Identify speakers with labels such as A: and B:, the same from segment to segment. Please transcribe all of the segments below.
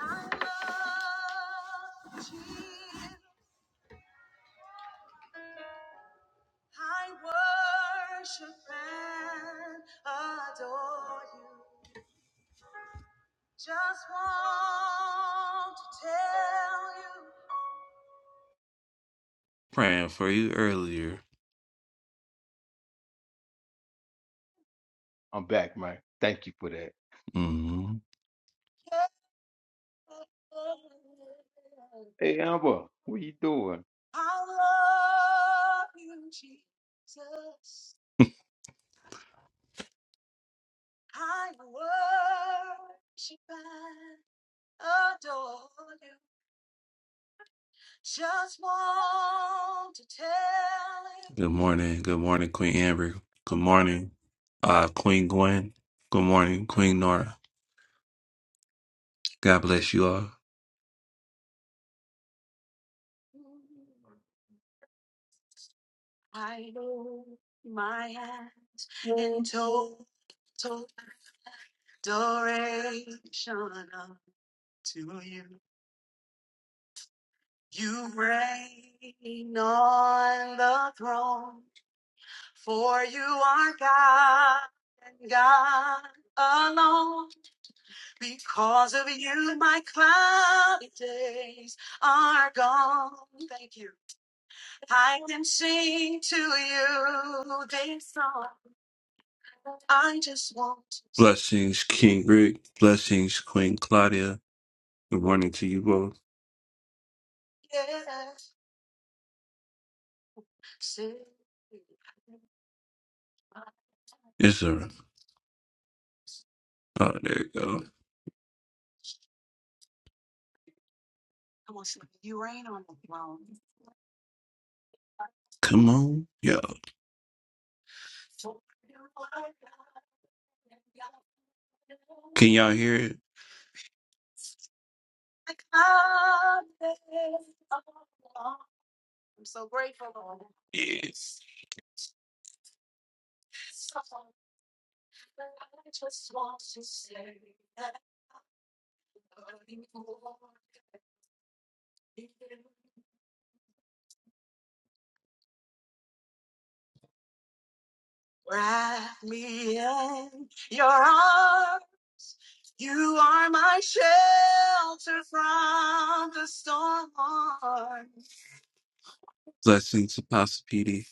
A: I love Jesus. I worship and adore you. Just want to tell you. Praying for you earlier.
B: I'm back, man. Thank you for that.
A: hmm
B: Hey, Amber, what you doing?
A: I love you, Jesus. I worship and adore you. Just want to tell Good morning. Good morning, Queen Amber. Good morning, uh, Queen Gwen. Good morning, Queen Nora. God bless you all. him I know my hand in total adoration unto you. You reign on the throne, for you are God and God alone. Because of you, my cloudy days are gone. Thank you. I can sing to you this song. I just want to sing. Blessings, King Rick. Blessings, Queen Claudia. Good morning to you both. Yes, sing. Yes, sir. Oh, there you go. Come on, sing. You reign on the throne. Come on. yo. Can y'all hear it? I'm so grateful, Lord. Yes. Wrap me in your arms. You are my shelter from the storm. Blessings, Apostle PD.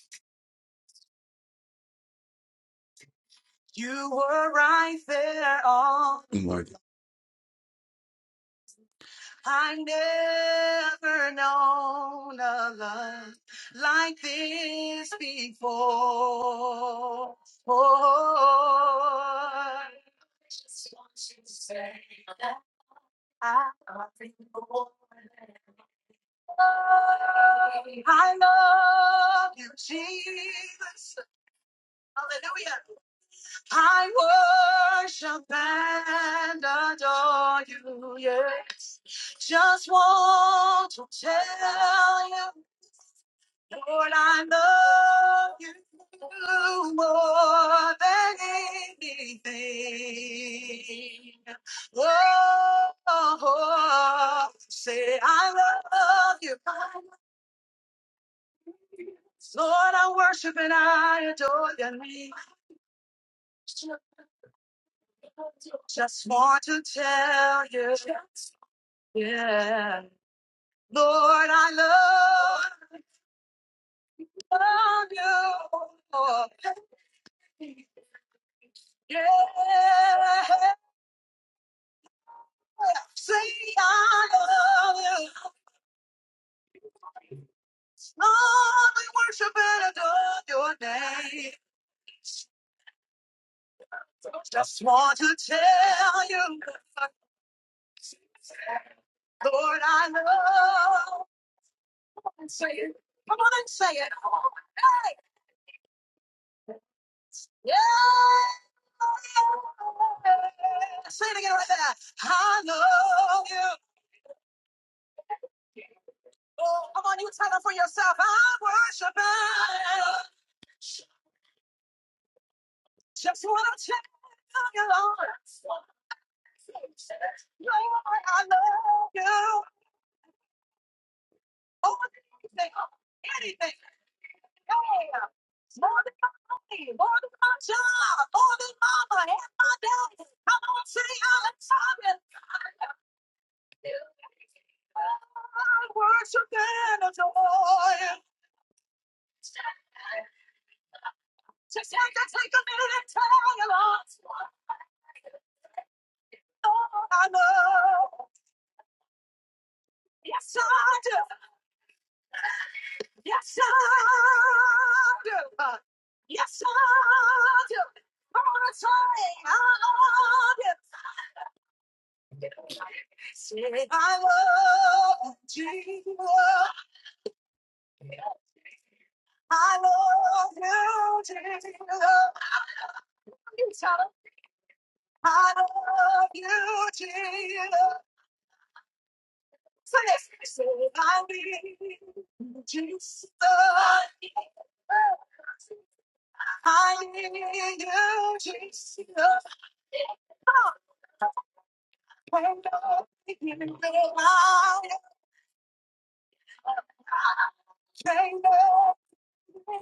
A: You were right there all I never known a love like this before. I just want you to say that I love you, more than I love you, Jesus. Hallelujah. I worship and adore you, yes. Just want to tell you, Lord, I love you more than anything. Oh, say I love you, Lord, I worship and I adore your name. Just want to tell you. Yeah. Lord, I love, love you. Lord. Yeah. Say I love you. Lord, we worship and adore your name. Just want to tell you, Lord, I love. Come on and say it. Come on and say it. Hey, yeah. Say it again right there. I love you. Oh, come on, you tell her for yourself. I am worshiping. Just wanna check on you, Lord. Lord, I love you. Oh, anything, anything, yeah. More than my money, more than my job, more than mama and my daddy. Come on, say I'm excited. I worship and adore. Just have to take a minute and tell you, Lord. I know. Yes, I do. Yes, I do. Yes, I do. i want to say I love you. Say I love you, Jesus. I love you, Jesus. You tell him. I love you, Jesus. Say this. Say I need Jesus. I need you, Jesus. Can't love you the way I can't love you,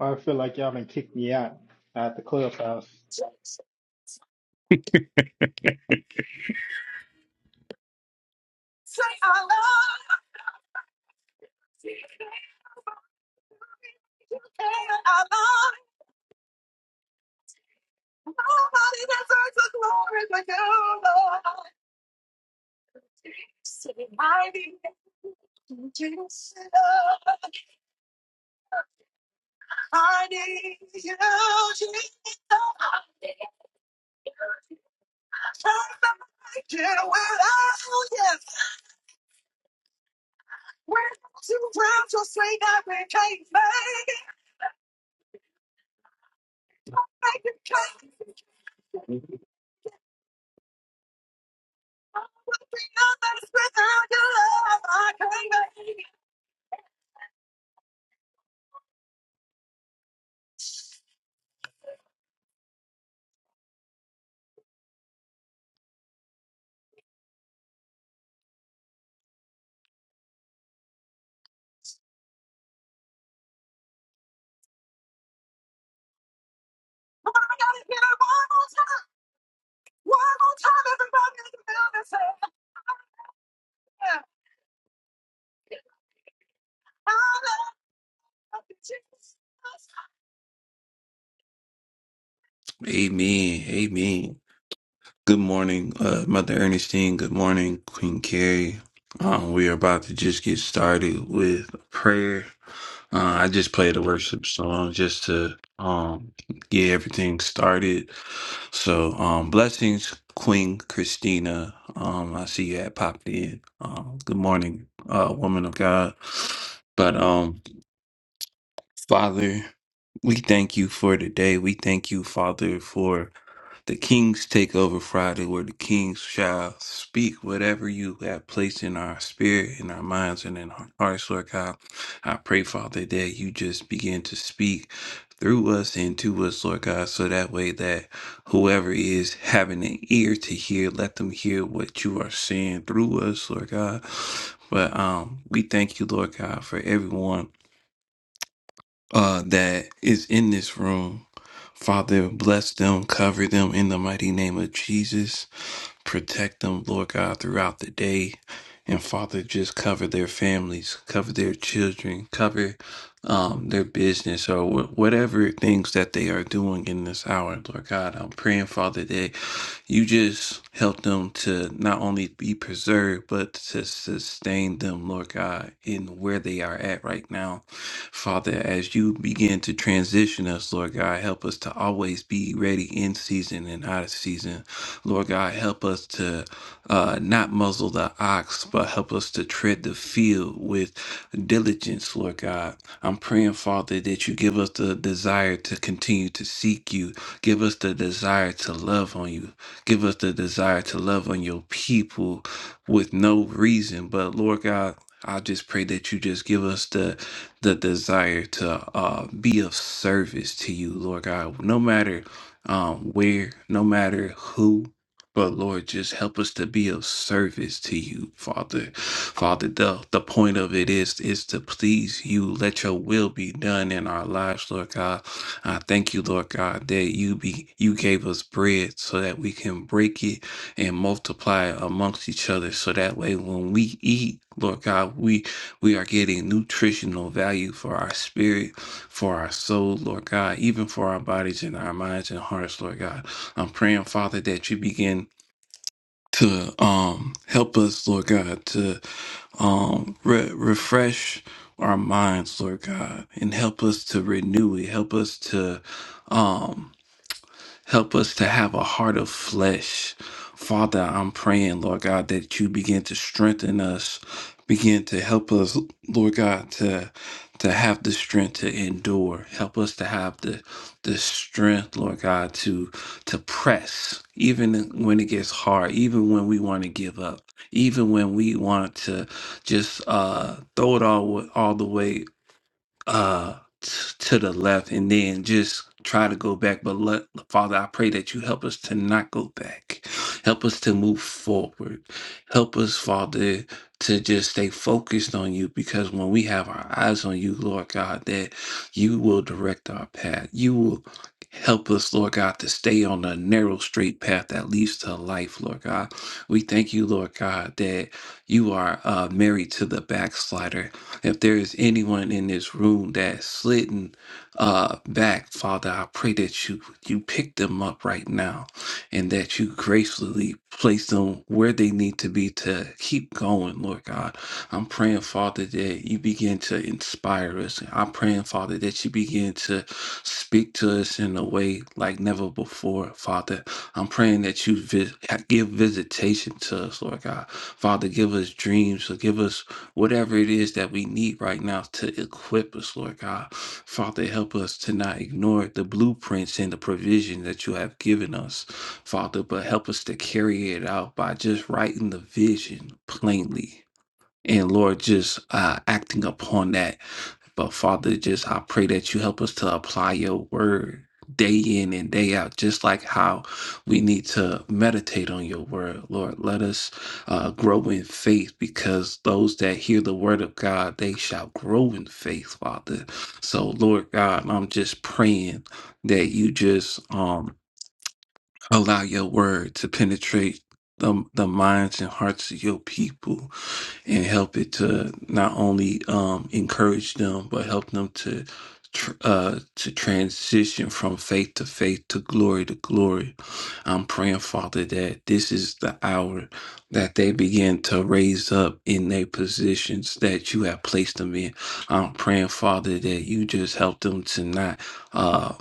C: I feel like y'all been kicked me out at the clubhouse.
A: Jesus. Say I love you. You can I love you, nobody deserves the glory but you, Lord. Say I need you, Jesus. I need you, Jesus. I can't make it without you. When two drums will swing up and can't make it, make it can't. make it. Nothing's without your love, I can't make it. Oh, I gotta hear it one more time, one more time, everybody in the building say, I love you, Jesus. Amen. Amen. Good morning, uh, Mother Ernestine. Good morning, Queen Carrie. Um, we are about to just get started with prayer. Uh, I just played a worship song just to um get everything started. So um blessings, Queen Christina. Um I see you had popped in. Um good morning, uh woman of God. But um Father. We thank you for today. We thank you, Father, for the King's Takeover Friday, where the kings shall speak whatever you have placed in our spirit, in our minds, and in our hearts, Lord God. I pray, Father, that you just begin to speak through us and to us, Lord God, so that way that whoever is having an ear to hear, let them hear what you are saying through us, Lord God. But um, we thank you, Lord God, for everyone uh, that is in this room. Father, bless them, cover them in the mighty name of Jesus. Protect them, Lord God, throughout the day. And Father, just cover their families, cover their children, cover um, their business or wh- whatever things that they are doing in this hour, Lord God. I'm praying, Father, that you just help them to not only be preserved, but to sustain them, Lord God, in where they are at right now. Father, as you begin to transition us, Lord God, help us to always be ready in season and out of season. Lord God, help us to uh, not muzzle the ox, but help us to tread the field with diligence, Lord God. I'm praying, Father, that you give us the desire to continue to seek you. Give us the desire to love on you. Give us the desire to love on your people with no reason. But Lord God, I just pray that you just give us the the desire to uh, be of service to you, Lord God. No matter um, where, no matter who, but Lord, just help us to be of service to you, Father. Father, the, the point of it is is to please you. Let your will be done in our lives, Lord God. I thank you, Lord God, that you be you gave us bread so that we can break it and multiply it amongst each other. So that way when we eat, Lord God, we we are getting nutritional value for our spirit, for our soul, Lord God, even for our bodies and our minds and hearts, Lord God. I'm praying, Father, that you begin to um help us, Lord God, to um, re- refresh our minds, Lord God, and help us to renew it. Help us to, um, Help us to have a heart of flesh. Father, I'm praying, Lord God, that you begin to strengthen us, begin to help us, Lord God, to to have the strength to endure. Help us to have the the strength, Lord God, to to press, even when it gets hard, even when we want to give up, even when we want to just uh, throw it all all the way uh t- to the left and then just try to go back but let, father i pray that you help us to not go back help us to move forward help us father to just stay focused on you because when we have our eyes on you lord god that you will direct our path you will help us lord god to stay on the narrow straight path that leads to life lord god we thank you lord god that you are uh, married to the backslider if there is anyone in this room that's slidden uh, back, Father, I pray that you you pick them up right now, and that you gracefully place them where they need to be to keep going, Lord God. I'm praying, Father, that you begin to inspire us. I'm praying, Father, that you begin to speak to us in a way like never before, Father. I'm praying that you vis- give visitation to us, Lord God. Father, give us dreams, give us whatever it is that we need right now to equip us, Lord God. Father, help us to not ignore the blueprints and the provision that you have given us, Father, but help us to carry it out by just writing the vision plainly. And Lord, just uh, acting upon that but Father, just I pray that you help us to apply your word day in and day out, just like how we need to meditate on your word. Lord, let us uh, grow in faith because those that hear the word of God, they shall grow in faith, Father. So, Lord God, I'm just praying that you just um, allow your word to penetrate the, the minds and hearts of your people and help it to not only um, encourage them but help them to tr- uh, to transition from faith to faith to glory to glory. I'm praying, Father, that this is the hour that they begin to raise up in their positions that you have placed them in. I'm praying, Father, that you just help them to not. uh,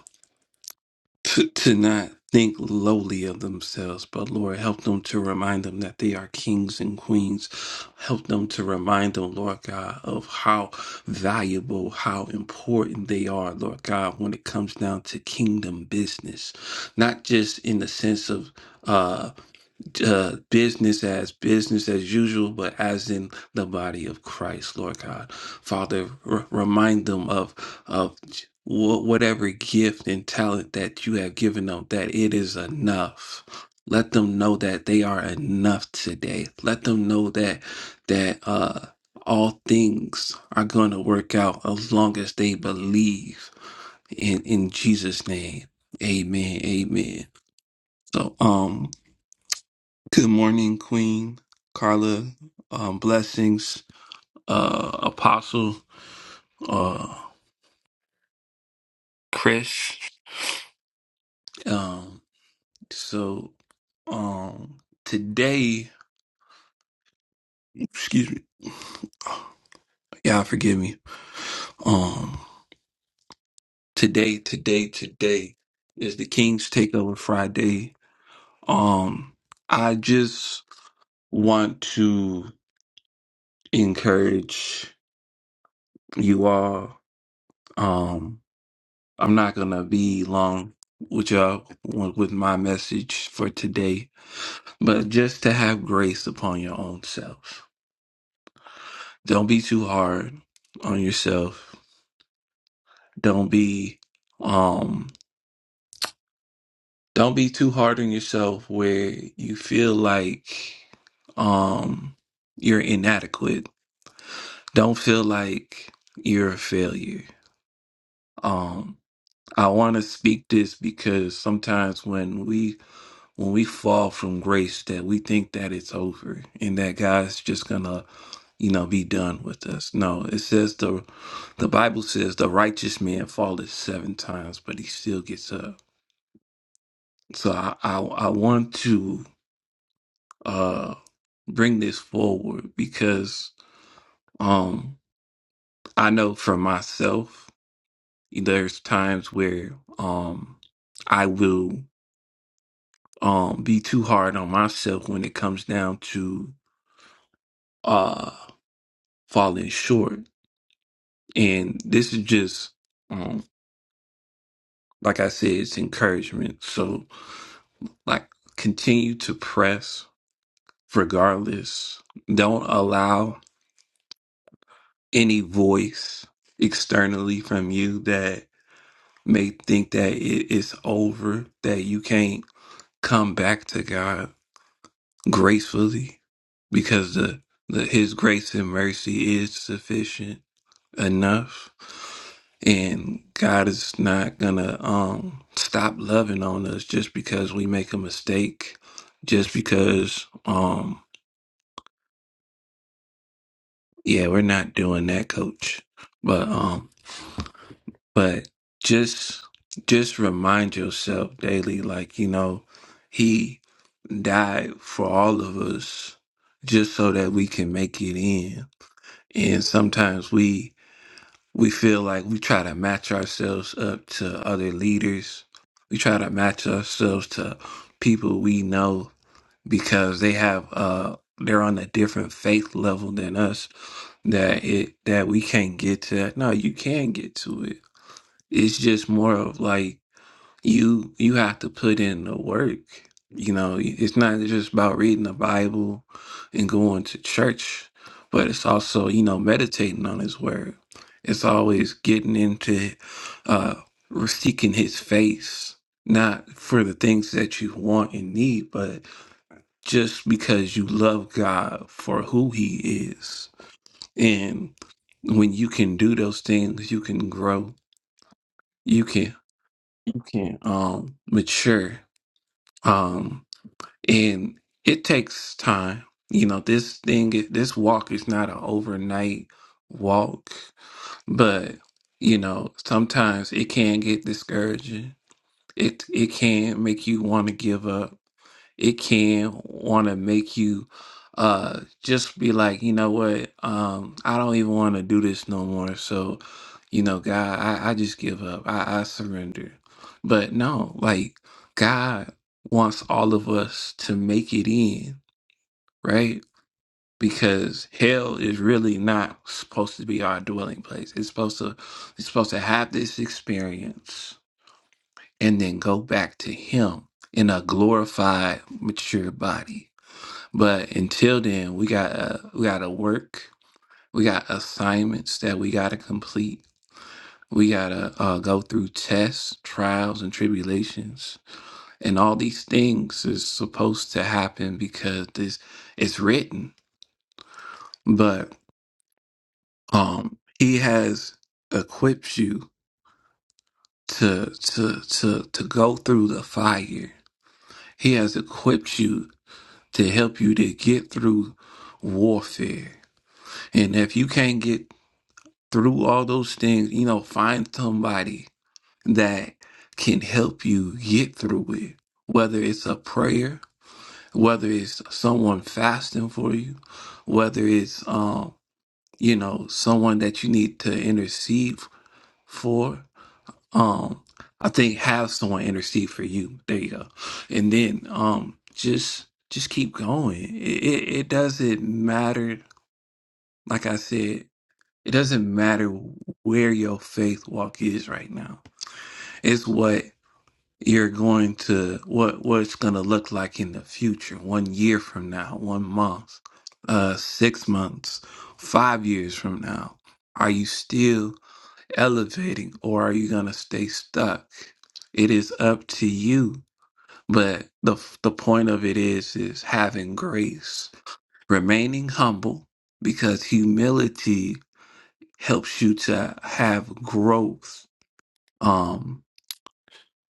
A: to, to not think lowly of themselves, but Lord, help them to remind them that they are kings and queens. Help them to remind them, Lord God, of how valuable, how important they are, Lord God, when it comes down to kingdom business. Not just in the sense of uh uh, business as business as usual, but as in the body of Christ, Lord God. Father, r- remind them of of wh- whatever gift and talent that you have given them, that it is enough. Let them know that they are enough today. Let them know that that uh, all things are going to work out as long as they believe in in Jesus' name. Amen. Amen. So um Good morning, Queen Carla. Um, blessings, uh, Apostle uh, Chris. Um, so um, today, excuse me, y'all forgive me. Um, today, today, today is the King's Takeover Friday. Um, I just want to encourage you all. Um, I'm not gonna be long with y'all with my message for today, but just to have grace upon your own self. Don't be too hard on yourself. Don't be um don't be too hard on yourself where you feel like um you're inadequate. Don't feel like you're a failure. Um I want to speak this because sometimes when we when we fall from grace that we think that it's over and that God's just gonna, you know, be done with us. No, it says the the Bible says the righteous man falleth seven times, but he still gets up. So I I, I want to uh bring this forward because um I know for myself there's times where um I will um be too hard on myself when it comes down to uh, falling short. And this is just, um, like I said, it's encouragement. So, like, continue to press regardless. Don't allow any voice externally from you that may think that it is over, that you can't come back to God gracefully because the, the His grace and mercy is sufficient enough and God is not gonna um stop loving on us just because we make a mistake, just because um yeah, we're not doing that, coach. But um but just just remind yourself daily, like, you know, he died for all of us just so that we can make it in. And sometimes we we feel like we try to match ourselves up to other leaders. We try to match ourselves to people we know because they have uh they're on a different faith level than us that it that we can't get to that. No, you can get to it. It's just more of like you you have to put in the work you know it's not just about reading the bible and going to church but it's also you know meditating on his word it's always getting into uh seeking his face not for the things that you want and need but just because you love god for who he is and when you can do those things you can grow you can you can um mature Um and it takes time you know this thing this walk is not an overnight walk but you know sometimes it can get discouraging it it can make you want to give up it can want to make you uh just be like you know what um i don't even want to do this no more so you know god i, I just give up I, I surrender but no like god wants all of us to make it in right because hell is really not supposed to be our dwelling place it's supposed to it's supposed to have this experience and then go back to him in a glorified mature body but until then, we got to we got to work. We got assignments that we got to complete. We got to uh, go through tests, trials, and tribulations. And all these things is supposed to happen because this it's written. But um he has equipped you to to to to go through the fire. He has equipped you to help you to get through warfare. And if you can't get through all those things, you know, find somebody that can help you get through it. Whether it's a prayer, whether it's someone fasting for you, whether it's um, you know, someone that you need to intercede for. Um, I think have someone intercede for you. There you go. And then um just just keep going. It it, it doesn't matter, like I said, It doesn't matter where your faith walk is right now. It's what you're going to what what it's going to look like in the future, one year from now, one month, uh 6 months, 5 years from now. Are you still elevating or are you going to stay stuck? It is up to you. But the the point of it is is having grace, remaining humble because humility helps you to have growth. Um,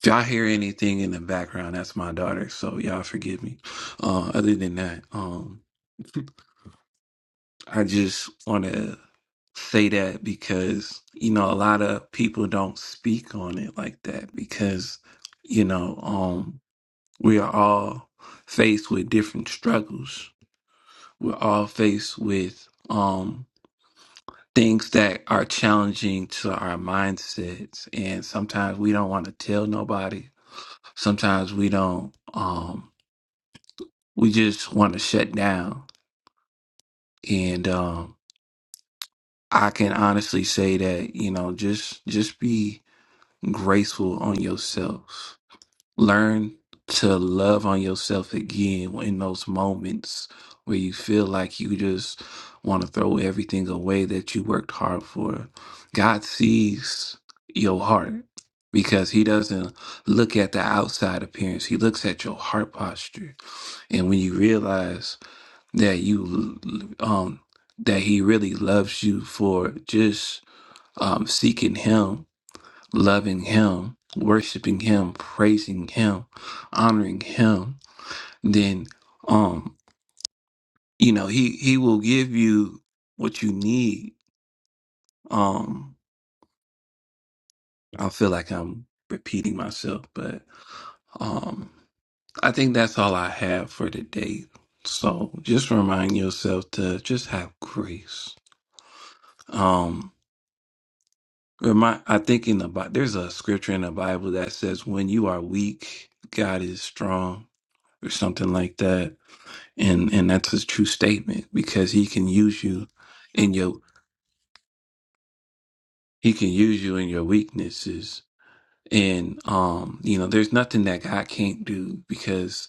A: if y'all hear anything in the background, that's my daughter. So y'all forgive me. Uh, other than that, um, I just want to say that because, you know, a lot of people don't speak on it like that because, you know, um, we are all faced with different struggles. We're all faced with, um, things that are challenging to our mindsets and sometimes we don't want to tell nobody sometimes we don't um we just want to shut down and um i can honestly say that you know just just be graceful on yourself Learn to love on yourself again in those moments where you feel like you just want to throw everything away that you worked hard for. God sees your heart because He doesn't look at the outside appearance, He looks at your heart posture. And when you realize that you, um, that He really loves you for just um, seeking Him loving Him, worshiping Him, praising Him, honoring Him, then um, you know, He He will give you what you need. Um, I feel like I'm repeating myself, but um, I think that's all I have for today. So just remind yourself to just have grace. Um, remind. I think in the Bible, there's a scripture in the Bible that says, "When you are weak, God is strong," or something like that and and that's his true statement because he can use you in your he can use you in your weaknesses and um you know there's nothing that god can't do because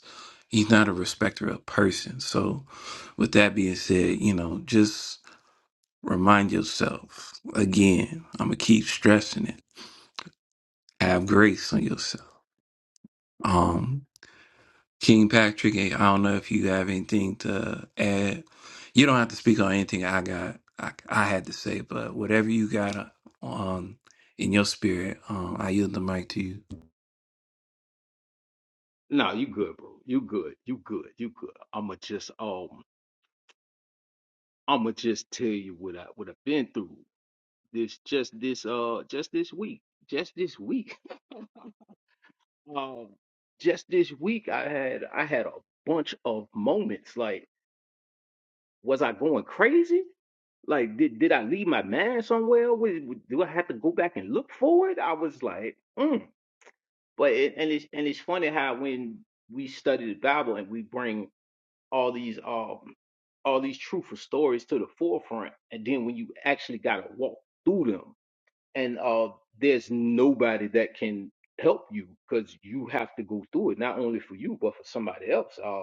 A: he's not a respecter of person so with that being said you know just remind yourself again i'm gonna keep stressing it have grace on yourself um. King Patrick, I don't know if you have anything to add. You don't have to speak on anything I got. I, I had to say, but whatever you got on in your spirit, um, I yield the mic to you.
B: No, you good, bro. You good. You good. You good. I'ma just um I'ma just tell you what I what I've been through this just this uh just this week. Just this week. Um just this week I had I had a bunch of moments. Like, was I going crazy? Like, did did I leave my man somewhere? Wa- wa- Do I have to go back and look for it? I was like, mm. But it, and it's and it's funny how when we study the Bible and we bring all these um all these truthful stories to the forefront, and then when you actually got to walk through them, and uh, there's nobody that can help you because you have to go through it, not only for you but for somebody else. Uh,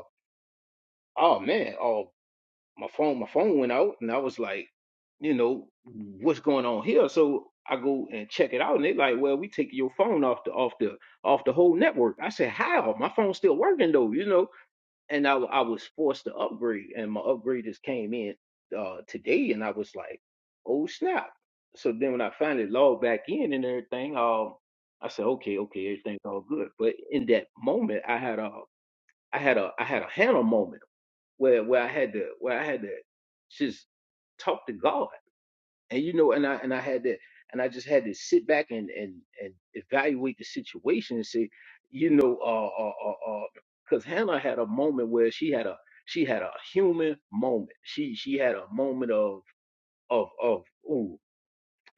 B: oh man! oh my phone my phone went out and I was like, you know, what's going on here? So I go and check it out and they like, well, we take your phone off the off the off the whole network. I said, how? My phone's still working though, you know. And I w- I was forced to upgrade and my upgrade just came in uh today and I was like, oh snap. So then when I finally logged back in and everything, um I said, okay, okay, everything's all good. But in that moment I had a I had a I had a Hannah moment where where I had to where I had to just talk to God. And you know, and I and I had to and I just had to sit back and and and evaluate the situation and say, you know, uh uh uh because Hannah had a moment where she had a she had a human moment. She she had a moment of of of ooh,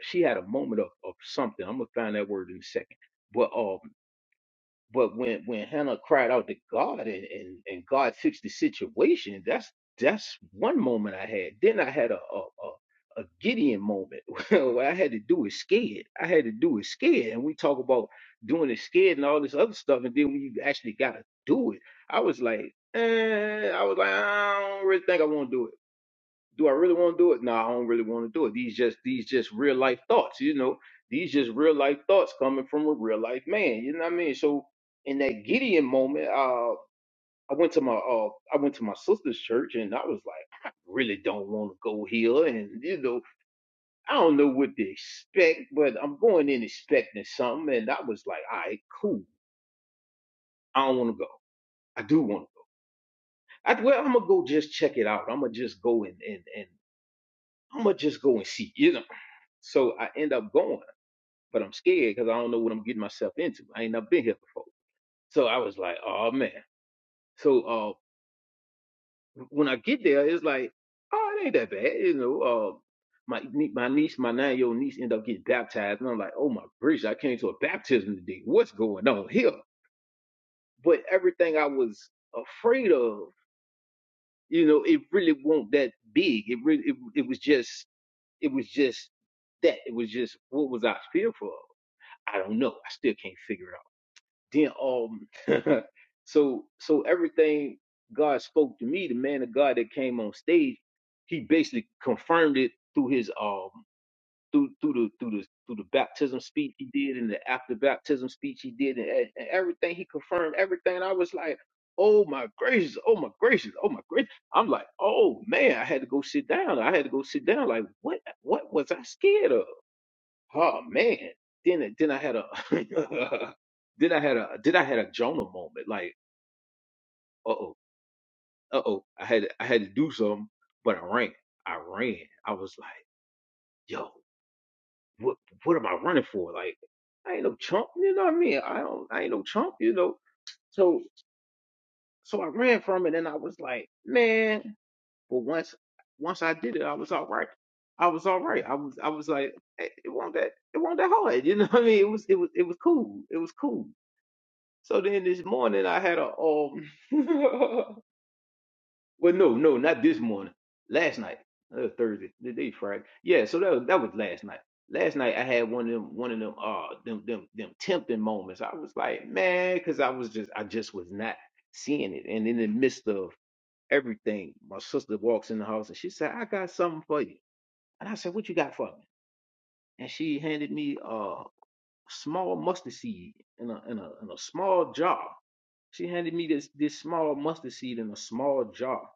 B: she had a moment of of something. I'm gonna find that word in a second. but uh. But when when Hannah cried out to God and and, and God fixed the situation, that's that's one moment I had. Then I had a a, a a Gideon moment. what I had to do is scared. I had to do is scared. And we talk about doing it scared and all this other stuff, and then when you actually gotta do it, I was like, eh, I was like, I don't really think I want to do it do I really want to do it? No, I don't really want to do it. These just these just real life thoughts, you know. These just real life thoughts coming from a real life man. You know what I mean? So in that Gideon moment, uh, I went to my uh, I went to my sister's church and I was like, I really don't want to go here, and you know, I don't know what to expect, but I'm going in expecting something, and I was like, all right, cool. I don't want to go. I do want to go. I, well, I'm gonna go just check it out. I'm gonna just go and and and I'm gonna just go and see. You know. So I end up going. but I'm scared because I don't know what I'm getting myself into. I ain't never been here before. So I was like, oh man. So uh, when I get there, it's like, oh, it ain't that bad, you know. Uh, my nie- my niece, my nine year old niece, ended up getting baptized, and I'm like, oh my gracious, I came to a baptism today. What's going on here? But everything I was afraid of, you know, it really won't that big. It really, it, it was just, it was just that. It was just what was I fearful of? I don't know. I still can't figure it out. Then um so so everything God spoke to me, the man of God that came on stage, he basically confirmed it through his um through through the through the through the baptism speech he did and the after baptism speech he did and, and everything he confirmed everything. And I was like, oh my gracious, oh my gracious, oh my gracious. I'm like, oh man, I had to go sit down. I had to go sit down. Like what what was I scared of? Oh man. Then it- then I had a then I had a then I had a Jonah moment. Like, uh oh, uh oh. I had I had to do something, but I ran. I ran. I was like, yo, what what am I running for? Like, I ain't no chump, you know what I mean? I don't I ain't no chump, you know. So so I ran from it and I was like, man, but once once I did it, I was all right. I was all right. I was I was like, "Eh, it wasn't that it wasn't that hard. You know what I mean? It was it was it was cool. It was cool. So then this morning I had a um well no no not this morning last night that was Thursday the day Friday yeah so that was, that was last night last night I had one of them one of them uh them them them tempting moments I was like man because I was just I just was not seeing it and in the midst of everything my sister walks in the house and she said I got something for you and I said what you got for me and she handed me a small mustard seed in a in a in a small jar she handed me this this small mustard seed in a small jar,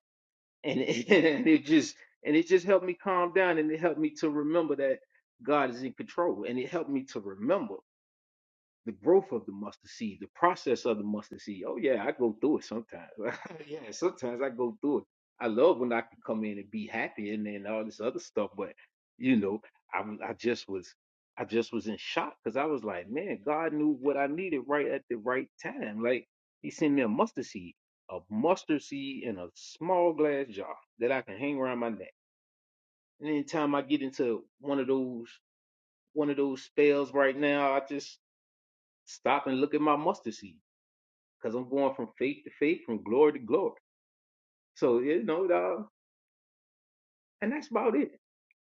B: and it, and it just and it just helped me calm down, and it helped me to remember that God is in control, and it helped me to remember the growth of the mustard seed, the process of the mustard seed. Oh yeah, I go through it sometimes. yeah, sometimes I go through it. I love when I can come in and be happy and then all this other stuff, but you know, I was- I just was I just was in shock because I was like, man, God knew what I needed right at the right time. Like He sent me a mustard seed, a mustard seed in a small glass jar that I can hang around my neck. And anytime I get into one of those one of those spells right now, I just Stop and look at my mustard seed because I'm going from faith to faith, from glory to glory. So, you know, dawg, and that's about it.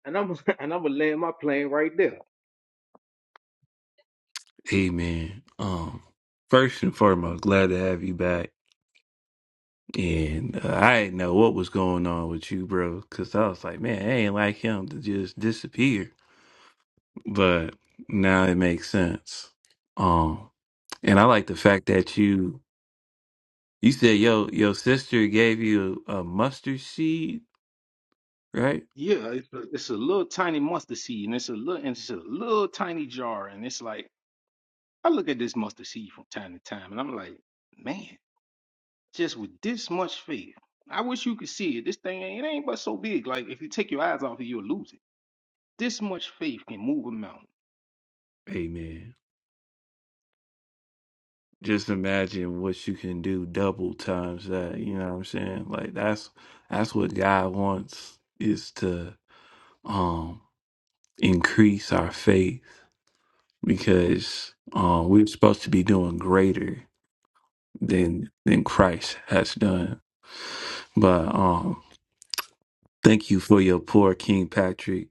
B: And I'm and I'm gonna land my plane right there.
A: Amen. Um, first and foremost, glad to have you back. And uh, I didn't know what was going on with you, bro, because I was like, man, I ain't like him to just disappear. But now it makes sense. Um, and I like the fact that you You said yo your sister gave you a mustard seed, right?
B: Yeah, it's a, it's a little tiny mustard seed, and it's a little and it's a little tiny jar, and it's like I look at this mustard seed from time to time, and I'm like, man, just with this much faith, I wish you could see it. This thing ain't it ain't but so big. Like if you take your eyes off it, you'll lose it. This much faith can move a mountain.
A: Amen. Just imagine what you can do double times that. You know what I'm saying? Like that's that's what God wants is to um increase our faith because um we're supposed to be doing greater than than Christ has done. But um thank you for your poor King Patrick.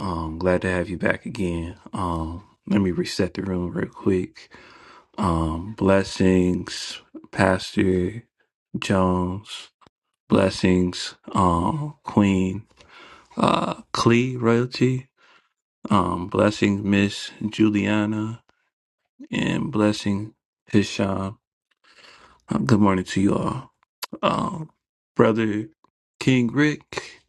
A: Um glad to have you back again. Um let me reset the room real quick. Um, blessings, Pastor Jones. Blessings, um, Queen uh, Clee Royalty. Um, blessings, Miss Juliana, and blessing Hisham. Um, good morning to you all, um, brother King Rick.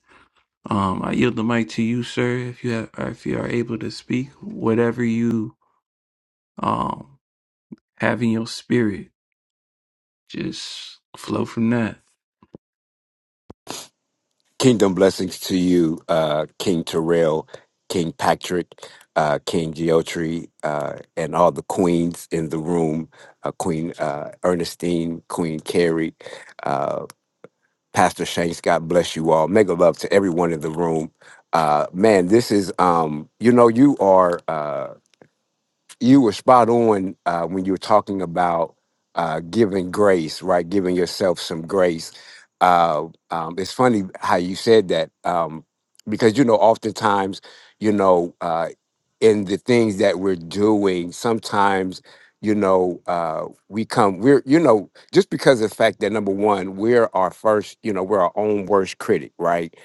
A: Um, I yield the mic to you, sir. If you have, if you are able to speak, whatever you um have in your spirit, just flow from that.
D: Kingdom blessings to you, uh, King Terrell, King Patrick, uh, King Geotry, uh, and all the queens in the room uh, Queen uh, Ernestine, Queen Carrie, uh, Pastor Shanks. God bless you all. Mega love to everyone in the room. Uh, man, this is, um, you know, you are. uh, you were spot on uh, when you were talking about uh, giving grace, right? Giving yourself some grace. Uh, um, it's funny how you said that um, because you know, oftentimes, you know, uh, in the things that we're doing, sometimes, you know, uh, we come, we're, you know, just because of the fact that number one, we're our first, you know, we're our own worst critic, right?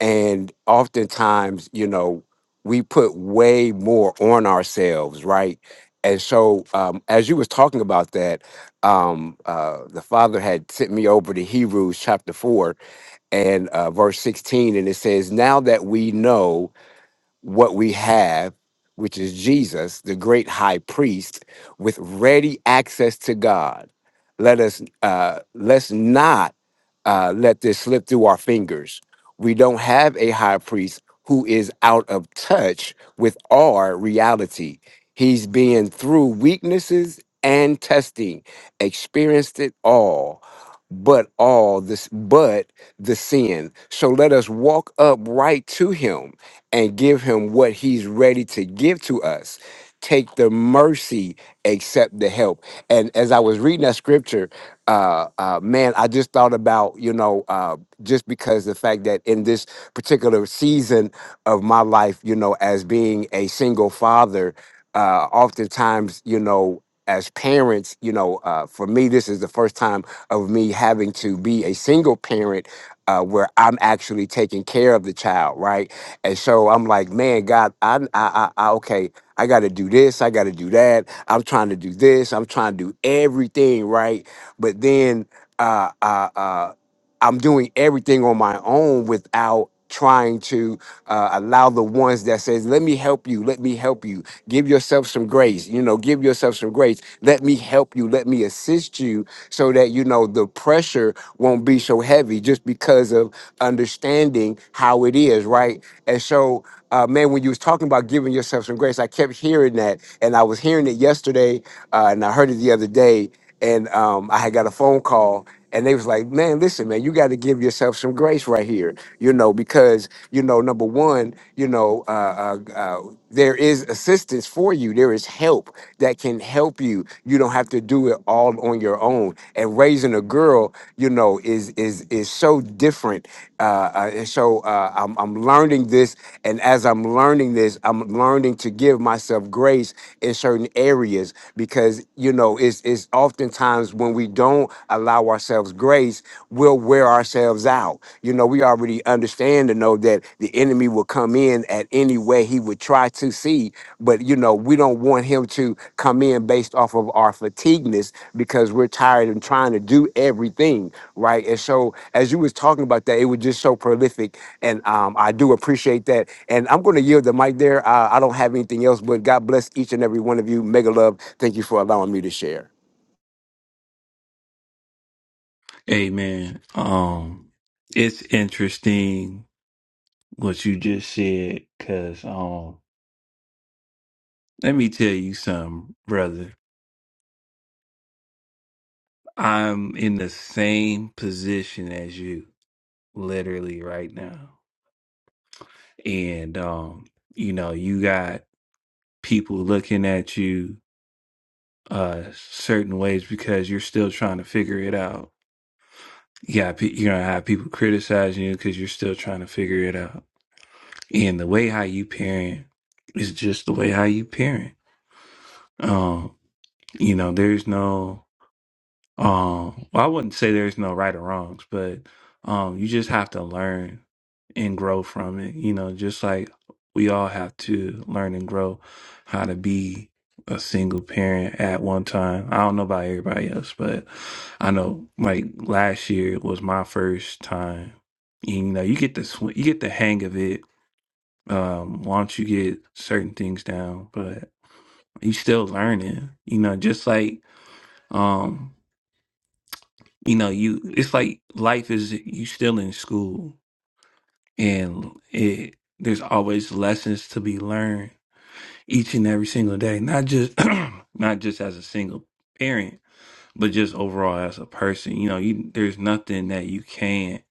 D: And oftentimes, you know, we put way more on ourselves, right? and so um, as you was talking about that um, uh, the father had sent me over to hebrews chapter 4 and uh, verse 16 and it says now that we know what we have, which is Jesus, the great high priest, with ready access to God. Let us uh, let's not uh, let this slip through our fingers. We don't have a high priest who is out of touch with our reality. He's been through weaknesses and testing, experienced it all, but all this, but the sin. So let us walk up right to him and give him what he's ready to give to us. Take the mercy, accept the help. And as I was reading that scripture, uh, uh, man, I just thought about, you know, uh, just because the fact that in this particular season of my life, you know, as being a single father, uh, oftentimes, you know, as parents, you know, uh, for me, this is the first time of me having to be a single parent uh, where I'm actually taking care of the child, right? And so I'm like, man, God, I, I, I, I okay, I got to do this, I got to do that. I'm trying to do this, I'm trying to do everything right. But then, uh, uh, uh, I'm doing everything on my own without trying to uh, allow the ones that says let me help you let me help you give yourself some grace you know give yourself some grace let me help you let me assist you so that you know the pressure won't be so heavy just because of understanding how it is right and so uh, man when you was talking about giving yourself some grace i kept hearing that and i was hearing it yesterday uh, and i heard it the other day and um, I had got a phone call, and they was like, man, listen, man, you got to give yourself some grace right here, you know, because, you know, number one, you know, uh, uh, uh, there is assistance for you. There is help that can help you. You don't have to do it all on your own. And raising a girl, you know, is is is so different. Uh, uh, and so uh, I'm, I'm learning this. And as I'm learning this, I'm learning to give myself grace in certain areas because, you know, it's, it's oftentimes when we when we don't allow ourselves grace, we'll wear ourselves out. You know, we already understand and know that the enemy will come in at any way he would try to see, but you know, we don't want him to come in based off of our fatigueness because we're tired and trying to do everything, right? And so as you was talking about that, it was just so prolific. And um, I do appreciate that. And I'm gonna yield the mic there. Uh, I don't have anything else, but God bless each and every one of you. Mega love. Thank you for allowing me to share.
A: Amen. Um, it's interesting what you just said, cause um, let me tell you something, brother. I'm in the same position as you, literally right now, and um, you know, you got people looking at you uh certain ways because you're still trying to figure it out. You got pe- you're gonna have people criticizing you because you're still trying to figure it out, and the way how you parent is just the way how you parent Um, you know, there's no um well, I wouldn't say there's no right or wrongs, but um you just have to learn and grow from it. You know, just like we all have to learn and grow how to be a single parent at one time. I don't know about everybody else, but I know like last year was my first time. You know, you get the sw- you get the hang of it um once you get certain things down, but you still learning. You know, just like um you know you it's like life is you still in school and it there's always lessons to be learned each and every single day not just not just as a single parent but just overall as a person you know you there's nothing that you can't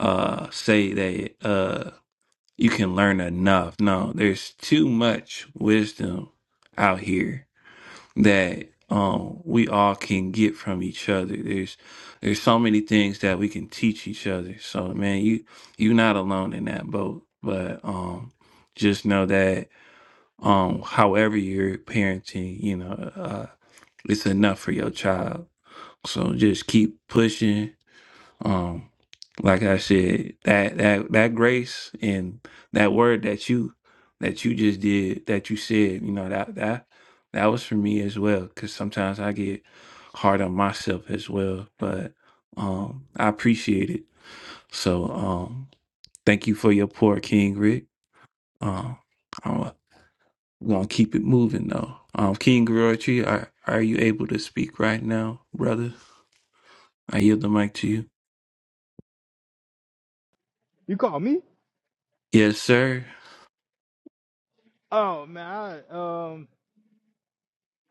A: uh say that uh you can learn enough no there's too much wisdom out here that um we all can get from each other. There's there's so many things that we can teach each other. So man, you you're not alone in that boat. But um just know that um however you're parenting, you know, uh it's enough for your child. So just keep pushing, um, like I said, that that that grace and that word that you that you just did that you said, you know that that that was for me as well. Because sometimes I get hard on myself as well, but um, I appreciate it. So um, thank you for your poor King Rick. Um, I'm gonna keep it moving though. Um, King Griotri, are are you able to speak right now, brother? I yield the mic to you.
C: You call me?
A: Yes, sir.
C: Oh man, I um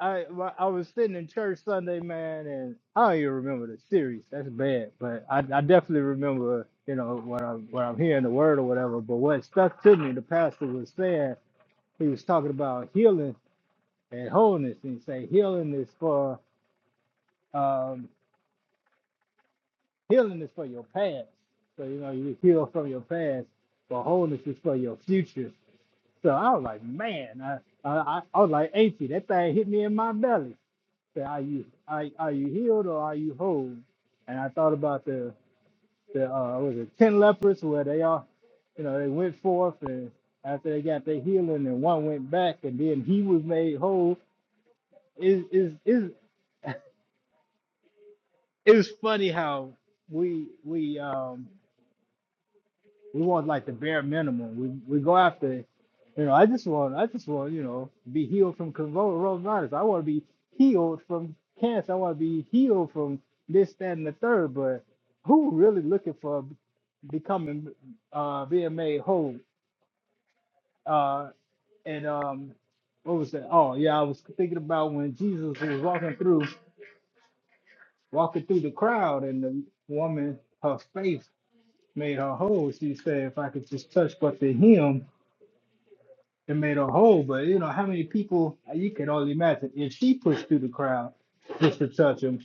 C: I wa- I was sitting in church Sunday, man, and I don't even remember the series. That's bad, but I, I definitely remember, you know, when I'm when I'm hearing the word or whatever. But what stuck to me, the pastor was saying he was talking about healing and wholeness, and he say healing is for um healing is for your past. So you know you heal from your past, but wholeness is for your future. So I was like, man, I, I, I was like, AC, that thing hit me in my belly. Said, are you, are, are you healed or are you whole? And I thought about the, the uh, what was it ten lepers where they all, you know, they went forth and after they got their healing and one went back and then he was made whole. Is is is it's it's- it's funny how we we um We want like the bare minimum. We we go after, you know. I just want I just want you know be healed from coronavirus. I want to be healed from cancer. I want to be healed from this, that, and the third. But who really looking for becoming uh being made whole? Uh, and um, what was that? Oh yeah, I was thinking about when Jesus was walking through walking through the crowd, and the woman her faith made her whole. She said, "If I could just touch but the hem." it made her whole. But you know how many people you could only imagine if she pushed through the crowd just to touch him.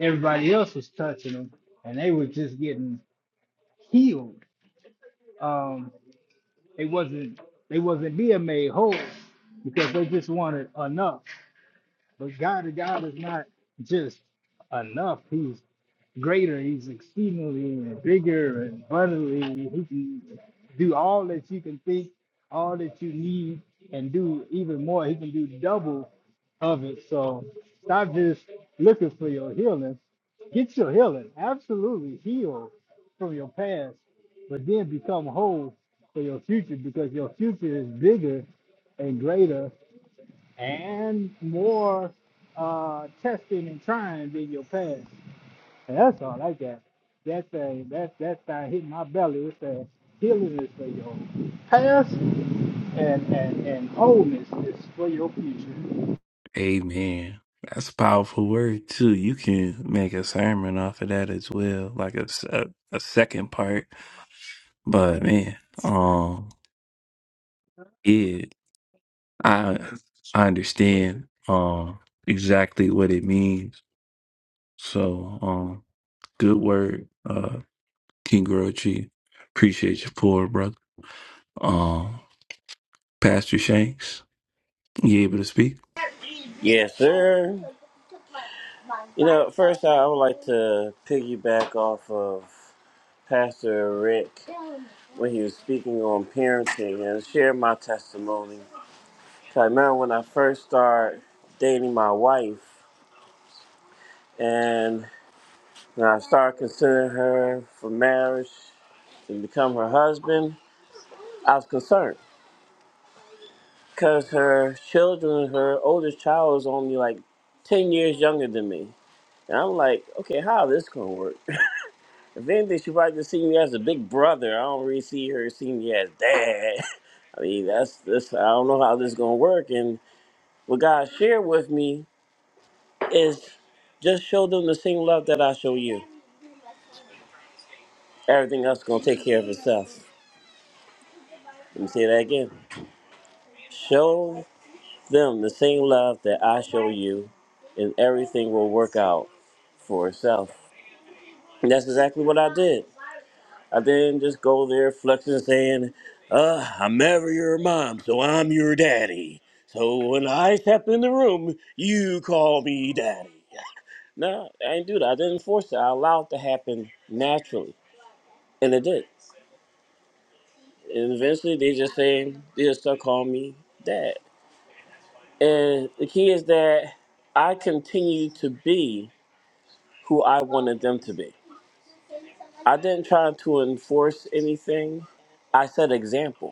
C: Everybody else was touching him, and they were just getting healed. Um, they wasn't they wasn't being made whole because they just wanted enough. But God, God is not just enough. He's greater. He's exceedingly and bigger and abundantly. He can do all that you can think, all that you need, and do even more. He can do double of it. So stop just looking for your healing. Get your healing. Absolutely heal from your past, but then become whole for your future because your future is bigger and greater and more uh, testing and trying than your past that's all I got. That's uh, that's that's how hit my belly. It's a healing is for your past and, and, and wholeness is for your future.
A: Amen. That's a powerful word too. You can make a sermon off of that as well, like a, s- a- a second part. But man, um, yeah, I I understand um exactly what it means. So um, good word, uh, King Grouchy. Appreciate your poor brother. Um, Pastor Shanks, you able to speak?
E: Yes, sir. You know, first I would like to piggyback off of Pastor Rick when he was speaking on parenting and share my testimony. So I remember when I first started dating my wife and when I started considering her for marriage to become her husband, I was concerned because her children, her oldest child was only like 10 years younger than me. And I'm like, okay, how is this going to work? If anything, she probably just see me as a big brother. I don't really see her seeing me as dad. I mean, that's this. I don't know how this is gonna work. And what God shared with me is just show them the same love that I show you. Everything else is gonna take care of itself. Let me say that again. Show them the same love that I show you, and everything will work out for itself. And that's exactly what I did. I then just go there flexing and saying, uh, I'm never your mom, so I'm your daddy. So when I step in the room, you call me daddy. No, I didn't do that. I didn't force it. I allowed it to happen naturally. And it did. And eventually they just saying they just start calling me dad. And the key is that I continue to be who I wanted them to be. I didn't try to enforce anything. I set example.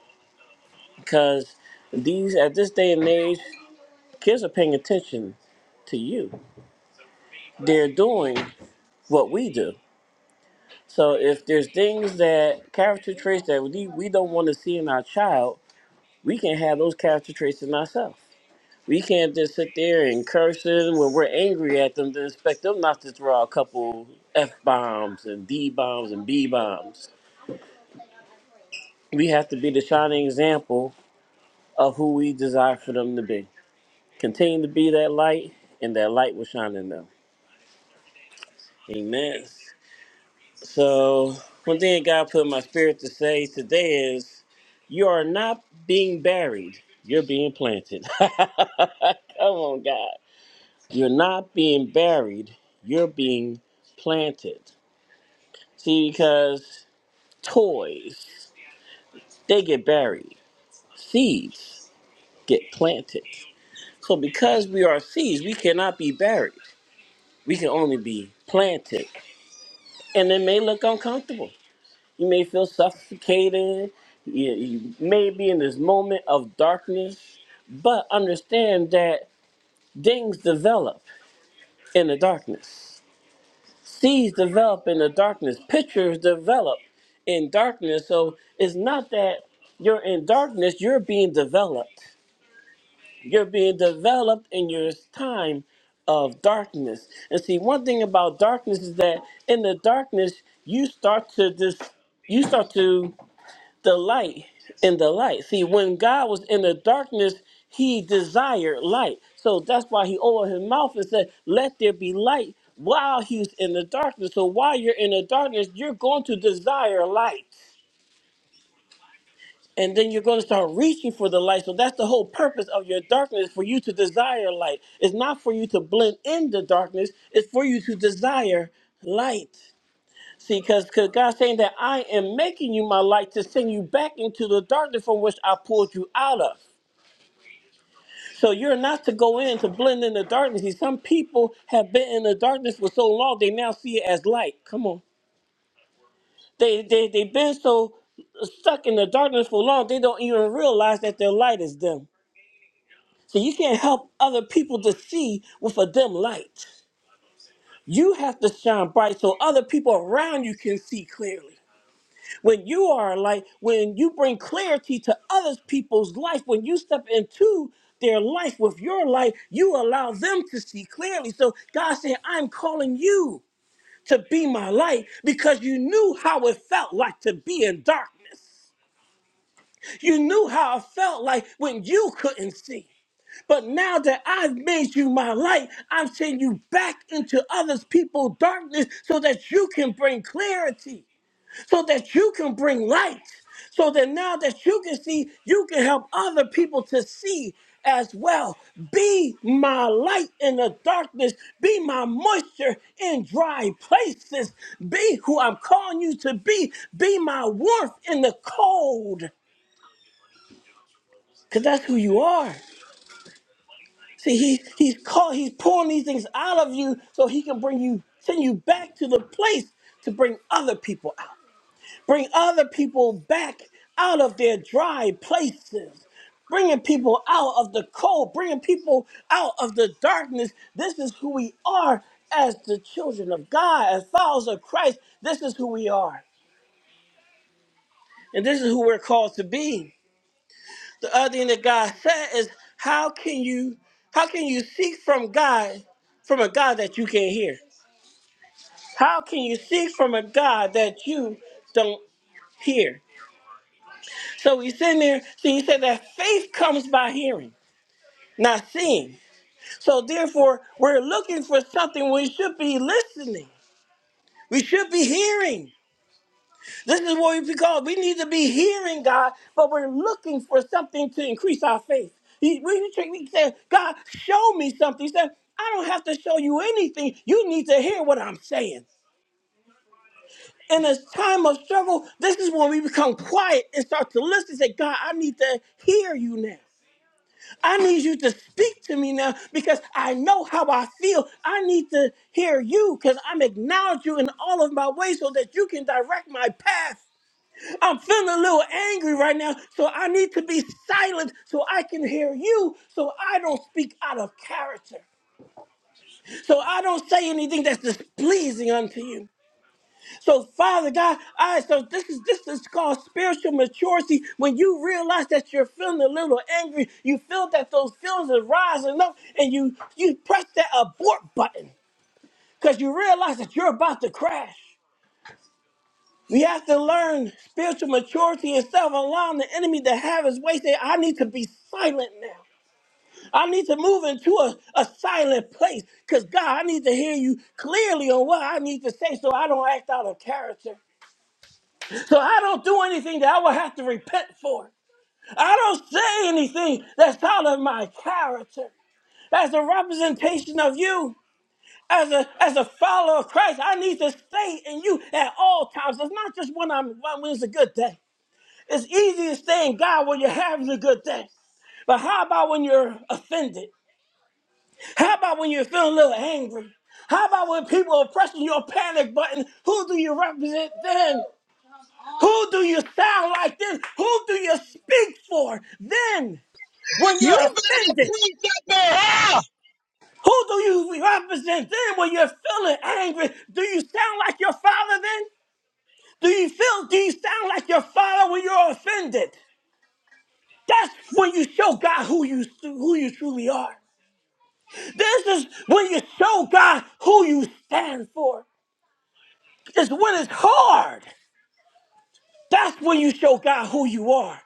E: because these at this day and age kids are paying attention to you they're doing what we do so if there's things that character traits that we, we don't want to see in our child we can have those character traits in ourselves we can't just sit there and curse them when we're angry at them to expect them not to throw out a couple f-bombs and d-bombs and b-bombs we have to be the shining example of who we desire for them to be Continue to be that light, and that light will shine in them. Amen. So, one thing God put in my spirit to say today is you are not being buried, you're being planted. Come on, God. You're not being buried, you're being planted. See, because toys, they get buried, seeds get planted. So, because we are seeds, we cannot be buried, we can only be planted. and it may look uncomfortable. You may feel suffocated. You, you may be in this moment of darkness, but understand that things develop in the darkness. Seeds develop in the darkness. Pictures develop in darkness. So it's not that you're in darkness, you're being developed. You're being developed in your time of darkness. And see, one thing about darkness is that in the darkness, you start to just you start to delight in the light. See, when God was in the darkness, he desired light. So that's why he opened his mouth and said, Let there be light while he's in the darkness. So while you're in the darkness, you're going to desire light and then you're going to start reaching for the light. So that's the whole purpose of your darkness for you to desire light. It's not for you to blend in the darkness, it's for you to desire light. See, because God's saying that I am making you my light to send you back into the darkness from which I pulled you out of. So you're not to go in to blend in the darkness. See, some people have been in the darkness for so long they now see it as light. Come on. They they they've been so stuck in the darkness for long they don't even realize that their light is dim. So you can't help other people to see with a dim light. You have to shine bright so other people around you can see clearly. When you are a light, when you bring clarity to other people's life, when you step into their life with your light, you allow them to see clearly. So God said, I'm calling you to be my light because you knew how it felt like to be in darkness. You knew how it felt like when you couldn't see. But now that I've made you my light, I'm sending you back into others people's darkness so that you can bring clarity, so that you can bring light, so that now that you can see, you can help other people to see as well. Be my light in the darkness, be my moisture in dry places, be who I'm calling you to be, be my warmth in the cold, because that's who you are. See, he, he's called, he's pulling these things out of you so he can bring you, send you back to the place to bring other people out. Bring other people back out of their dry places. Bringing people out of the cold, bringing people out of the darkness. This is who we are as the children of God, as followers of Christ. This is who we are. And this is who we're called to be. the other thing that God said is how can you how can you seek from God from a God that you can't hear? How can you seek from a God that you don't hear? So he's in there, so he said that faith comes by hearing, not seeing. So therefore, we're looking for something we should be listening. We should be hearing. This is what we because we need to be hearing God, but we're looking for something to increase our faith. He- We, we, we say, God, show me something. He said, I don't have to show you anything. You need to hear what I'm saying. In this time of struggle, this is when we become quiet and start to listen. and Say, God, I need to hear you now. I need you to speak to me now because I know how I feel. I need to hear you because I'm acknowledging you in all of my ways so that you can direct my path. I'm feeling a little angry right now, so I need to be silent so I can hear you, so I don't speak out of character, so I don't say anything that's displeasing unto you. So, Father God, I so this is this is called spiritual maturity. When you realize that you're feeling a little angry, you feel that those feelings are rising up, and you you press that abort button because you realize that you're about to crash. We have to learn spiritual maturity and stop allowing the enemy to have his way. Say, I need to be silent now. I need to move into a, a silent place because God, I need to hear you clearly on what I need to say so I don't act out of character. So I don't do anything that I will have to repent for. I don't say anything that's out of my character. As a representation of you, as a as a follower of Christ, I need to stay in you at all times. It's not just when I'm when it's a good day. It's easy to stay God when you're having a good thing. But how about when you're offended? How about when you're feeling a little angry? How about when people are pressing your panic button? Who do you represent then? Who do you sound like then? Who do you speak for then? When
F: You
E: you're
F: better
E: offended,
F: preach up in hell.
E: who do you represent then? When you're feeling angry, do you sound like your father then? Do you feel, do you sound like your father when you're offended? That's when you show God who you who you truly are. This is when you show God who you stand for. It's when it's hard. That's when you show God who you are.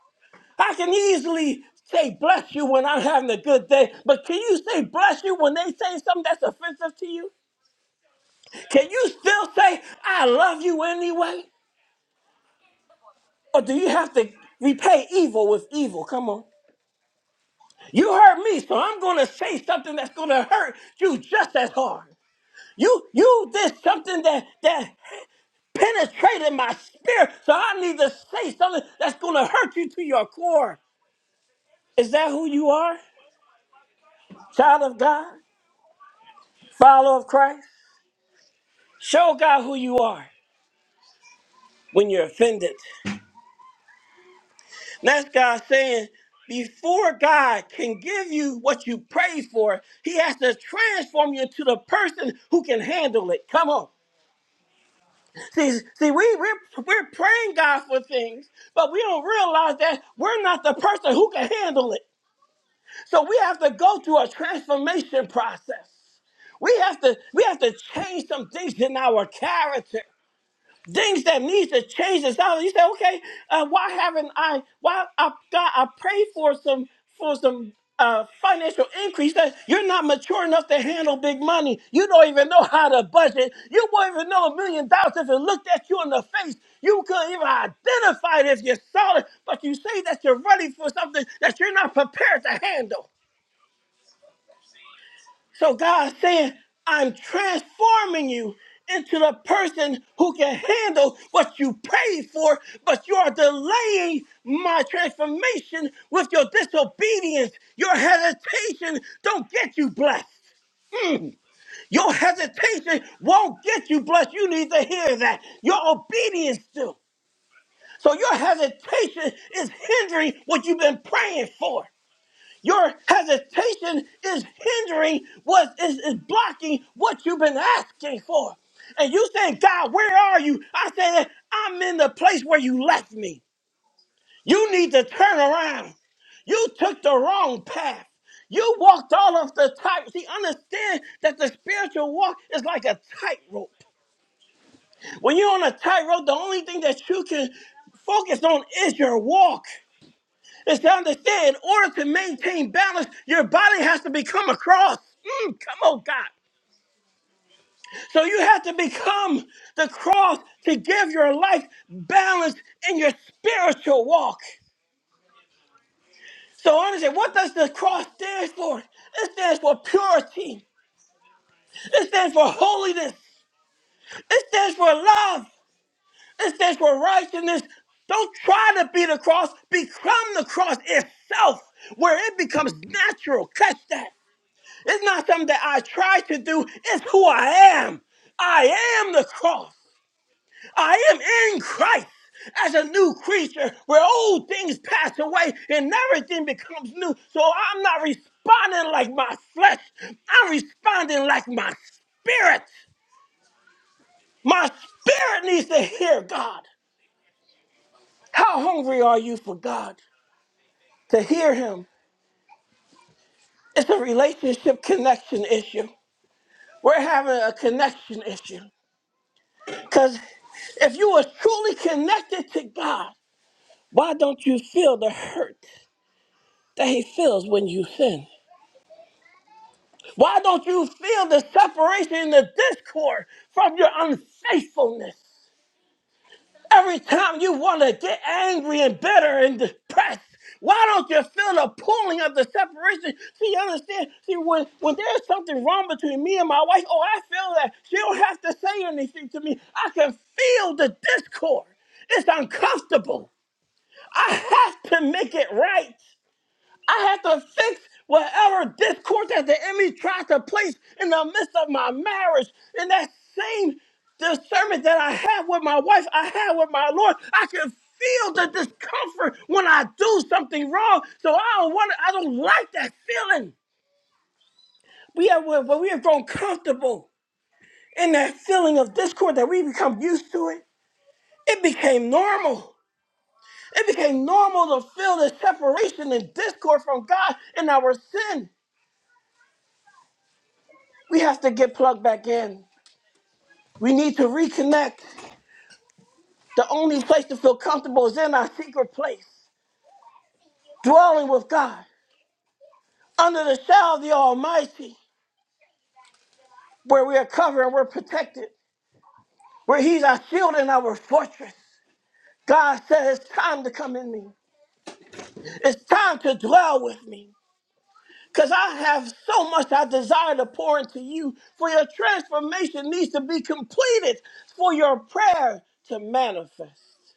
E: I can easily say bless you when I'm having a good day, but can you say bless you when they say something that's offensive to you? Can you still say I love you anyway? Or do you have to repay evil with evil? Come on. You hurt me, so I'm going to say something that's going to hurt you just as hard. You you did something that that penetrated my spirit. So I need to say something that's gonna hurt you to your core. Is that who you are? Child of God? Follower of Christ? Show God who you are when you're offended. And that's God saying, before God can give you what you pray for, He has to transform you into the person who can handle it. Come on. See, see, we we're, we're praying God for things, but we don't realize that we're not the person who can handle it. So we have to go through a transformation process. We have to we have to change some things in our character things that needs to change the sound. You say, okay, uh, why haven't I? Why I, God, I pray for some for some uh, financial increase that you're not mature enough to handle big money. You don't even know how to budget. You won't even know a million dollars if it looked at you in the face. You couldn't even identify it if you saw it. But you say that you're ready for something that you're not prepared to handle. So God's saying, I'm transforming you into the person who can handle what you prayed for, but you are delaying my transformation with your disobedience. Your hesitation don't get you blessed. Your hesitation won't get you blessed. You need to hear that. Your obedience do. So your hesitation is hindering what you've been praying for. Your hesitation is hindering what is, is blocking what you've been asking for. And you saying, God, where are you? I said, I'm in the place where you left me. You need to turn around. You took the wrong path. You walked all of the tight. See, understand that the spiritual walk is like a tightrope. When you're on a tightrope, the only thing that you can focus on is your walk is to understand in order to maintain balance, your body has to become a cross. Mm, come on, God. So you have to become the cross to give your life balance in your spiritual walk. So understand what does the cross stand for? It stands for purity. It stands for holiness. It stands for love. It stands for righteousness. Don't try to be the cross. Become the cross itself, where it becomes natural. Catch that. It's not something that I try to do, it's who I am. I am the cross. I am in Christ as a new creature where old things pass away and everything becomes new. So I'm not responding like my flesh, I'm responding like my spirit. My spirit needs to hear God. How hungry are you for God? To hear Him. It's a relationship connection issue. We're having a connection issue. Because if you are truly connected to God, why don't you feel the hurt that He feels when you sin? Why don't you feel the separation and the discord from your unfaithfulness? Every time you want to get angry and bitter and depressed, why don't you feel the pulling of the separation? See, you understand? See, when, when there's something wrong between me and my wife, oh, I feel that. She don't have to say anything to me. I can feel the discord. It's uncomfortable. I have to make it right. I have to fix whatever discord that the enemy tries to place in the midst of my marriage. In that same discernment that I have with my wife, I have with my Lord, I can feel the discomfort when I do something wrong. So I don't want. I don't like that feeling. We have when we have grown comfortable in that feeling of discord that we become used to it. It became normal. It became normal to feel the separation and discord from God in our sin. We have to get plugged back in. We need to reconnect. The only place to feel comfortable is in our secret place, dwelling with God, under the shadow of the Almighty, where we are covered and we're protected, where He's our shield and our fortress. God said, It's time to come in me. It's time to dwell with me. Because I have so much I desire to pour into you, for your transformation needs to be completed for your prayer to manifest.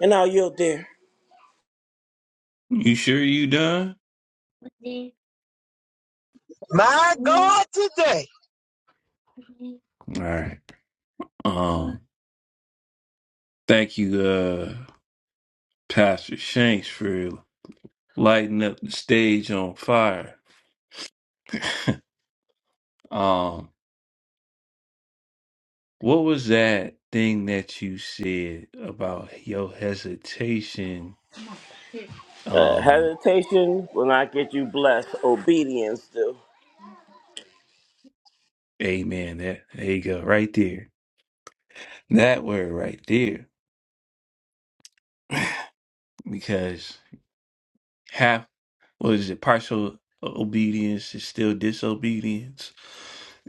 E: And now yield there.
A: You sure you done?
F: My
A: All
F: God, today.
A: right. Um, thank you, uh, Pastor Shanks, for lighting up the stage on fire. um, what was that thing that you said about your hesitation?
E: Uh,
A: Um,
E: hesitation will not get you blessed. Obedience do.
A: amen. That there you go, right there. That word right there, because half what is it? Partial obedience is still disobedience,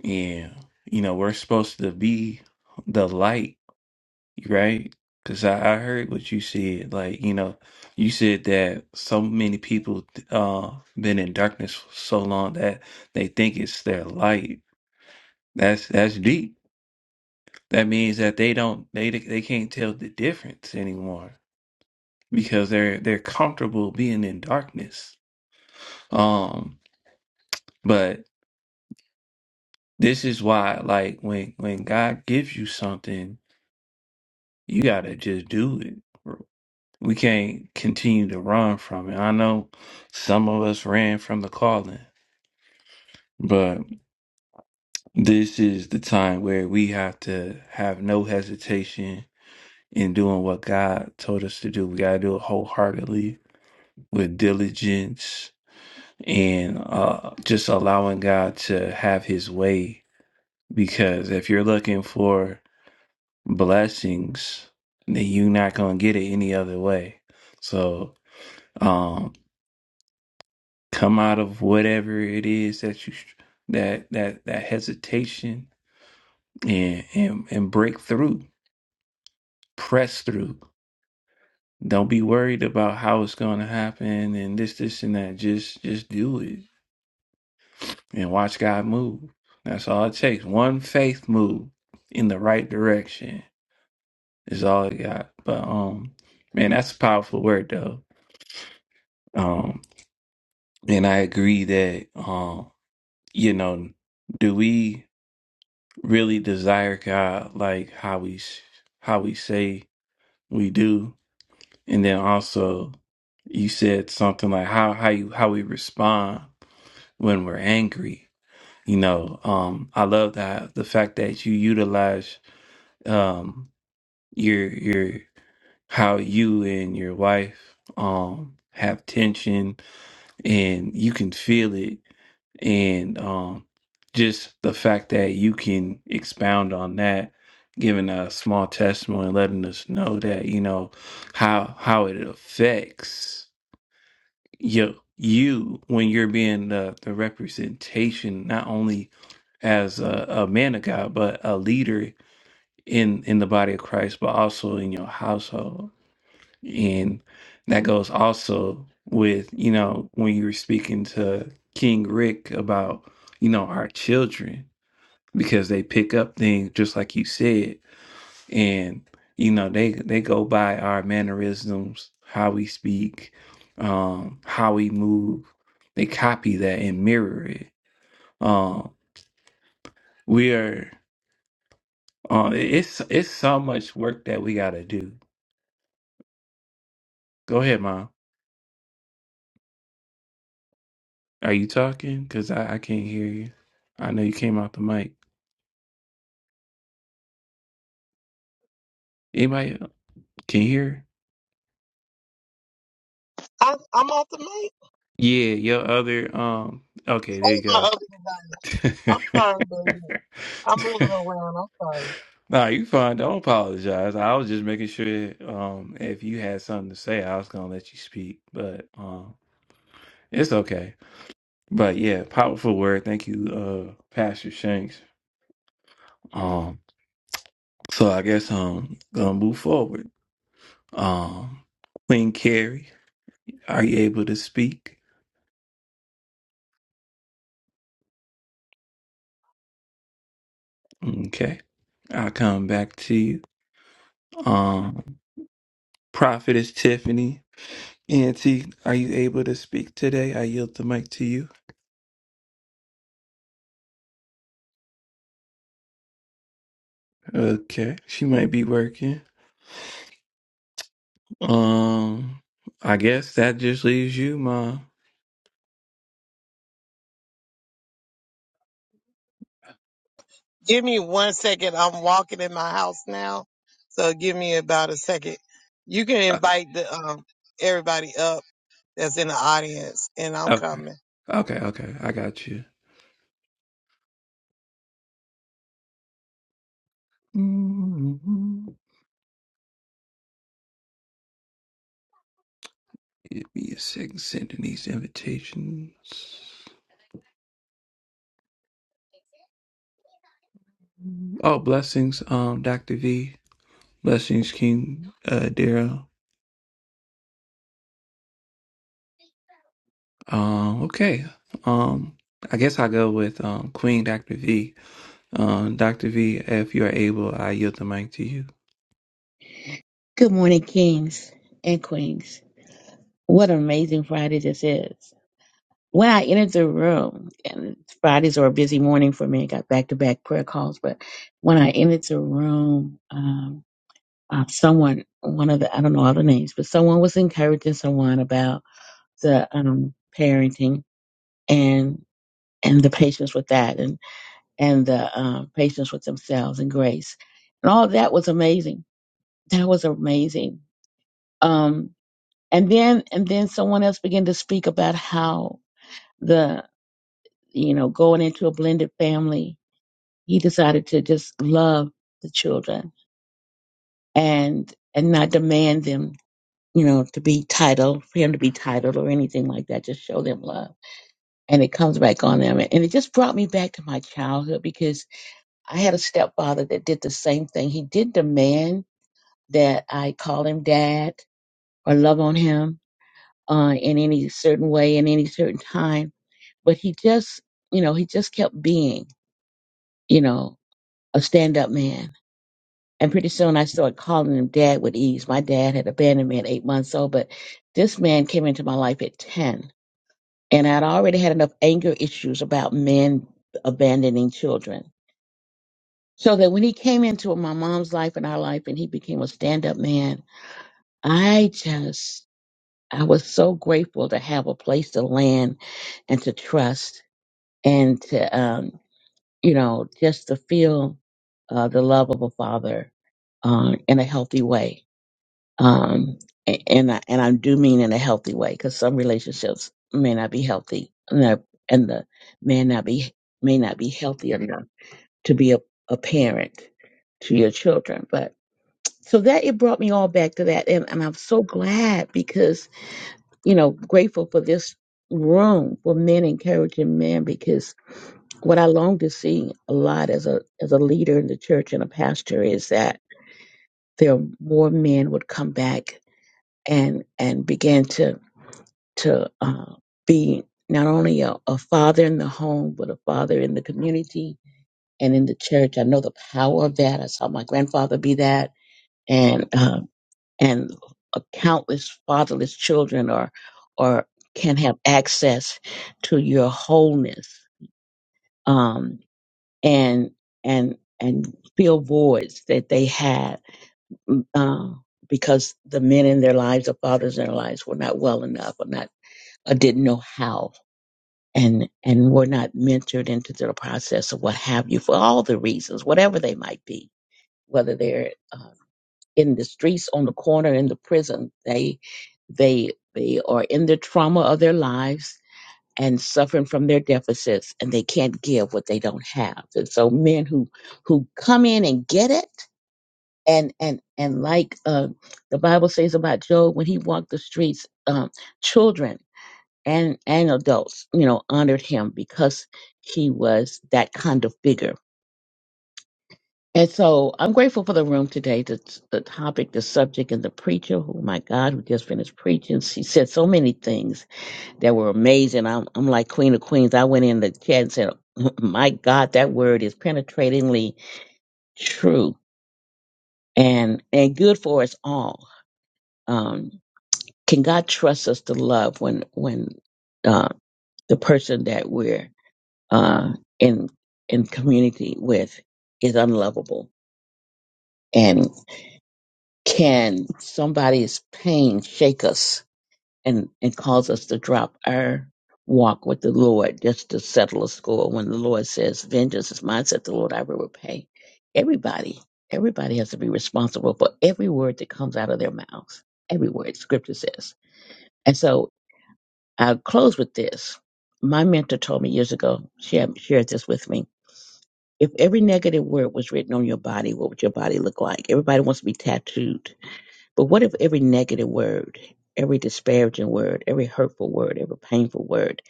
A: and you know we're supposed to be the light right? Because I, I heard what you said. Like, you know, you said that so many people uh been in darkness for so long that they think it's their light. That's that's deep. That means that they don't they they can't tell the difference anymore because they're they're comfortable being in darkness. Um, but this is why, like, when when God gives you something, you gotta just do it. We can't continue to run from it. I know some of us ran from the calling, but this is the time where we have to have no hesitation in doing what God told us to do. We got to do it wholeheartedly with diligence and uh, just allowing God to have his way. Because if you're looking for blessings, then you're not going to get it any other way. So, um. come out of whatever it is that you that that that hesitation and and, and break through press through don't be worried about how it's going to happen and this this and that just just do it and watch god move that's all it takes one faith move in the right direction is all it got but um man that's a powerful word though um and i agree that um you know do we really desire God like how we sh- how we say we do, and then also you said something like how how you how we respond when we're angry. You know, um, I love that the fact that you utilize um your your how you and your wife um have tension and you can feel it and um, just the fact that you can expound on that giving a small testimony letting us know that you know how how it affects you you when you're being the, the representation not only as a, a man of god but a leader in in the body of christ but also in your household and that goes also with, you know, when you were speaking to King Rick about, you know, our children, because they pick up things just like you said. And, you know, they they go by our mannerisms, how we speak, um, how we move. They copy that and mirror it. Um, we are uh, it's it's so much work that we gotta do. Go ahead, mom. Are you talking? Cause I, I can't hear you. I know you came out the mic. Anybody can hear?
F: I'm, I'm off the mic.
A: Yeah, your other um okay, there
F: Oh,
A: you
F: my
A: go.
F: husband, I'm sorry, baby. I'm moving around. I'm sorry.
A: nah, you fine. Don't apologize. I was just making sure um if you had something to say, I was gonna let you speak. But um it's okay. But yeah, powerful word. Thank you, uh Pastor Shanks. Um so I guess um gonna move forward. Um Queen Carrie. Are you able to speak? Okay. I'll come back to you. Um, Prophetess Tiffany. Auntie, are you able to speak today? I yield the mic to you. Okay. She might be working. Um, I guess that just leaves you, Ma.
F: Give me one second. I'm walking in my house now. So give me about a second. You can
A: Uh,
F: invite the um everybody up that's in the audience, and I'm
A: Okay.
F: coming.
A: Okay, okay. I got you. Mm-hmm. Give me a second sending these invitations. Oh, blessings, um, Dr. V. Blessings, King uh Daryl. Um, okay. Um, I guess I'll go with um, Queen Dr. V. Um, Dr. V, if you're able, I yield the mic to you.
G: Good morning, kings and queens. What an amazing Friday this is. When I entered the room, and Fridays are a busy morning for me, I got back to back prayer calls, but when I entered the room, um, uh, someone, one of the, I don't know all the names, but someone was encouraging someone about the um, parenting and and the patience with that and, and the um, patience with themselves and grace. And all that was amazing. That was amazing. Um, and then and then someone else began to speak about how the you know going into a blended family he decided to just love the children and and not demand them you know to be titled for him to be titled or anything like that just show them love and it comes back on them and it just brought me back to my childhood because i had a stepfather that did the same thing he did demand that i call him dad or love on him uh, in any certain way in any certain time but he just, you know, he just kept being, you know, a stand up man. And pretty soon I started calling him dad with ease. My dad had abandoned me at eight months old, but this man came into my life at 10. And I'd already had enough anger issues about men abandoning children. So that when he came into my mom's life and our life and he became a stand up man, I just, I was so grateful to have a place to land and to trust and to, um, you know, just to feel uh, the love of a father uh, in a healthy way. Um, a- and I, and I do mean in a healthy way because some relationships may not be healthy and the, and the man not be may not be healthy enough to be a, a parent to your children. But so that it brought me all back to that, and, and I'm so glad because you know grateful for this room for men encouraging men because what I long to see a lot as a as a leader in the church and a pastor is that there are more men would come back and and begin to to uh, be not only a, a father in the home but a father in the community and in the church. I know the power of that. I saw my grandfather be that, and um and uh, countless fatherless children are or can have access to your wholeness. Um, and and and fill voids that they had mm, um, because the men in their lives, the fathers in their lives, were not well enough or not or didn't know how and and were not mentored into the process of what have you for all the reasons, whatever they might be, whether they're uh, in the streets, on the corner, in the prison, they they they are in the trauma of their lives and suffering from their deficits and they can't give what they don't have and so men who who come in and get it and and and like uh, the bible says about job when he walked the streets um, children and and adults you know honored him because he was that kind of figure and so i'm grateful for the room today the, the topic the subject and the preacher oh my god who just finished preaching she said so many things that were amazing. I'm, I'm like Queen of Queens. I went in the chat and said, "My God, that word is penetratingly true and and good for us all." Um, can God trust us to love when when uh, the person that we're uh, in in community with is unlovable? And can somebody's pain shake us? and, and cause us to drop our walk with the Lord just to settle a score. When the Lord says, Vengeance is mine, said the Lord, I will repay. Everybody, everybody has to be responsible for every word that comes out of their mouths, every word scripture says. And so I'll close with this. My mentor told me years ago, she had shared this with me. If every negative word was written on your body, what would your body look like? Everybody wants to be tattooed but what if every negative word, every disparaging word, every hurtful word, every painful word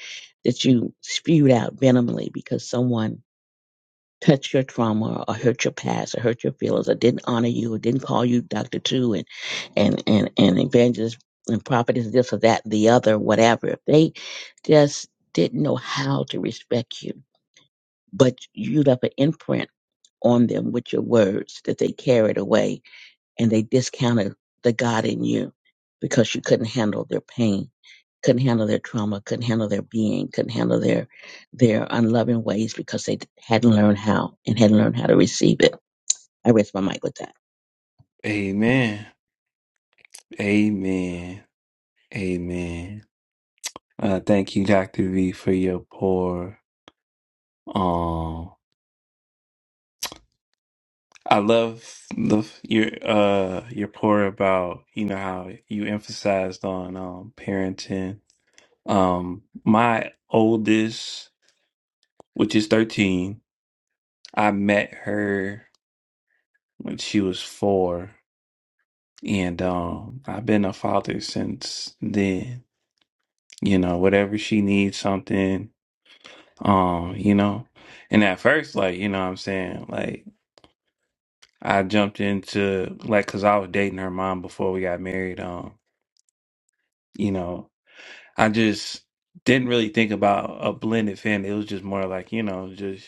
G: that you spewed out venomously because someone touched your trauma or hurt your past or hurt your feelings or didn't honor you or didn't call you Dr. Two and, and, and, and evangelist and prophet is this or that, the other, whatever. If they just didn't know how to respect you, but you left an imprint on them with your words that they carried away and they discounted the God in you because you couldn't handle their pain, couldn't handle their trauma, couldn't handle their being, couldn't handle their their unloving ways because they hadn't learned how and hadn't learned how to receive it. I rest my mic with that.
A: Amen. Amen. Amen. Uh, thank you, Dr. V, for your pour. Um, I love the your uh your pour about you know how you emphasized on um parenting. Um, my oldest, which is thirteen, I met her. when she was four. And um, I've been a father since then. You know, whatever she needs something, um, you know. And at first, like, you know what I'm saying? Like, I jumped into, like, because I was dating her mom before we got married. Um, you know, I just didn't really think about a blended family. It was just more like, you know, just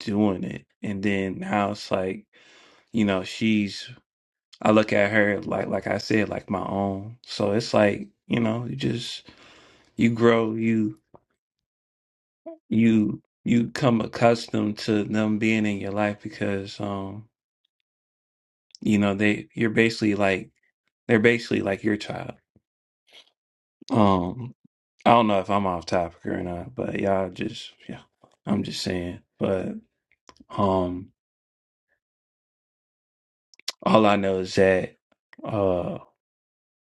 A: doing it. And then now it's like, you know, she's I look at her like like I said, like my own. So it's like, you know, you just you grow, you you you come accustomed to them being in your life because um, you know, they you're basically like they're basically like your child. Um I don't know if I'm off topic or not, but y'all just yeah, I'm just saying. But um all I know is that uh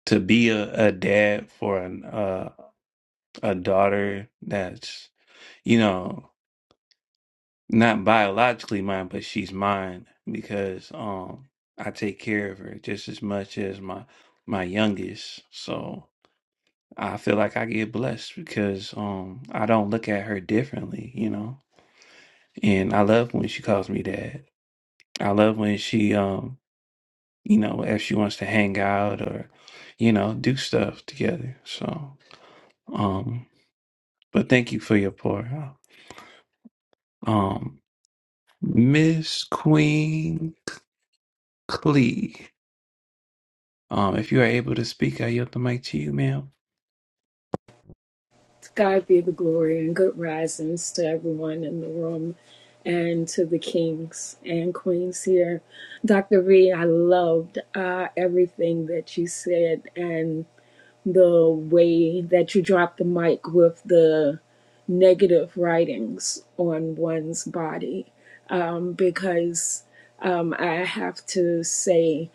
A: to be a, a dad for an uh a daughter that's you know not biologically mine, but she's mine because um I take care of her just as much as my my youngest. So I feel like I get blessed because um I don't look at her differently, you know. And I love when she calls me dad. I love when she um you know if she wants to hang out or you know do stuff together. So um but thank you for your pour out. Um Miss Queen Clee. Um, if you are able to speak, I yield the mic to you, ma'am.
H: To God be the glory and good risings to everyone in the room and to the kings and queens here. Dr. V, I loved uh, everything that you said and the way that you dropped the mic with the negative writings on one's body because um, I have to say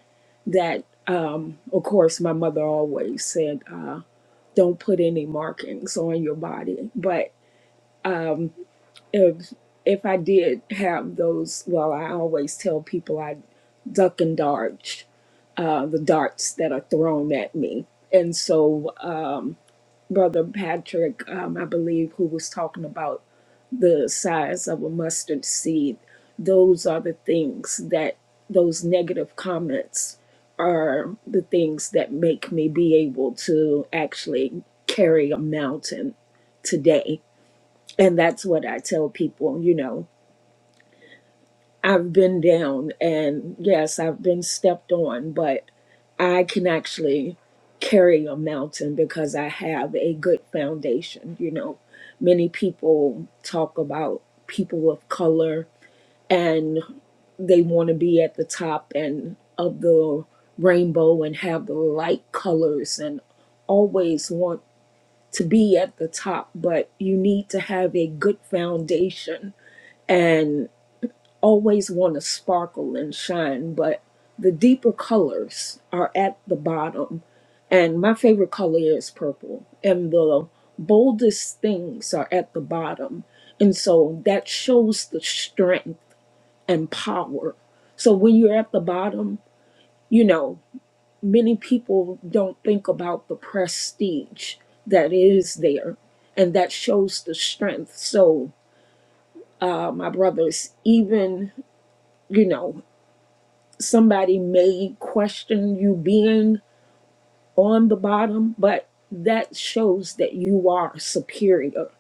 H: that, um, of course, my mother always said, uh, don't put any markings on your body. But if if I did have those, well, I always tell people I duck and dodge uh, the darts that are thrown at me. And so, uh, Brother Patrick, um, I believe, who was talking about the size of a mustard seed, those are the things that those negative comments are the things that make me be able to actually carry a mountain today. And that's what I tell people, you know, I've been down and yes, I've been stepped on, but I can actually carry a mountain because I have a good foundation. You know, many people talk about people of color and they want to be at the top and of the rainbow and have the light colors and always want to be at the top, but you need to have a good foundation and always want to sparkle and shine, but the deeper colors are at the bottom. And my favorite color is purple, and the boldest things are at the bottom. And so that shows the strength and power. So when you're at the bottom, you know, many people don't think about the prestige that is there. And that shows the strength. So, uh, my brothers, even, you know, somebody may question you being on the bottom, but that shows that you are superior.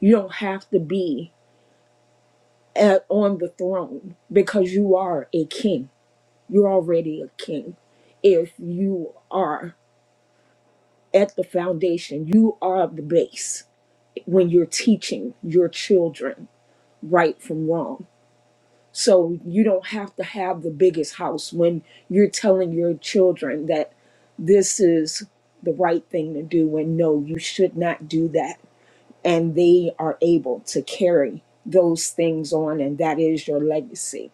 H: You don't have to be at, on the throne because you are a king. You're already a king. If you are at the foundation, you are the base when you're teaching your children right from wrong. So you don't have to have the biggest house when you're telling your children that this is the right thing to do and no you should not do that and they are able to carry those things on and that is your legacy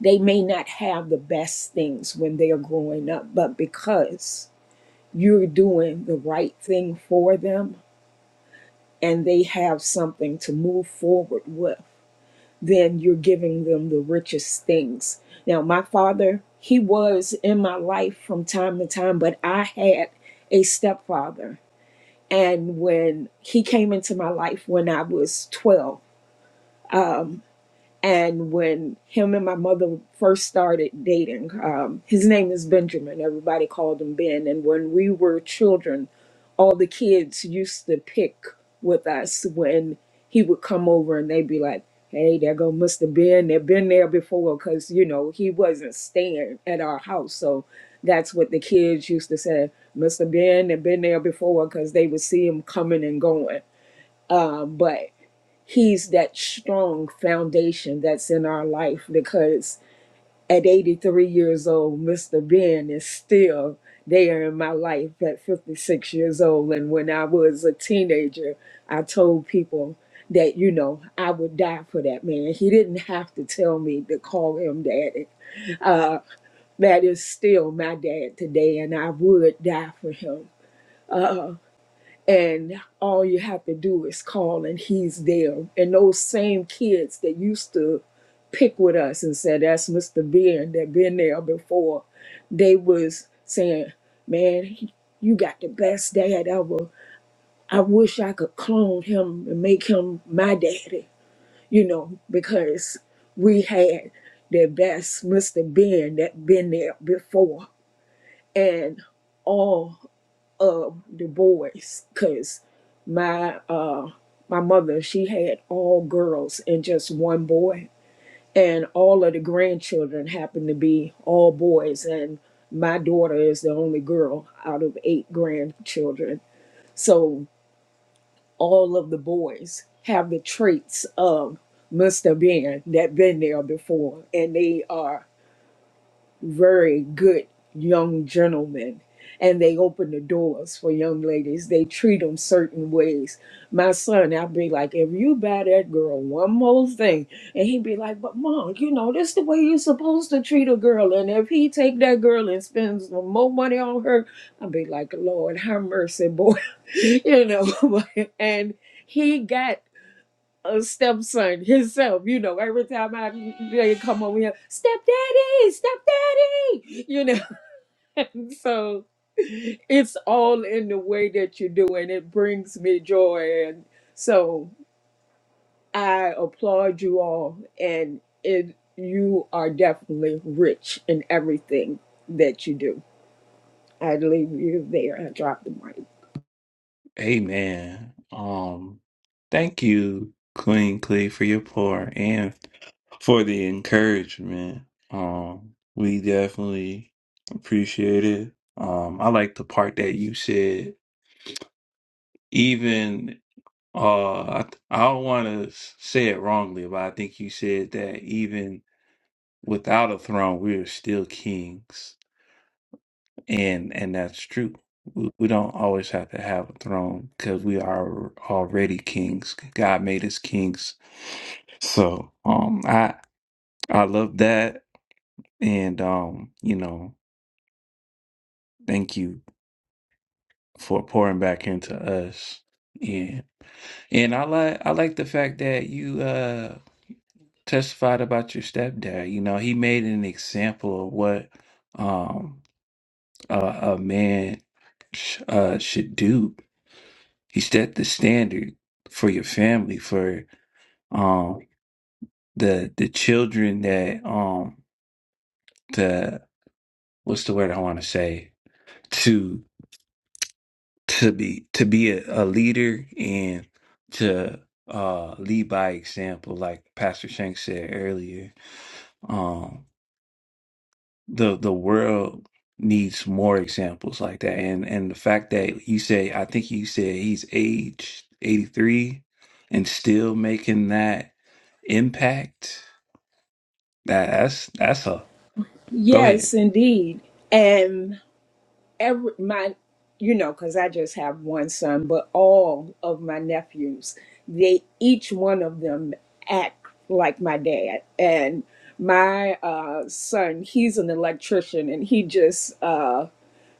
H: they may not have the best things when they are growing up but because you're doing the right thing for them and they have something to move forward with then you're giving them the richest things now my father he was in my life from time to time but i had a stepfather And when he came into my life when I was 12, and when him and my mother first started dating, um, his name is Benjamin. Everybody called him Ben. And when we were children, all the kids used to pick with us when he would come over and they'd be like, hey, there go Mr. Ben. They've been there before because, you know, he wasn't staying at our house. So that's what the kids used to say, Mr. Ben, they've been there before because they would see him coming and going uh, but he's that strong foundation that's in our life because at 83 years old, Mr. Ben is still there in my life at 56 years old. And when I was a teenager, I told people that, you know, I would die for that man. He didn't have to tell me to call him daddy. Uh, that is still my dad today, and I would die for him and all you have to do is call and he's there and those same kids that used to pick with us and said that's mr ben that been there before they was saying man he- you got the best dad ever i wish i could clone him and make him my daddy you know because we had the best mr ben that been there before and all of the boys because my uh my mother she had all girls and just one boy and all of the grandchildren happened to be all boys and my daughter is the only girl out of eight grandchildren so all of the boys have the traits of must have been that been there before and they are very good young gentlemen and they open the doors for young ladies they treat them certain ways my son i'd be like if you buy that girl one more thing and he'd be like but mom you know this the way you're supposed to treat a girl and if he take that girl and spends more money on her i'd be like lord have mercy boy you know and he got a stepson himself. You know, every time I they come over here, stepdaddy, stepdaddy. You know, so it's all in the way that you do, and it brings me joy. And so I applaud you all, and it you are definitely rich in everything that you do. I leave you there. I drop the mic.
A: Amen. Um, thank you, Queen Clee, for your pour and for the encouragement. Um, we definitely appreciate it. Um, I like the part that you said. Even uh, I, I don't want to say it wrongly, but I think you said that even without a throne, we are still kings. and and that's true. We we don't always have to have a throne because we are already kings. God made us kings. So um, I I love that, and um, you know, thank you for pouring back into us. Yeah, and I like I like the fact that you uh testified about your stepdad. You know, he made an example of what um a, a man sh- uh should do He set the standard for your family, for um the the children that um the what's the word I want to say to to be to be a, a leader and to uh lead by example, like Pastor Shank said earlier. Um, the the world needs more examples like that, and and the fact that you say I think you said he's aged eighty three and still making that impact That, that's that's a go ahead.
H: Yes, indeed. and. every my you know because i just have one son but all of my nephews they each one of them act like my dad and my uh son he's an electrician and he just uh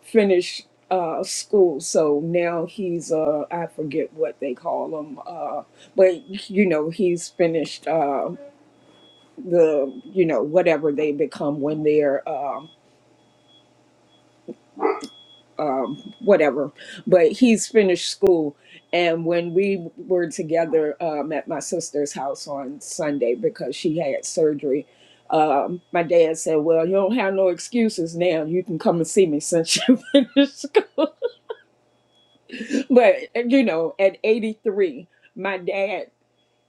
H: finished uh school so now he's uh i forget what they call him uh but you know he's finished uh the you know whatever they become when they're um um, whatever, but he's finished school. And when we were together um, at my sister's house on Sunday because she had surgery, um, my dad said, Well, you don't have no excuses now. You can come and see me since you finished school. But, you know, at 83, my dad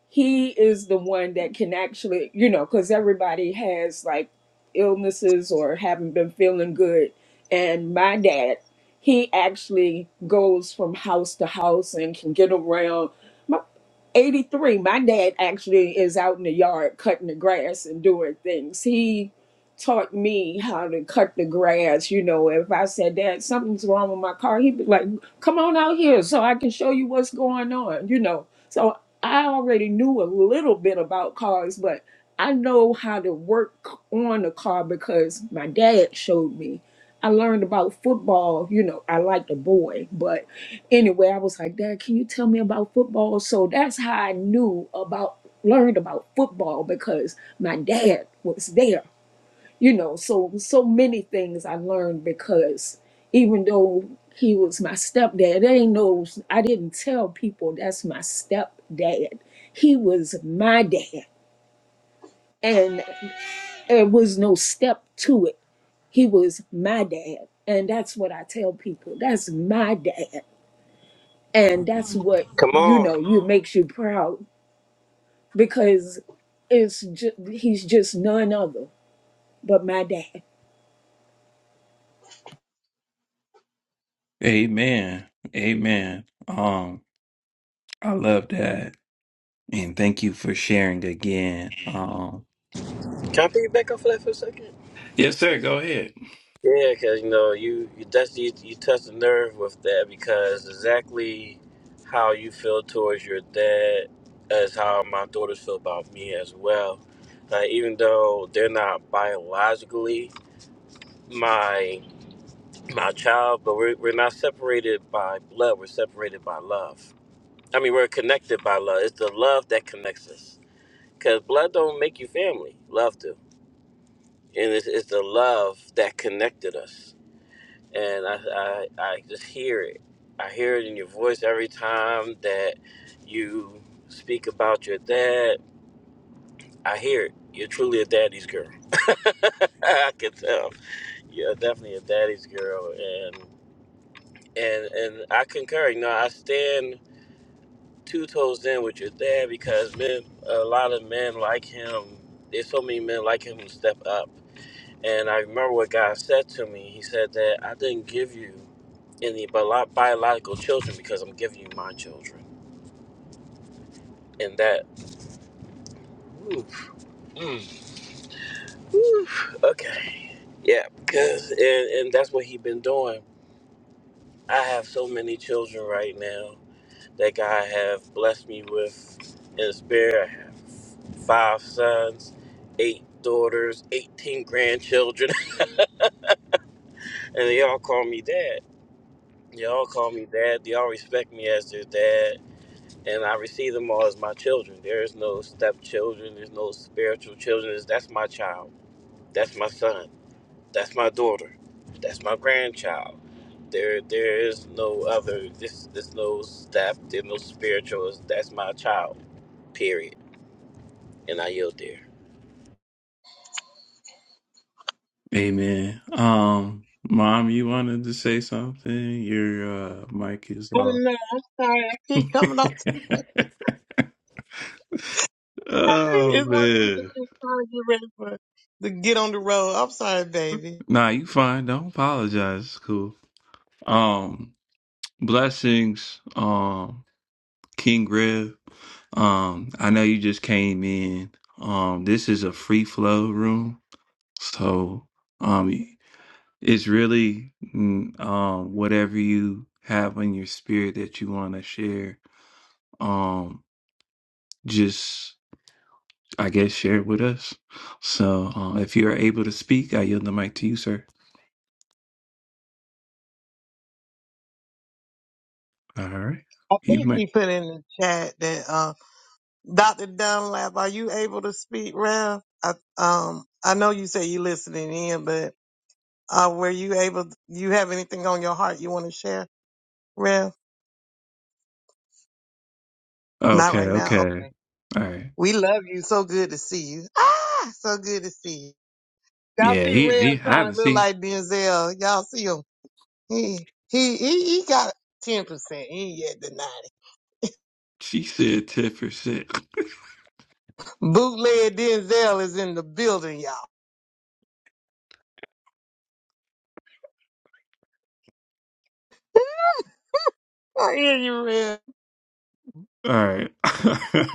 H: he is the one that can actually, you know, because everybody has like illnesses or haven't been feeling good. And my dad, he actually goes from house to house and can get around. 83 my dad actually is out in the yard cutting the grass and doing things he taught me how to cut the grass you know if i said dad something's wrong with my car he'd be like come on out here so i can show you what's going on you know so i already knew a little bit about cars but i know how to work on a car because my dad showed me i learned about football you know i liked a boy but. Anyway, I was like, Dad, can you tell me about football? So that's how I knew about, learned about football because my dad was there. You know, so so many things I learned because even though he was my stepdad, they know I didn't tell people that's my stepdad. He was my dad, and there was no step to it. He was my dad, and that's what I tell people. That's my dad and that's what you know you makes you proud because it's just, he's just none other but my dad
A: Amen. Amen. Um, I love that. And thank you for sharing again. Um
E: Can I put you back off of that for a second?
A: Yes, sir, go ahead.
E: Yeah, because you know you you touch you, you touch the nerve with that because exactly how you feel towards your dad is how my daughters feel about me as well. Like even though they're not biologically my my child, but we're, we're not separated by blood. We're separated by love. I mean, we're connected by love. It's the love that connects us. Cause blood don't make you family. Love do, and it's, it's the love that connected us. And I, I I just hear it. I hear it in your voice every time that you speak about your dad. I hear it. You're truly a daddy's girl. I can tell. You're definitely a daddy's girl, and and I concur. You know, I stand two toes in with your dad because men, a lot of men like him. There's so many men like him who step up. And I remember what God said to me. He said that I didn't give you any bio- biological children because I'm giving you my children. And that, oof, mm, oof, okay, yeah, because and, and that's what he been doing. I have so many children right now that God have blessed me with in the spirit. I have five sons, eight daughters, 18 grandchildren, and they all call me dad. They all call me dad. They all respect me as their dad, and I receive them all as my children. There is no stepchildren. There's no spiritual children. It's- That's my child. That's my son. That's my daughter. That's my grandchild. There, there is no other. This, there's no step. There's no spiritual. That's my child. Period And I yield there.
A: Amen. Um, mom, you wanted to say something? Your uh mic is
F: Oh,
A: off.
F: no, I'm sorry. I keep coming up. It's
A: oh
F: one of those
A: man.
F: days I'm trying to get ready for to get on the road. I'm sorry, baby.
A: Nah, you fine. Don't apologize. It's cool. Um, blessings, um, King Rev. Um, I know you just came in. Um, this is a free flow room, so um, it's really mm, um whatever you have in your spirit that you want to share. Um, just I guess share it with us. So uh, if you are able to speak, I yield the mic to you, sir. All right,
F: I
A: you
F: think
A: might.
F: he put in the chat that uh, Dr. Dunlap, are you able to speak, Rev? I um I know you say you listening in, but uh, were you able? You have anything on your heart you want to share, Rev? Not
A: Okay,
F: right now. Oh,
A: okay, all right.
F: we love you. So good to see you. Ah, so good to see you. Y'all
A: Yeah,
F: see
A: he
F: Rev
A: he. I
F: trying to
A: haven't
F: look
A: seen.
F: like Denzel. Y'all see him? He he he, he got ten percent. He ain't yet the ninety.
A: She said ten percent.
F: Bootleg Denzel is in the building, y'all. I hear you, Rev.
A: All right.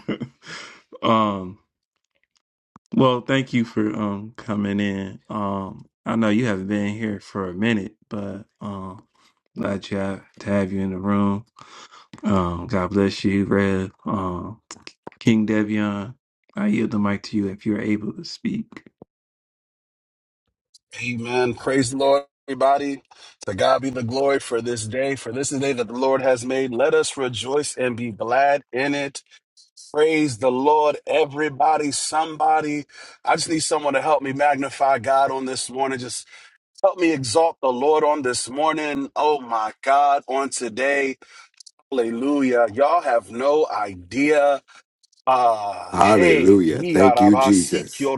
A: um, well, thank you for um coming in. Um, I know you haven't been here for a minute, but um glad you have, to have you in the room. Um, God bless you, Rev. Um, King Devion, I yield the mic to you if you're able to speak.
I: Amen. Praise the Lord, everybody. To God be the glory for this day, for this is the day that the Lord has made. Let us rejoice and be glad in it. Praise the Lord, everybody. Somebody, I just need someone to help me magnify God on this morning. Just help me exalt the Lord on this morning. Oh my God, on today. Hallelujah. Y'all have no idea. Ah, hey,
D: Hallelujah. Thank you, Jesus.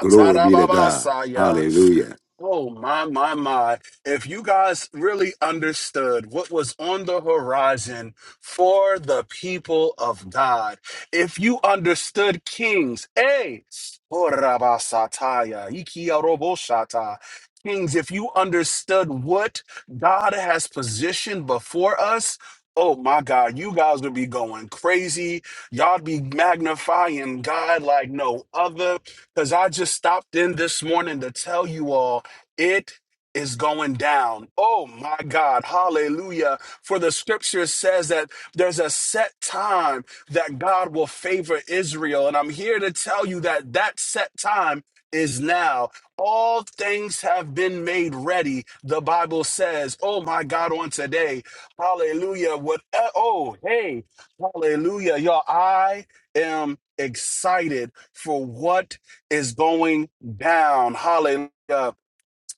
D: Glory be to God.
I: hey,
D: Hallelujah.
I: Oh my my my. If you guys really understood what was on the horizon for the people of God, if you understood kings, hey, Orabasataya, Ikiaroboshata. kings, if you understood what God has positioned before us, oh my God, you guys would be going crazy. Y'all be magnifying God like no other because I just stopped in this morning to tell you all. It is going down. Oh my God. Hallelujah. For the scripture says that there's a set time that God will favor Israel. And I'm here to tell you that that set time is now. All things have been made ready. The Bible says, oh my God, on today. Hallelujah. What, eh, oh, hey, hallelujah. Y'all, I am excited for what is going down. Hallelujah.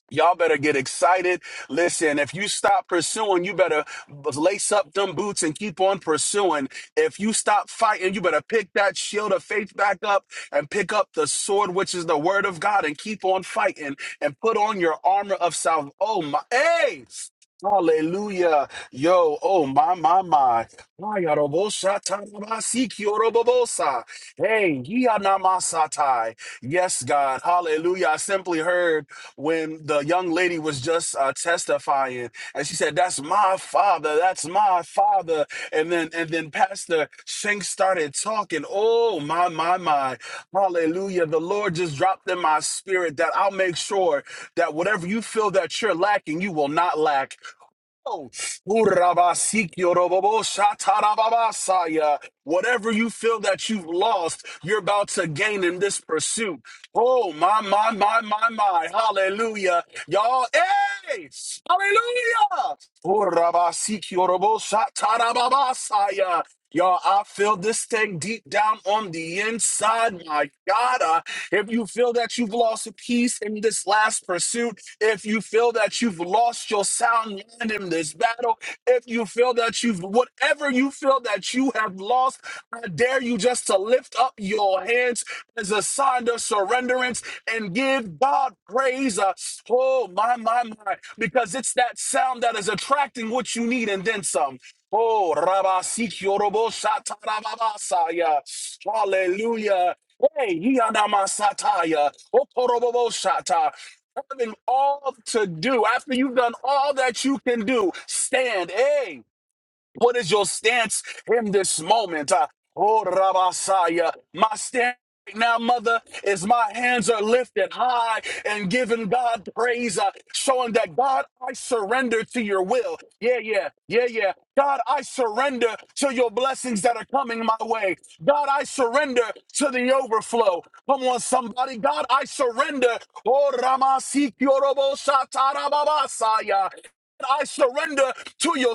I: Y'all better get excited. Listen, if you stop pursuing, you better lace up them boots and keep on pursuing. If you stop fighting, you better pick that shield of faith back up and pick up the sword, which is the word of God, and keep on fighting and put on your armor of salvation. Oh my, hey! Hallelujah. Yo, oh my, my, my. Ayarobosa, tarabasi, kiorobobosa. Hey, yia namasatai. Yes, God. Hallelujah. I simply heard when the young lady was just uh, testifying and she said that's my father that's my father and then and then pastor shank started talking oh my my my hallelujah the lord just dropped in my spirit that i'll make sure that whatever you feel that you're lacking you will not lack Oh, Urabasikyoroboboshatarababasaya. Whatever you feel that you've lost, you're about to gain in this pursuit. Oh, my, my, my, my, my. Hallelujah. Y'all, hey! Hallelujah! Urabasikyoroboshatarababasaya. Y'all, I feel this thing deep down on the inside. My God, uh, if you feel that you've lost a piece in this last pursuit, if you feel that you've lost your sound mind in this battle, if you feel that you've, whatever you feel that you have lost, I dare you just to lift up your hands as a sign of surrenderance and give God praise. Uh, Oh, my, my, my, because it's that sound that is attracting what you need and then some. Oh, Rabasikyorobo Shatarababasaya. Hallelujah. Hey, Yanamasataya. Okorobobo Shata having all to do, after you've done all that you can do, stand. Hey, what is your stance in this moment? Uh, oh, Rabasaya, my stance. Right now, mother, is my hands are lifted high and giving God praise, uh, showing that God, I surrender to your will. Yeah, yeah, yeah, yeah. God, I surrender to your blessings that are coming my way. God, I surrender to the overflow. Come on, somebody. God, I surrender. Oh, Ramasi Kyorobo Shatarababasaya. I surrender to your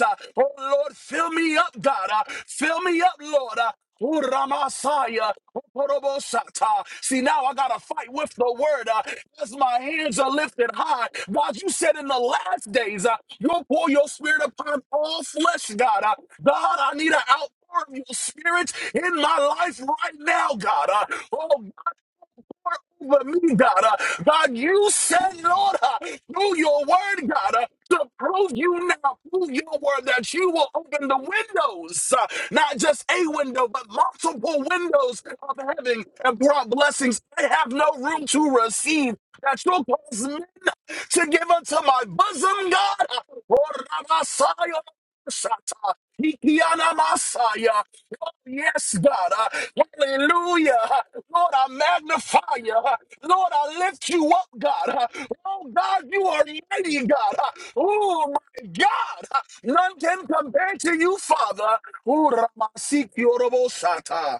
I: uh, Oh Lord, fill me up, God. uh, Fill me up, Lord. uh, oh, Ramasaya, oh, Porobosata. See, now I got to fight with the word. uh, As my hands are lifted high, God, you said in the last days, uh, you'll pour your spirit upon all flesh, God. uh, God, I need an outpour of your spirit in my life right now, God. uh, Oh, over me, God. Uh, God, you said, Lord, uh, through your word, God, uh, to prove you now, prove your word that you will open the windows, uh, not just a window, but multiple windows of heaven and pour out blessings I have no room to receive. That you'll cause me to give unto my bosom, God. Uh, Orabasaya, Shata, Ikiana Masaya. Yes, God. Uh, Hallelujah. Uh, Lord, I magnify you. Uh, Lord, I lift you up, God. Uh, Oh, God, you are mighty, God. Uh, Oh, my God. Uh, None can compare to you, Father. Oh, Ramasiki Orobosata.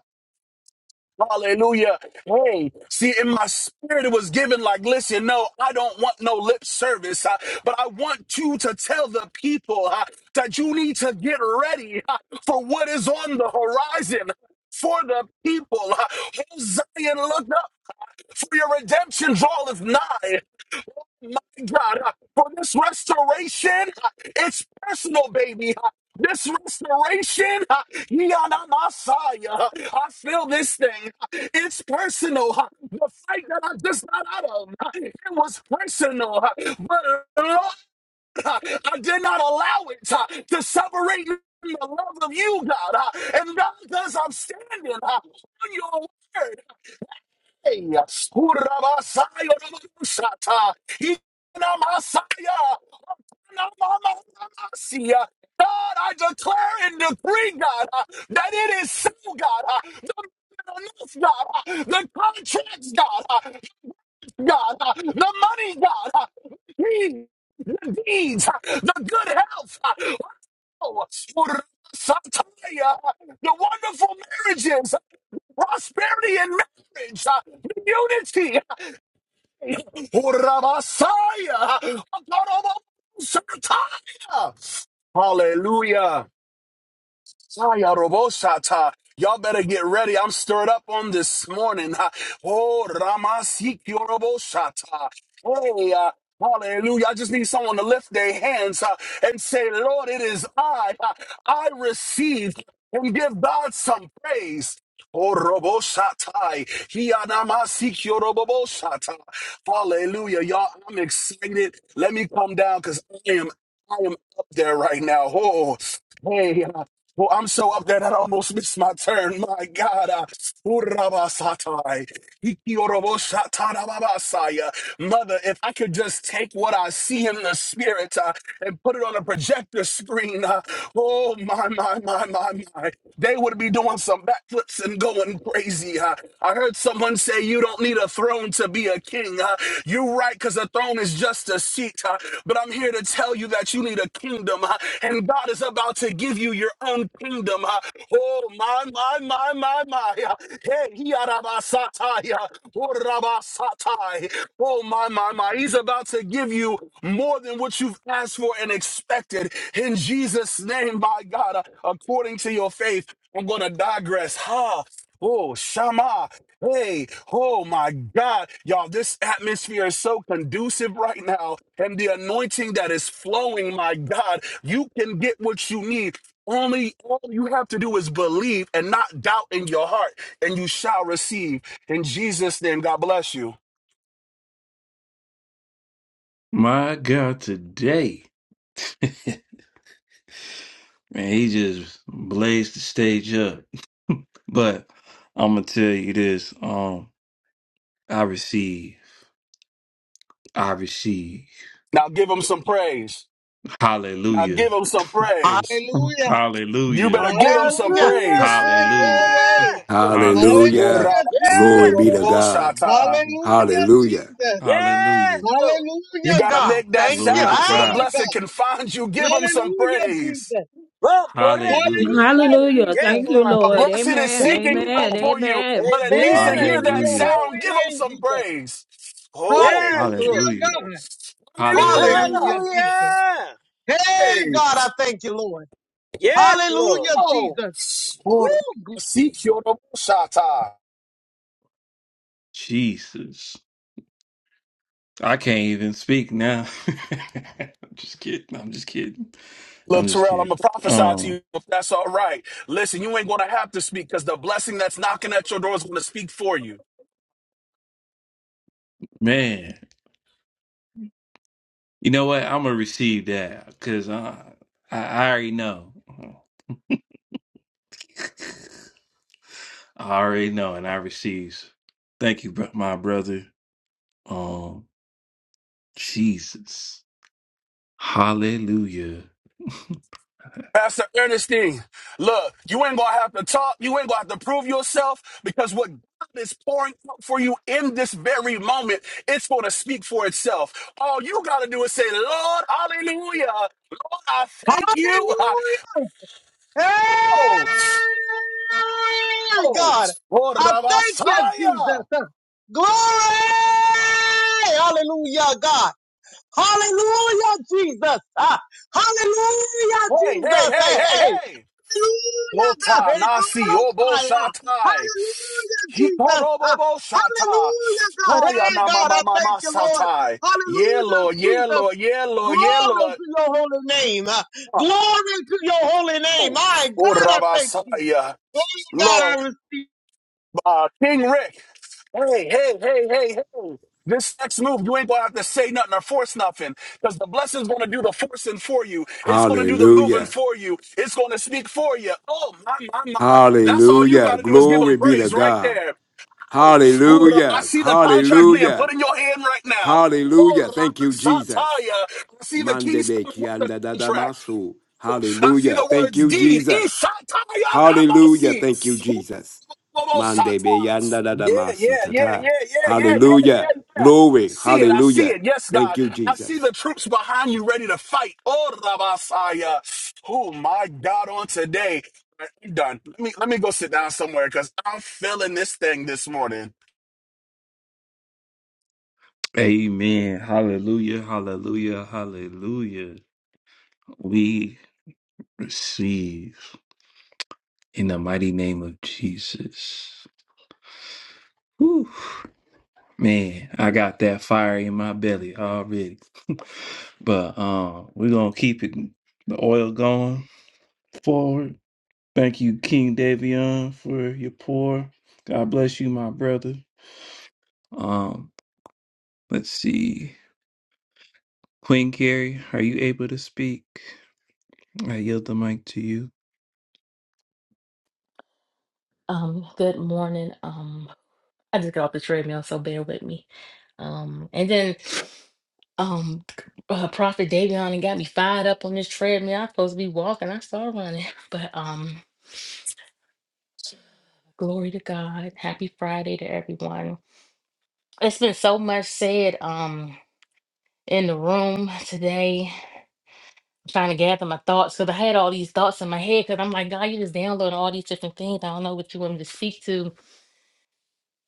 I: Hallelujah. Hey, see, in my spirit, it was given like, listen, no, I don't want no lip service, uh, but I want you to tell the people uh, that you need to get ready uh, for what is on the horizon for the people. Uh, Zion, look up, for your redemption draweth nigh my God, uh, for this restoration, uh, it's personal, baby. uh, This restoration, uh, Yana Masaya, uh, I feel this thing. uh, It's personal. uh, The fight that I just got out of, uh, it was personal. uh, But Lord, uh, I did not allow it uh, to separate me from the love of you, God. uh, And God, because I'm standing uh, on your word, God, I declare and decree, God, uh, that it is so, God. uh, The man on earth, God, uh, the contracts, God, uh, God, uh, the money, God, uh, the the deeds, uh, the good health, uh, oh, Sataya, uh, the wonderful marriages, uh, prosperity in marriage, uh, the unity. Urabasaya! Akarabasaya! Hallelujah. Saya robosata. Y'all better get ready. I'm stirred up on this morning. Ha. Oh, Ramasikyo robosata. Hey, uh, hallelujah. I just need someone to lift their hands uh, and say, Lord, it is I. Uh, I receive and give God some praise. Oh, roboshatai. Hiyanamasikyo robobosata. Hallelujah. Y'all, I'm excited. Let me calm down because I am I am up there right now. Oh, hey, uh, well, I'm so up there that I almost missed my turn. My God. uh, Urabasatai. Ikioroboshatarababasaya. Mother, if I could just take what I see in the spirit uh, and put it on a projector screen, uh, oh, my, my, my, my, my. They would be doing some backflips and going crazy. uh. I heard someone say you don't need a throne to be a king. Uh, you're right, because a throne is just a seat. Uh, but I'm here to tell you that you need a kingdom, uh, and God is about to give you your own kingdom. Uh, oh, my, my, my, my, my. Uh, hey, he arabasatai, uh, orabasatai. Oh, my, my, my. He's about to give you more than what you've asked for and expected. In Jesus' name, by God, uh, according to your faith, I'm going to digress. Ha! Oh, Shama. Hey, oh my God. Y'all, this atmosphere is so conducive right now. And the anointing that is flowing, my God, you can get what you need. Only all you have to do is believe and not doubt in your heart, and you shall receive. In Jesus' name, God bless you.
A: My God, today, man, he just blazed the stage up. But I'm gonna tell you this. Um, I receive, I receive,
I: Now give him some praise. Now
A: hallelujah.
I: give him some praise.
F: Hallelujah.
I: You
A: Hallelujah.
I: better give him some
F: Hallelujah.
E: Hallelujah!
I: praise.
A: Hallelujah.
F: Glory.
I: Oh,
A: Hallelujah.
D: Hallelujah.
F: Hallelujah,
D: Glory
F: Jesus.
E: Yes!
D: be to God.
F: Hallelujah,
D: Hallelujah.
F: Jesus.
E: Yes,
A: Hallelujah.
E: Lord!
I: You
F: Hallelujah,
I: got to
F: God.
I: make that
F: Thank you.
A: Glory to
I: sound so the
A: God.
F: Hey,
I: blessed
F: God.
I: can find you. Give him some
F: Hallelujah,
I: praise.
F: Jesus.
E: Lord, bless the
A: Hallelujah.
F: Hallelujah,
E: Messiah.
H: Hallelujah.
E: Yes,
F: Jesus.
H: Thank you,
E: Lord, I
I: The
H: Lord.
E: thank you.
I: blessed is
H: Amen.
F: Thank
I: seeking
F: you,
H: Amen.
I: out
F: Father.
I: for you,
H: Amen.
I: but it needs
E: Amen,
I: to
F: Glory
I: hear
F: to
I: that
E: amen,
F: your
A: Hallelujah.
E: amen.
I: sound.
F: holy
I: Give him
F: name,
I: some
F: Jesus.
I: praise. Oh,
E: Yes, Lord.
F: Hallelujah,
A: Hallelujah.
I: oh.
F: God.
A: Hallelujah.
I: hallelujah.
F: Hallelujah, Jesus.
E: Hallelujah!
F: Hey,
I: Hey,
F: God, I thank you, Lord.
E: Yes, Lord.
F: Hallelujah,
I: oh,
F: Jesus.
I: oh,
F: Woo.
I: seek your Shata.
A: Jesus. I can't even speak now. I'm just kidding. I'm just kidding.
I: Look,
A: I'm just
I: Terrell, I'm
A: kidding.
I: gonna prophesy to
A: Um,
I: you if that's all right. Listen, you ain't gonna have to speak because the blessing that's knocking at your door is gonna speak for you.
A: man, you know what? I'm gonna receive that because I, I I already know. I already know, and I receives. Thank you, bro- my brother. Um, Jesus, Hallelujah,
I: Pastor Ernestine, look, you ain't gonna have to talk. You ain't gonna have to prove yourself because what God is pouring out for you in this very moment, it's gonna speak for itself. All you gotta do is say, Lord, hallelujah. Lord, I thank you. I
F: Hallelujah. Hey,
I: Oh, oh,
F: God,
I: oh,
F: I
I: Rabbi
F: thank you,
I: Messiah.
F: Jesus. Glory! Hallelujah, God. Hallelujah, Jesus. Ah, hallelujah,
I: Hey, hey,
F: Jesus.
I: hey,
F: Hey,
I: hey,
F: hey.
I: hey.
F: Hallelujah, God.
I: Ota
F: Hey, go to
I: nasi
F: those
I: obo
F: fire.
I: shatai.
F: Hallelujah, Jesus. Ah,
I: Hikorobobo shata.
F: hallelujah, God.
I: Waya
F: Hey,
I: na
F: God,
I: mama
F: I thank
I: mama
F: you, Lord.
I: satai. Yeah,
F: Hallelujah,
I: Lord, yeah,
F: Jesus.
I: Lord, yeah,
F: Glory
I: Lord, yeah, Lord.
F: to your holy name. Uh,
I: Oh,
F: Glory to your holy name.
I: oh,
F: My
I: oh,
F: God, I thank you.
I: Rabasaya.
F: Oh, God, I
I: Lord,
F: receive.
I: uh, King Rick. Hey, hey, hey, hey. This next move, you ain't gonna have to say nothing or force nothing. Because the blessing's gonna do the forcing for you. It's gonna do the moving
D: Hallelujah.
I: for you. It's gonna speak for you. Oh my my my. That's all you
D: Hallelujah.
I: gotta do is give him
D: Glory be to
I: praise right
D: God.
I: there. Oh, who the- I
D: Hallelujah.
I: see the contract being
D: Hallelujah.
I: put in your hand right now. Oh,
D: Hallelujah. Thank
I: Raka
D: you, Jesus.
I: Sataya. I see the keys
D: Mandebe
I: coming with the
D: kianda
I: contract.
D: dadamasu.
I: Oh, I see
D: Hallelujah.
I: the
D: Thank
I: words
D: you,
I: deed.
D: Jesus.
I: Isataya
D: Hallelujah.
I: namasi.
D: Thank you, Jesus. Mande
I: Ubolosata.
D: be yanda da da ma
I: Yeah,
D: si
I: yeah,
D: ta
I: yeah, yeah,
D: ta.
I: yeah, yeah, yeah,
D: Hallelujah.
I: yeah, yeah. I
D: Glory.
I: see it. I see
D: Hallelujah.
I: it. Yes,
D: Thank
I: God.
D: you,
I: I see
D: Jesus.
I: the troops behind you ready to fight. Oh, Rabasaya. Oh, my God, on today. I'm done. Let me, let me go sit down somewhere because I'm feeling this thing this morning.
A: Amen, Hallelujah, Hallelujah, Hallelujah. We receive in the mighty name of Jesus. Whew. Man, I got that fire in my belly already. but um, we're gonna keep it the oil going forward. Thank you, King Davion, for your pour. God bless you, my brother. Um, let's see. Queen Carrie, are you able to speak? I yield the mic to you.
J: Um, good morning. Um, I just got off the treadmill, so bear with me. Um, and then um uh, Prophet Davion and got me fired up on this treadmill. I'm supposed to be walking. I started running. But um glory to God. Happy Friday to everyone. It's been so much said um in the room today. I'm trying to gather my thoughts because I had all these thoughts in my head because I'm like, God, you just download all these different things. I don't know what you want me to speak to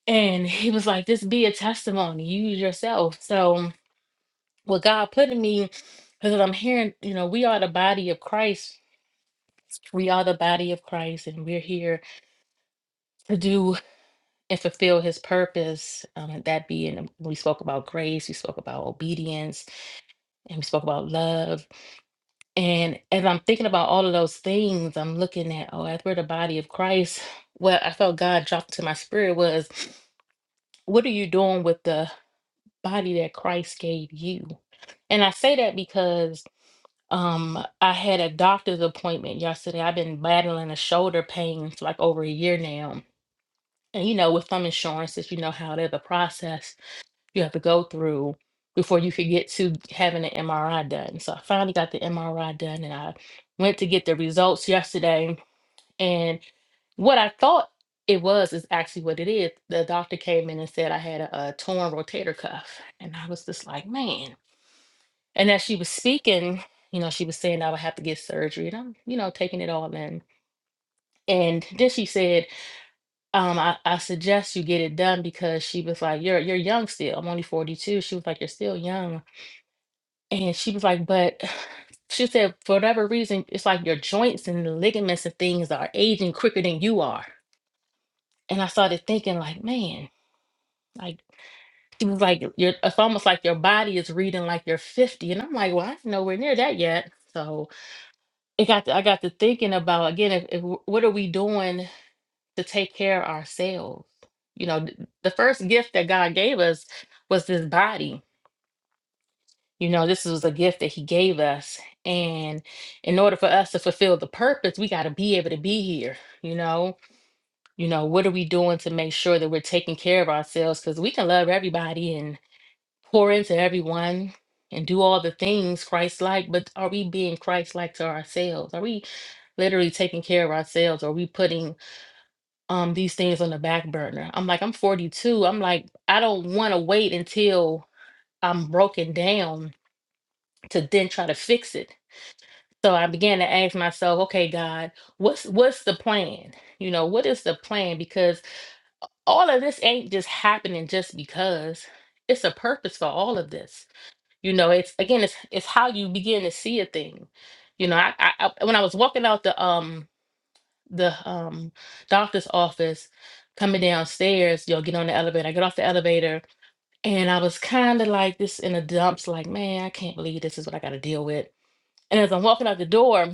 J: And he was like, This be a testimony, use yourself. So, what God put in me, because I'm hearing, you know, we are the body of Christ. We are the body of Christ, and we're here to do and fulfill his purpose. Um, and that being, we spoke about grace, we spoke about obedience, and we spoke about love. And as I'm thinking about all of those things, I'm looking at, oh, as we're the body of Christ, what I felt God dropped to my spirit was, what are you doing with the body that Christ gave you. And I say that because um I had a doctor's appointment yesterday. I've been battling a shoulder pain for like over a year now. And you know, with some insurances, you know how there's a process you have to go through before you could get to having an MRI done. So I finally got the MRI done and I went to get the results yesterday. And what I thought it was is actually what it is. The doctor came in and said I had a, a torn rotator cuff. And I was just like, man. And as she was speaking, you know, she was saying I would have to get surgery, and I'm, you know, taking it all in. And then she said, um, I, I suggest you get it done because she was like, You're you're young still. I'm only 42. She was like, You're still young. And she was like, But she said, for whatever reason, it's like your joints and the ligaments and things are aging quicker than you are. And I started thinking, like, man, like she was like, your it's almost like your body is reading like you're 50. And I'm like, well, I'm nowhere near that yet. So it got to, I got to thinking about again if, if w- what are we doing to take care of ourselves? You know, th- the first gift that God gave us was this body. You know, this was a gift that He gave us, and in order for us to fulfill the purpose, we got to be able to be here. You know, you know, what are we doing to make sure that we're taking care of ourselves? Because we can love everybody pour into everyone and do all the things Christ like, but are we being Christ like to ourselves? Are we literally taking care of ourselves? Are we putting um these things on the back burner? I'm like, I'm 42. I'm like, I don't want to wait until I'm broken down to then try to fix it. So I began to ask myself, okay, God, what's what's the plan? You know, what is the plan? Because all of this ain't just happening just because. It's a purpose for all of this You know, it's again, it's it's how you begin to see a thing. You know, I, I, I when I was walking out the um the um doctor's office, coming downstairs, you know, get on the elevator. I get off the elevator, and I was kind of like this in the dumps, like, man, I can't believe this is what I got to deal with. And as I'm walking out the door,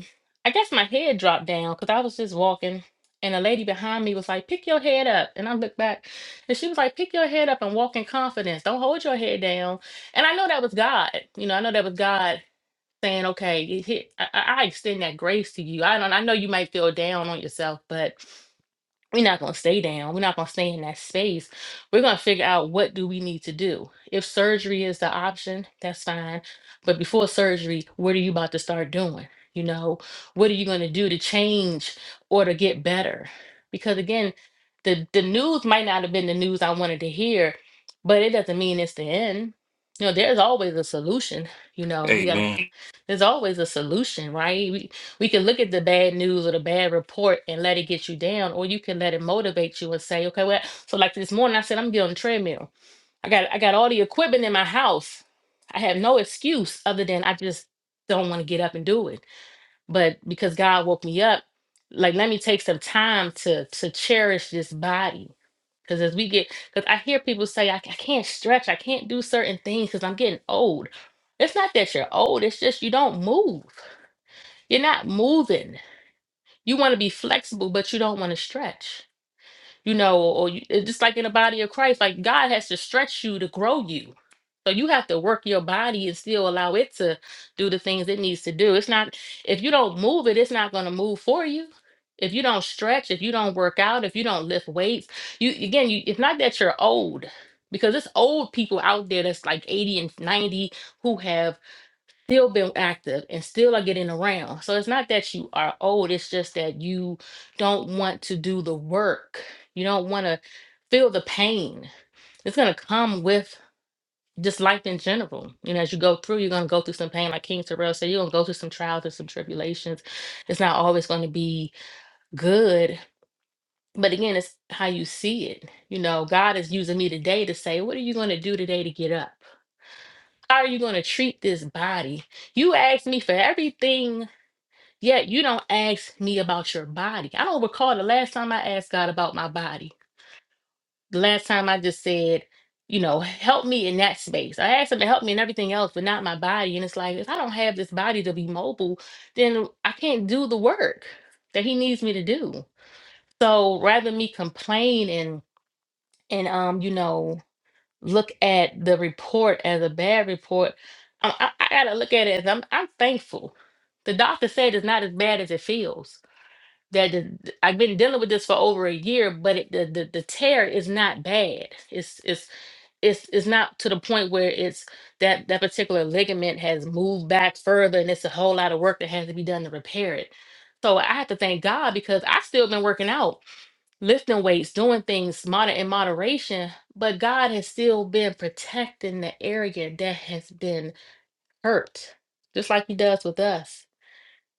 J: I guess my head dropped down because I was just walking. And a lady behind me was like, pick your head up. And I looked back and she was like, pick your head up and walk in confidence. Don't hold your head down. And I know that was God. You know, I know that was God saying, okay, it hit, I, I I extend that grace to you. I don't, I know you might feel down on yourself, but we're not going to stay down we're not going to stay in that space we're going to figure out what do we need to do if surgery is the option that's fine but before surgery what are you about to start doing you know what are you going to do to change or to get better because again the the news might not have been the news i wanted to hear but it doesn't mean it's the end you know there's always a solution you know we got
A: Amen.
J: there's always a solution, right? We, we can look at the bad news or the bad report and let it get you down, or you can let it motivate you and say, okay, well, so like this morning, I said, I'm getting on the treadmill. I got I got all the equipment in my house. I have no excuse other than I just don't want to get up and do it. But because God woke me up, like let me take some time to to cherish this body. Because as we get, because I hear people say, I, I can't stretch, I can't do certain things because I'm getting old. It's not that you're old, it's just you don't move. You're not moving. You want to be flexible, but you don't want to stretch. You know, or you, it's just like in the body of Christ, like God has to stretch you to grow you. So you have to work your body and still allow it to do the things it needs to do. It's not if you don't move it, it's not going to move for you. If you don't stretch, if you don't work out, if you don't lift weights, you again, you it's not that you're old because it's old people out there that's like 80 and 90 who have still been active and still are getting around. So it's not that you are old, it's just that you don't want to do the work. You don't want to feel the pain. It's going to come with just life in general. And as you go through, you're going to go through some pain. Like King Terrell said, you're going to go through some trials and some tribulations. It's not always going to be good. But again, it's how you see it. You know, God is using me today to say, what are you going to do today to get up? How are you going to treat this body? You asked me for everything Yet you don't ask me about your body. I don't recall the last time I asked God about my body. The last time I just said, you know, help me in that space. I asked him to help me in everything else, but not my body. And it's like, if I don't have this body to be mobile, then I can't do the work that he needs me to do. So rather than me complain and and um, you know, look at the report as a bad report, I, I, I gotta look at it as I'm I'm thankful. The doctor said it's not as bad as it feels that the- I've been dealing with this for over a year, but it, the, the the tear is not bad. It's it's it's it's not to the point where it's that that particular ligament has moved back further, and it's a whole lot of work that has to be done to repair it. So I have to thank God because I still been working out, lifting weights, doing things moder in moderation, but God has still been protecting the area that has been hurt, just like He does with us.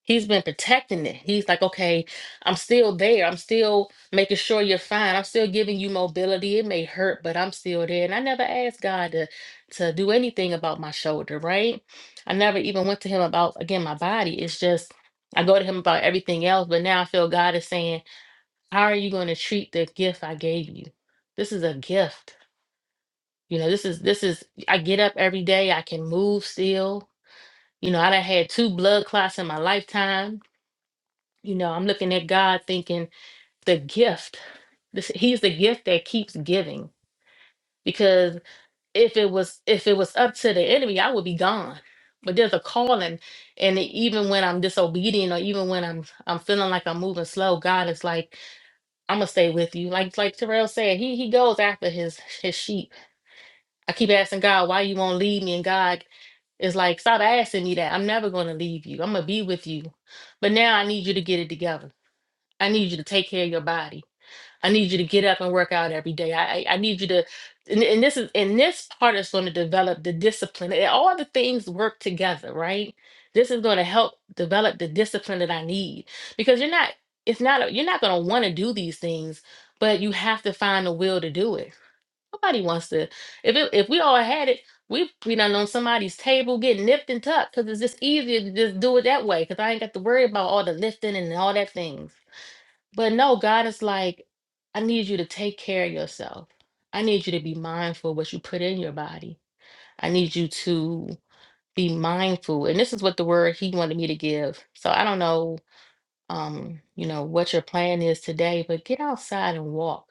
J: He's been protecting it. He's like, okay, I'm still there. I'm still making sure you're fine. I'm still giving you mobility. It may hurt, but I'm still there. And I never asked God to to do anything about my shoulder, right? I never even went to him about again my body. It's just I go to him about everything else, but now I feel God is saying, How are you going to treat the gift I gave you? This is a gift. You know, this is this is I get up every day, I can move still. You know, I done had two blood clots in my lifetime you know, I'm looking at God thinking the gift, this, he's the gift that keeps giving. Because if it was if it was up to the enemy, I would be gone. But there's a calling. And even when I'm disobedient or even when I'm I'm feeling like I'm moving slow, God is like, I'm gonna stay with you. Like like Terrell said, he he goes after his his sheep. I keep asking God, why you won't leave me? And God is like, stop asking me that. I'm never going to leave you. I'm going to be with you. But now I need you to get it together. I need you to take care of your body. I need you to get up and work out every day. I, I I need you to, and, and this is and this part is going to develop the discipline. And All the things work together, right? This is going to help develop the discipline that I need because you're not. It's not. a- You're not going to want to do these things, but you have to find the will to do it. Nobody wants to. If it, if we all had it, we we done on somebody's table getting nipped and tucked because it's just easier to just do it that way. Because I ain't got to worry about all the lifting and all that things but no, God is like, I need you to take care of yourself. I need you to be mindful of what you put in your body. I need you to be mindful. And this is what the word he wanted me to give. So I don't know, um, you know, what your plan is today, but get outside and walk.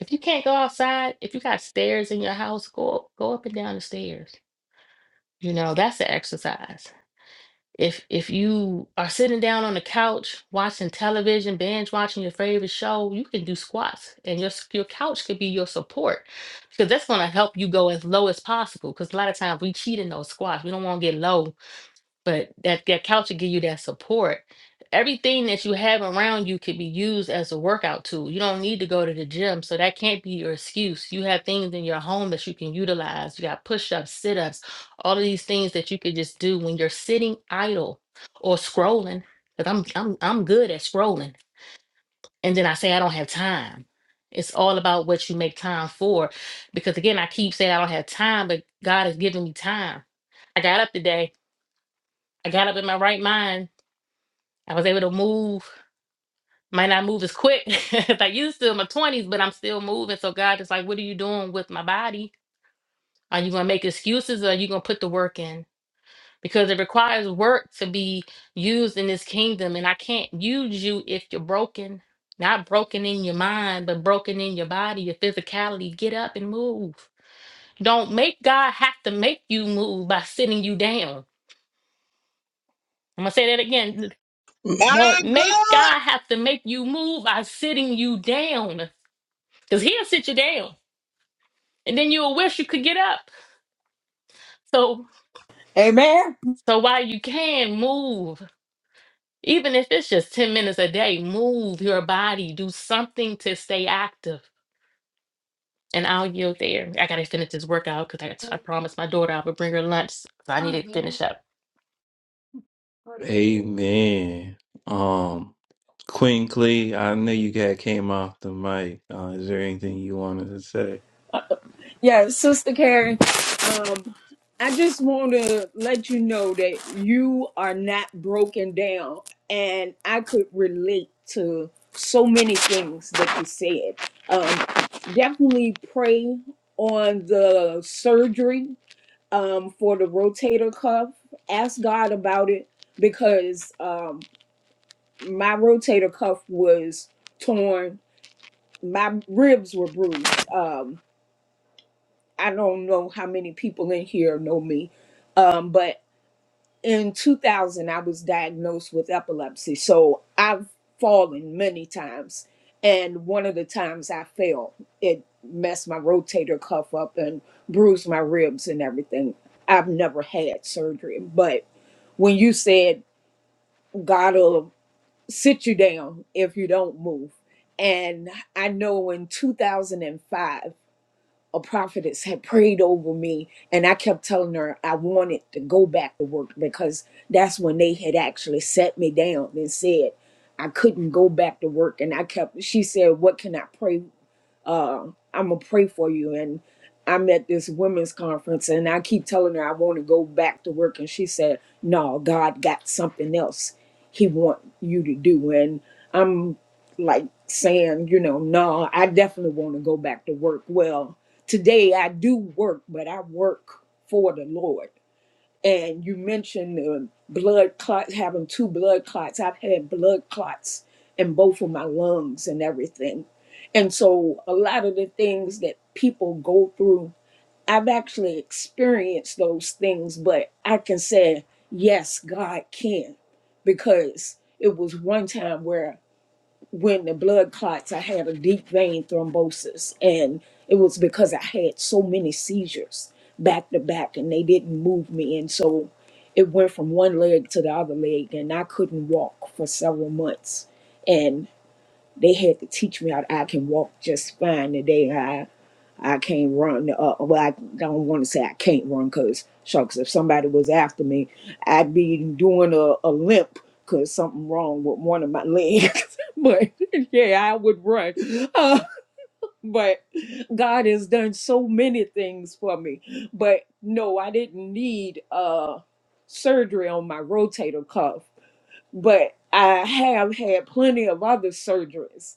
J: If you can't go outside, if you got stairs in your house, go go up and down the stairs. You know, that's the exercise. if if you are sitting down on the couch watching television binge watching your favorite show you can do squats and your s- your couch could be your support because that's going to help you go as low as possible because a lot of times we cheat in those squats we don't want to get low but that that couch will give you that support. Everything that you have around you could be used as a workout tool. You don't need to go to the gym, so that can't be your excuse. You have things in your home that you can utilize. You got push-ups, sit-ups, all of these things that you could just do when you're sitting idle or scrolling. Because I'm I'm I'm good at scrolling, and then I say I don't have time. It's all about what you make time for. Because again, I keep saying I don't have time, but God has given me time. I got up today. I got up in my right mind I was able to move. Might not move as quick as I used to in my twenties, but I'm still moving. So God is like, what are you doing with my body? Are you gonna make excuses or are you gonna put the work in? Because it requires work to be used in this kingdom, and I can't use you if you're broken. Not broken in your mind, but broken in your body, your physicality. Get up and move. Don't make God have to make you move by sitting you down. I'm gonna say that again. Don't
F: My
J: make
F: God.
J: God have to make you move by sitting you down. Cause he'll sit you down, and then you'll wish you could get up. So,
H: amen
J: so while you can move, even if it's just ten minutes a day, move your body, do something to stay active. And I'll yield there. I gotta finish this workout because I, I promised my daughter I would bring her lunch, so I need to finish up.
A: Amen. Um, Queen Clee, I know you got came off the mic. Uh, is there anything you wanted to say?
H: yeah sister karen um i just want to let you know that you are not broken down and i could relate to so many things that you said um definitely pray on the surgery um, for the rotator cuff. Ask God about it because um, my rotator cuff was torn. My ribs were bruised. Um, I don't know how many people in here know me, um, but in 2000, I was diagnosed with epilepsy. So I've fallen many times. And one of the times I fell, it messed my rotator cuff up and bruised my ribs and everything. I've never had surgery, but when you said God will sit you down if you don't move. And I know in 2005, a prophetess had prayed over me, and I kept telling her I wanted to go back to work because that's when they had actually set me down and said I couldn't go back to work. And I kept, she said, What can I pray? uh, I'm gonna pray for you. And I'm at this women's conference, and I keep telling her I want to go back to work, and she said, "No, God got something else He want you to do." And I'm like saying, you know, no, I definitely want to go back to work. Well, today I do work, but I work for the Lord and you mentioned the blood clots having two blood clots i've had blood clots in both of my lungs and everything and so a lot of the things that people go through i've actually experienced those things but i can say yes god can because it was one time where when the blood clots, I had a deep vein thrombosis, and it was because I had so many seizures back to back, and they didn't move me, and so it went from one leg to the other leg, and I couldn't walk for several months, and they had to teach me how I can walk just fine today. I can't run. Uh, well, I don't want to say I can't run because, shucks, if somebody was after me, I'd be doing a, a limp because something wrong with one of my legs. but yeah, I would run. Uh, but God has done so many things for me. But no, I didn't need uh, surgery on my rotator cuff. But I have had plenty of other surgeries.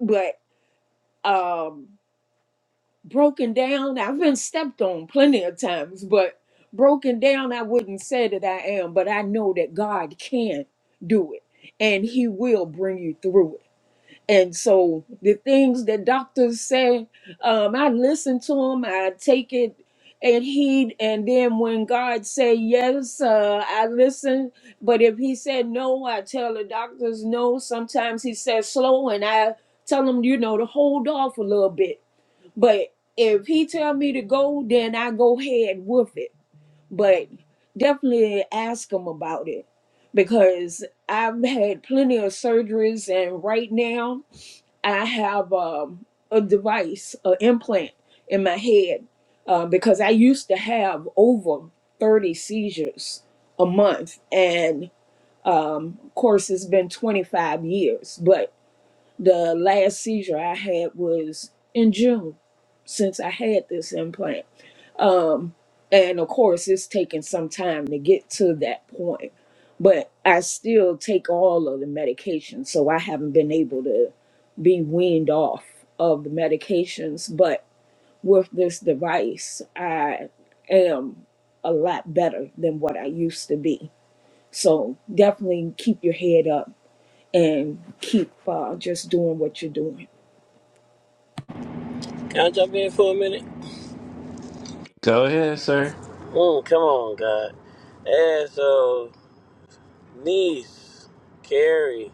H: But. Um, broken down. I've been stepped on plenty of times, but broken down, I wouldn't say that I am, but I know that God can do it and He will bring you through it. And so the things that doctors say, um, I listen to them, I take it and heed. And then when God say yes, uh, I listen. But if He said no, I tell the doctors no. Sometimes He says slow, and I tell them, you know, to hold off a little bit but if he tell me to go, then I go ahead with it. But definitely ask him about it because I've had plenty of surgeries, and right now I have um, a device, an implant in my head uh, because I used to have over 30 seizures a month, and um, of course it's been 25 years, but the last seizure I had was in June since I had this implant. Um, and of course, it's taken some time to get to that point, but I still take all of the medication, so I haven't been able to be weaned off of the medications. But with this device, I am a lot better than what I used to be. So definitely keep your head up and keep uh, just doing what you're doing.
E: Can I jump in for a minute?
A: Go ahead, sir.
E: Mm, come on, God. And so, niece, Carrie,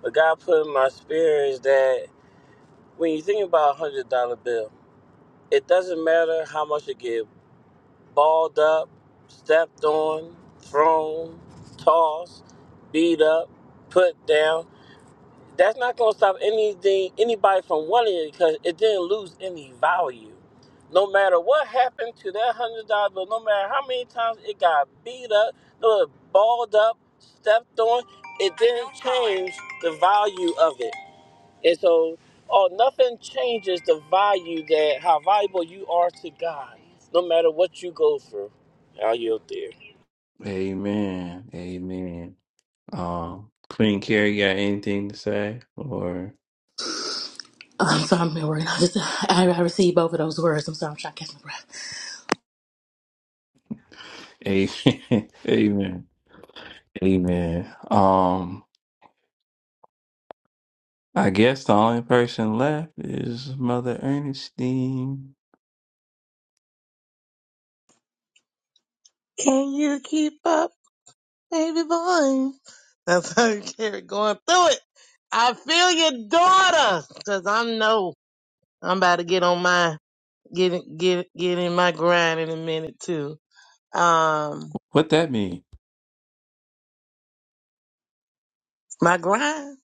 E: what God put in my spirit is that when you think about a hundred dollar bill, it doesn't matter how much you give. balled up, stepped on, thrown, tossed, beat up, put down. That's not going to stop anything anybody from wanting it because it didn't lose any value. No matter what happened to that one hundred dollar bill, no matter how many times it got beat up, no, it balled up, stepped on, it didn't change the value of it. And so, oh, nothing changes the value that how valuable you are to God, no matter what you go through. I'll yield there.
A: Amen. Amen. Um, Queen Carrie, got anything to say? Or
J: I'm sorry, I'm at work. I just I, I received both of those words. I'm sorry, I'm trying to catch my breath.
A: amen. amen. Amen. Um, I guess the only person left is Mother Ernestine.
F: Can you keep up, baby boy? That's how you carry going through it. I feel your daughter, 'cause I know I'm about to get on my, get, in- get, get in my grind in a minute too. Um,
A: What that mean?
F: my grind?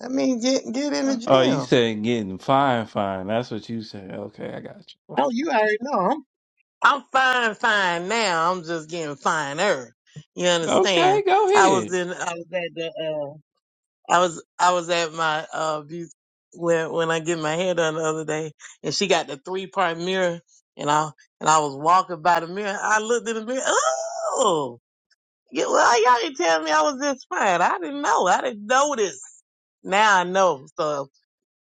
F: I mean, get, get in the
A: Oh, you
F: gym.
A: said getting fine, fine. That's what you said. Okay, I got you.
F: Oh, you already know. I'm fine, fine now. I'm just getting finer. You
A: Okay,
F: understand?
A: go
F: I was
A: ahead.
F: in, I was at the, uh, I was, I was at my, uh, beauty, when, when I get my hair done the other day and she got the three part mirror and I, and I was walking by the mirror. I looked in the mirror. Oh, yeah, well, y'all didn't tell me I was this fine. I didn't know. I didn't notice. Now I know. So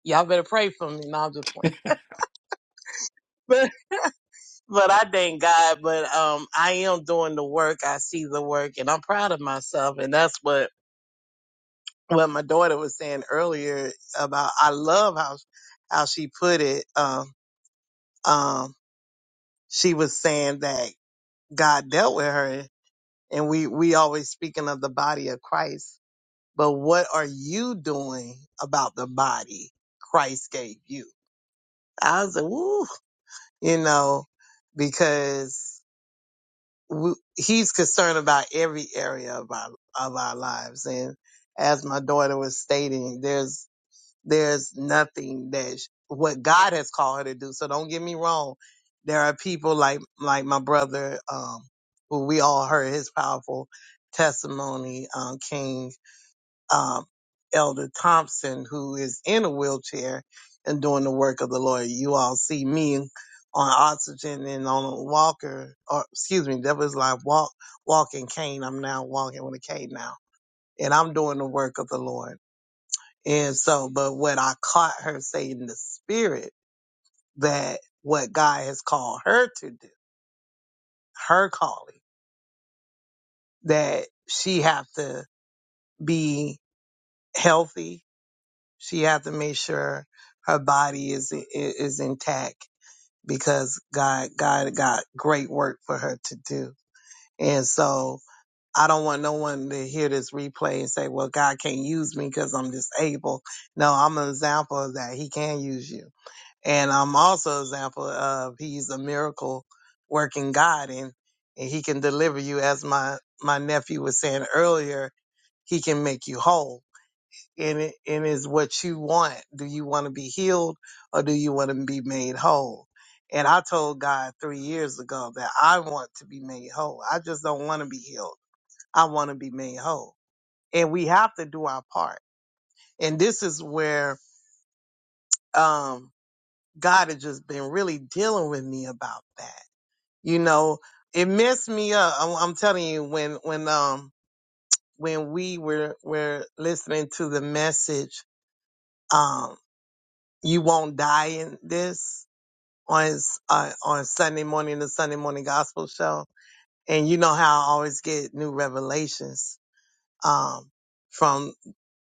F: y'all better pray for me. No, I'm just playing. but I thank God. But um, I am doing the work. I see the work, and I'm proud of myself. And that's what what my daughter was saying earlier about. I love how how she put it. Um, um, she was saying that God dealt with her, and we we always speaking of the body of Christ. But what are you doing about the body Christ gave you? I was like, woo, you know, because. we, he's concerned about every area of our of our lives and as my daughter was stating there's there's nothing that sh- what god has called her to do so don't get me wrong there are people like like my brother um who we all heard his powerful testimony um king um, Elder Thompson, who is in a wheelchair and doing the work of the Lord. You all see me on oxygen and on a walker, or excuse me, that was like walk, walking cane. I'm now walking with a cane now, and I'm doing the work of the Lord. And so, but what I caught her saying in the spirit that what God has called her to do, her calling, that she have to be healthy She have to make sure her body is is intact because God God got great work for her to do. And so I don't want no one to hear this replay and say, "Well, God can't use me because I'm disabled." No, I'm an example of that. He can use you, and I'm also an example of He's a miracle working God, and and He can deliver you. As my my nephew was saying earlier, He can make you whole and it, and is what you want. Do you want to be healed or do you want to be made whole? And I told God three years ago that I want to be made whole. I just don't want to be healed. I want to be made whole. And we have to do our part. And this is where um, God has just been really dealing with me about that. You know, it messed me up. I'm, I'm telling you, when when um when we were were listening to the message um you won't die in this on s- uh, on Sunday morning, the Sunday morning gospel show. And you know how I always get new revelations um, from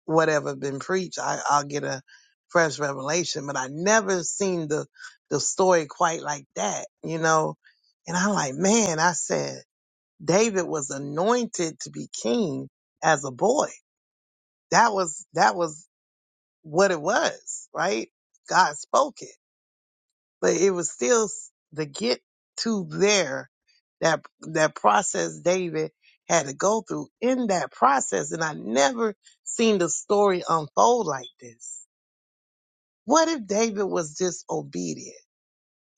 F: whatever been preached. I, I'll get a fresh revelation, but I never seen the the story quite like that, you know. And I'm like, man, I said David was anointed to be king as a boy. That was that was what it was, right? God spoke it but it was still s- to get to there that that process David had to go through in that process and I never seen the story unfold like this. What if David was disobedient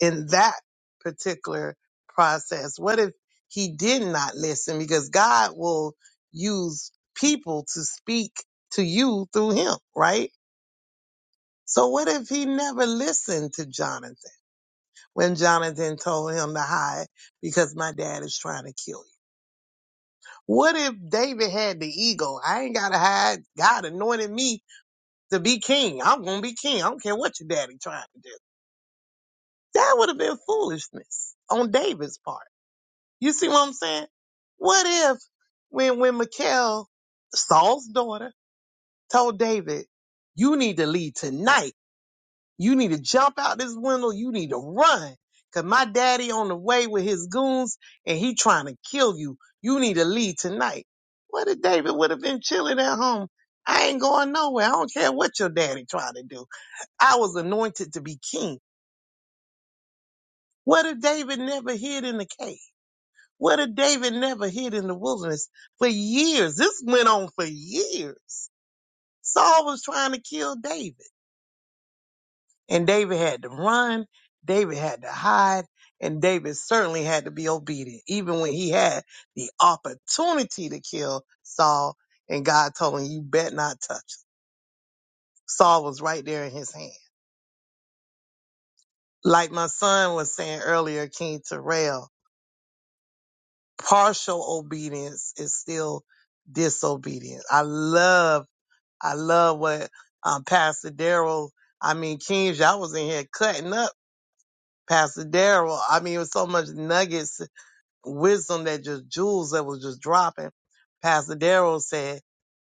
F: in that particular process? What if he did not listen because God will use people to speak to you through him, right? So what if he never listened to Jonathan? when Jonathan told him to hide because my dad is trying to kill you. What if David had the ego? I ain't gotta hide. God anointed me to be king. I'm gonna be king. I don't care what your daddy trying to do. That would have been foolishness on David's part. You see what I'm saying? What if when when Mikhail, Saul's daughter, told David, you need to leave tonight You need to jump out this window. You need to run. Cause my daddy on the way with his goons and he trying to kill you. You need to leave tonight. What if David would have been chilling at home? I ain't going nowhere. I don't care what your daddy tried to do. I was anointed to be king. What if David never hid in the cave? What if David never hid in the wilderness for years? This went on for years. Saul was trying to kill David. And David had to run, David had to hide, and David certainly had to be obedient, even when he had the opportunity to kill Saul. And God told him, You bet not touch him. Saul was right there in his hand. Like my son was saying earlier, King Terrell, partial obedience is still disobedience. I love, I love what um, Pastor Daryl, I mean, King, y'all was in here cutting up Pastor Daryl. I mean, it was so much nuggets wisdom that just jewels that was just dropping. Pastor Daryl said,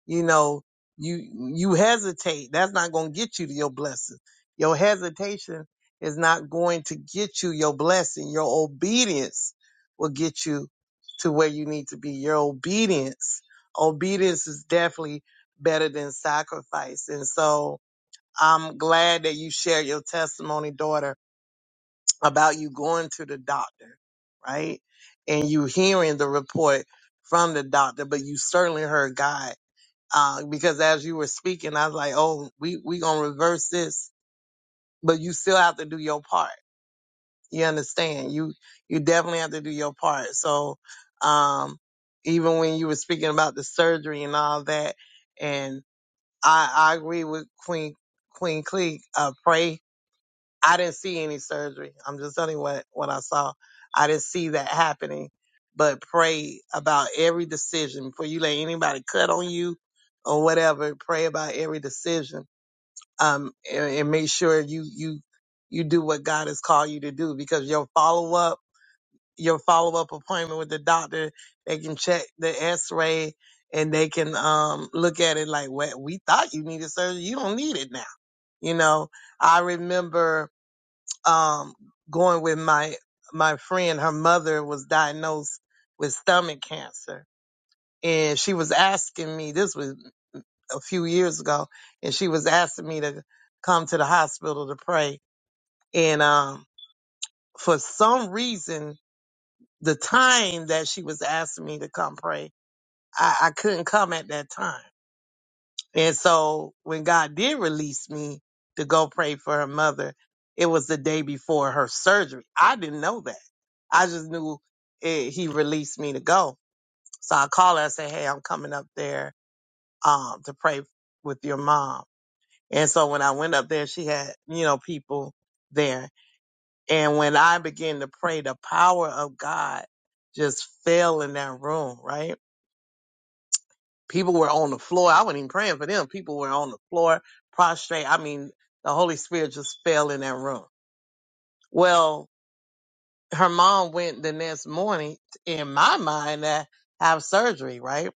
F: you know, you you hesitate. That's not going to get you to your blessing. Your hesitation is not going to get you your blessing. Your obedience will get you to where you need to be. Your obedience, obedience is definitely better than sacrifice. And so I'm glad that you share your testimony, daughter about you going to the doctor, right? And you hearing the report from the doctor, but you certainly heard God. Uh, because as you were speaking, I was like, oh, we, we gonna reverse this, but you still have to do your part. You understand? You, you definitely have to do your part. So, um, even when you were speaking about the surgery and all that, and I, I agree with Queen, Queen Cleek, uh, pray I didn't see any surgery. I'm just telling you what, what I saw. I didn't see that happening. But pray about every decision before you let anybody cut on you or whatever. Pray about every decision. Um, and, and make sure you, you, you do what God has called you to do because your follow up, your follow up appointment with the doctor, they can check the x-ray and they can, um, look at it like, well, we thought you needed surgery. You don't need it now. You know, I remember, um, going with my my friend. Her mother was diagnosed with stomach cancer, and she was asking me. This was a few years ago, and she was asking me to come to the hospital to pray. And um, for some reason, the time that she was asking me to come pray, I, I couldn't come at that time. And so when God did release me to go pray for her mother, it was the day before her surgery. I didn't know that. I just knew it, he released me to go. So I called her. I said, "Hey, I'm coming up there um, to pray with your mom." And so when I went up there, she had you know people there. And when I began to pray, the power of God just fell in that room, right? People were on the floor. I wasn't even praying for them. People were on the floor, prostrate. I mean, the Holy Spirit just fell in that room. Well, her mom went the next morning, in my mind, to have surgery, right?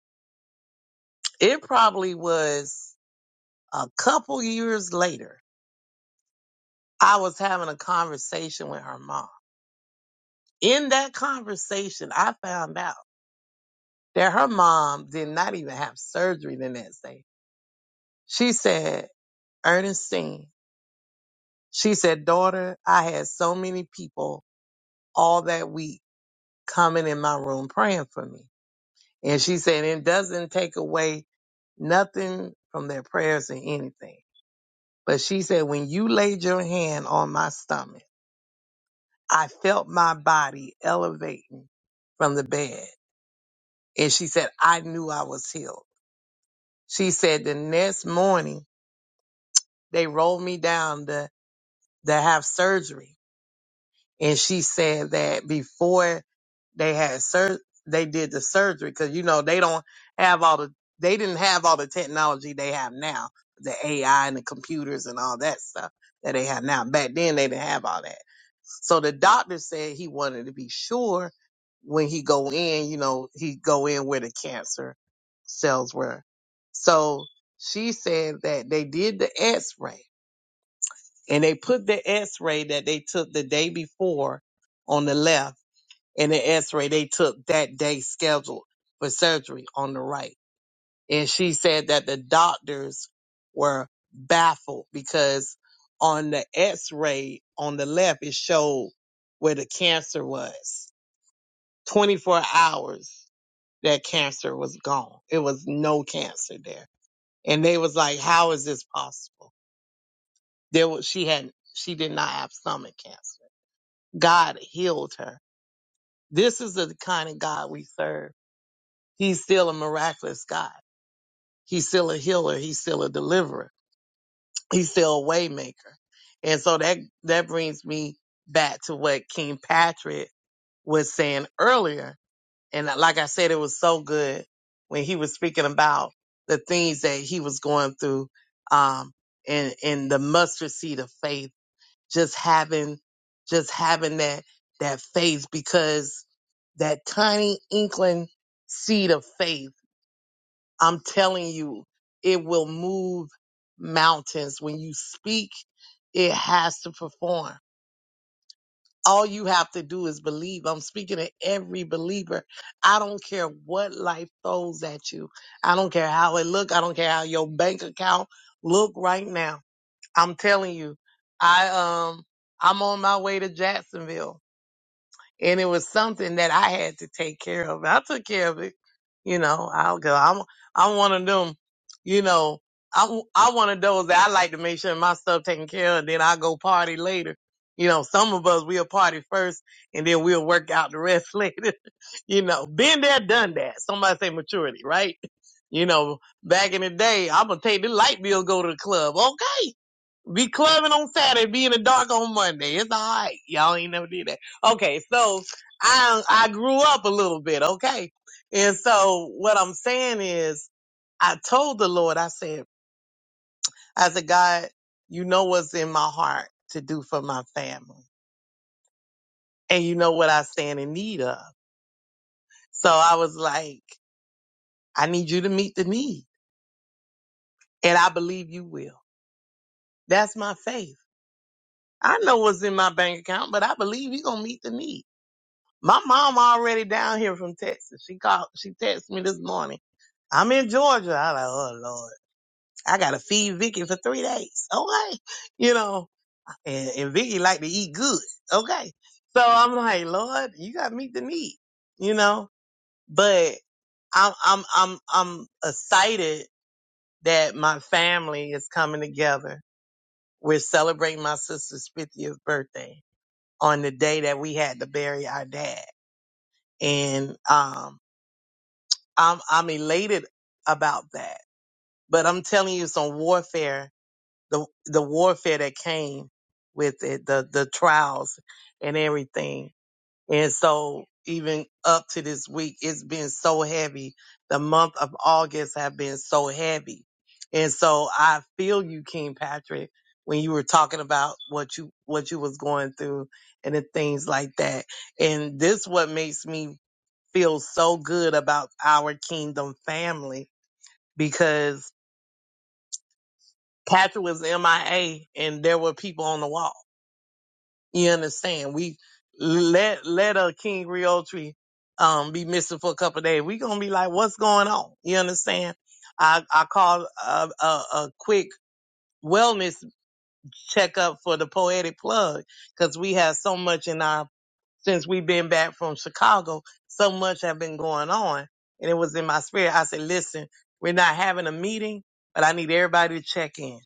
F: It probably was a couple years later. I was having a conversation with her mom. In that conversation, I found out that her mom did not even have surgery the next day. She said, Ernestine, She said, Daughter, I had so many people all that week coming in my room praying for me. And she said, It doesn't take away nothing from their prayers or anything. But she said, When you laid your hand on my stomach, I felt my body elevating from the bed. And she said, I knew I was healed. She said, The next morning, they rolled me down to, to have surgery. and she said that before they had sur- they did the surgery because you know they don't have all the they didn't have all the technology they have now the AI and the computers and all that stuff that they have now back then they didn't have all that so the doctor said he wanted to be sure when he go in you know he go in where the cancer cells were so she said that they did the x-ray and they put the x-ray that they took the day before on the left and the x-ray they took that day scheduled for surgery on the right and she said that the doctors were baffled because on the x-ray on the left it showed where the cancer was 24 hours that cancer was gone it was no cancer there and they was like how is this possible there was she had she did not have stomach cancer God healed her. This is the kind of God we serve. He's still a miraculous God. He's still a healer. He's still a deliverer. He's still a waymaker. And so that that brings me back to what King Patrick was saying earlier. And like I said, it was so good when he was speaking about the things that he was going through um, and in the mustard seed of faith just having just having that that faith because that tiny inkling seed of faith i'm telling you it will move mountains when you speak it has to perform all you have to do is believe i'm speaking to every believer i don't care what life throws at you i don't care how it look i don't care how your bank account look right now I'm telling you, I um I'm on my way to Jacksonville and it was something that I had to take care of. I took care of it. You know, I'll go. I'm I'm one of them, you know, I'm I'm one of those that I like to make sure my stuff taken care of, then i go party later. You know, some of us we'll party first and then we'll work out the rest later. you know, been there, done that. Somebody say maturity, right? You know, back in the day, I'm gonna take the light bill, go to the club. Okay be clubbing on Saturday, be in the dark on Monday. It's all right. Y'all ain't never did that. Okay, so I I grew up a little bit, okay? And so what I'm saying is I told the Lord, I said, I said, God, you know what's in my heart to do for my family. And you know what I stand in need of. So I was like, I need you to meet the need. And I believe you will. That's my faith. I know what's in my bank account, but I believe you're gonna meet the need. My mom already down here from Texas. She called, she texted me this morning. I'm in Georgia. I like, oh Lord, I gotta feed Vicky for three days. Okay. You know, and, and Vicky like to eat good. Okay. So I'm like, Lord, you gotta meet the need, you know, but I'm, I'm, I'm, I'm excited that my family is coming together. We're celebrating my sister's 50th birthday on the day that we had to bury our dad. And, um, I'm I'm elated about that. But I'm telling you, some warfare, the the warfare that came with it, the the trials and everything. And so even up to this week, it's been so heavy. The month of August have been so heavy. And so I feel you, King Patrick, when you were talking about what you what you was going through and the things like that. And this what makes me feel so good about our kingdom family because Patrick was MIA and there were people on the wall. You understand? We let let a King Realtree um be missing for a couple of days. We gonna be like, what's going on? You understand? I I called a, a, a quick wellness checkup for the poetic plug because we have so much in our since we've been back from Chicago, so much have been going on. And it was in my spirit. I said, listen, we're not having a meeting, but I need everybody to check in.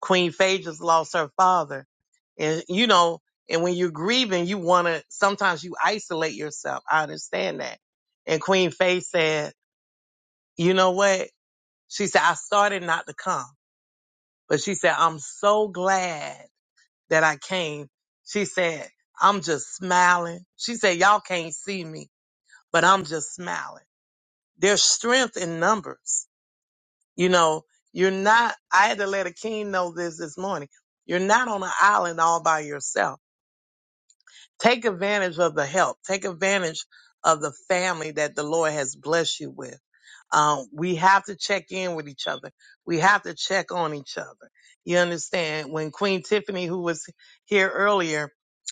F: Queen Faye just lost her father. And you know, and when you're grieving, you want to, sometimes you isolate yourself. I understand that. And Queen Faye said, you know what? She said, I started not to come, but she said, I'm so glad that I came. She said, I'm just smiling. She said, y'all can't see me but I'm just smiling. There's strength in numbers. You know, you're not, I had to let a king know this this morning. You're not on an island all by yourself Take advantage of the help. Take advantage of the family that the Lord has blessed you with. Um, we have to check in with each other. We have to check on each other. You understand? When Queen Tiffany, who was here earlier,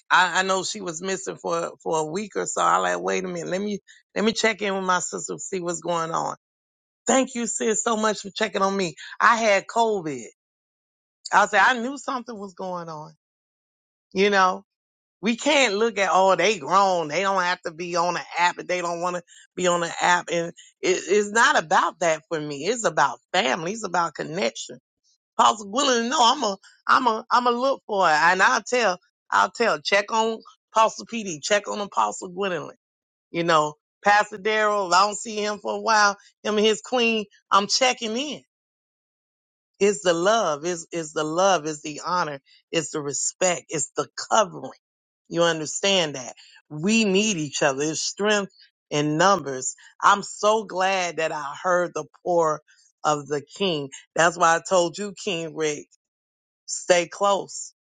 F: I, I know she was missing for for a week or so. I like, wait a minute, let me let me check in with my sister, see what's going on. Thank you, sis, so much for checking on me. I had COVID. I said I knew something was going on. You know we can't look at oh they grown they don't have to be on the app if they don't want to be on the app and it, it's not about that for me it's about family it's about connection Apostle willing no, i'm a i'm a i'm a look for it and i'll tell i'll tell check on Apostle PD check on Apostle Gwendolyn you know Pastor Daryl if I don't see him for a while him and his queen I'm checking in it's the love, is is the love, is the honor, is the respect, it's the covering. You understand that? We need each other. It's strength in numbers. I'm so glad that I heard the pour of the king. That's why I told you, King Rick, stay close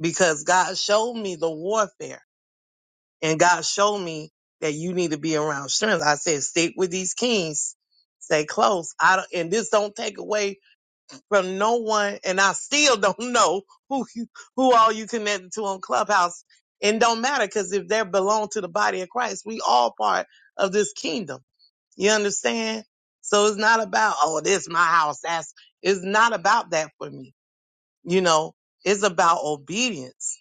F: because God showed me the warfare and God showed me that you need to be around strength. I said, stick with these kings, stay close. I don't, and this don't take away from no one, and I still don't know who you, who all you connected to on Clubhouse. And don't matter because if they belong to the body of Christ, we all part of this kingdom. You understand? So it's not about oh, this my house. That's it's not about that for me. You know, it's about obedience.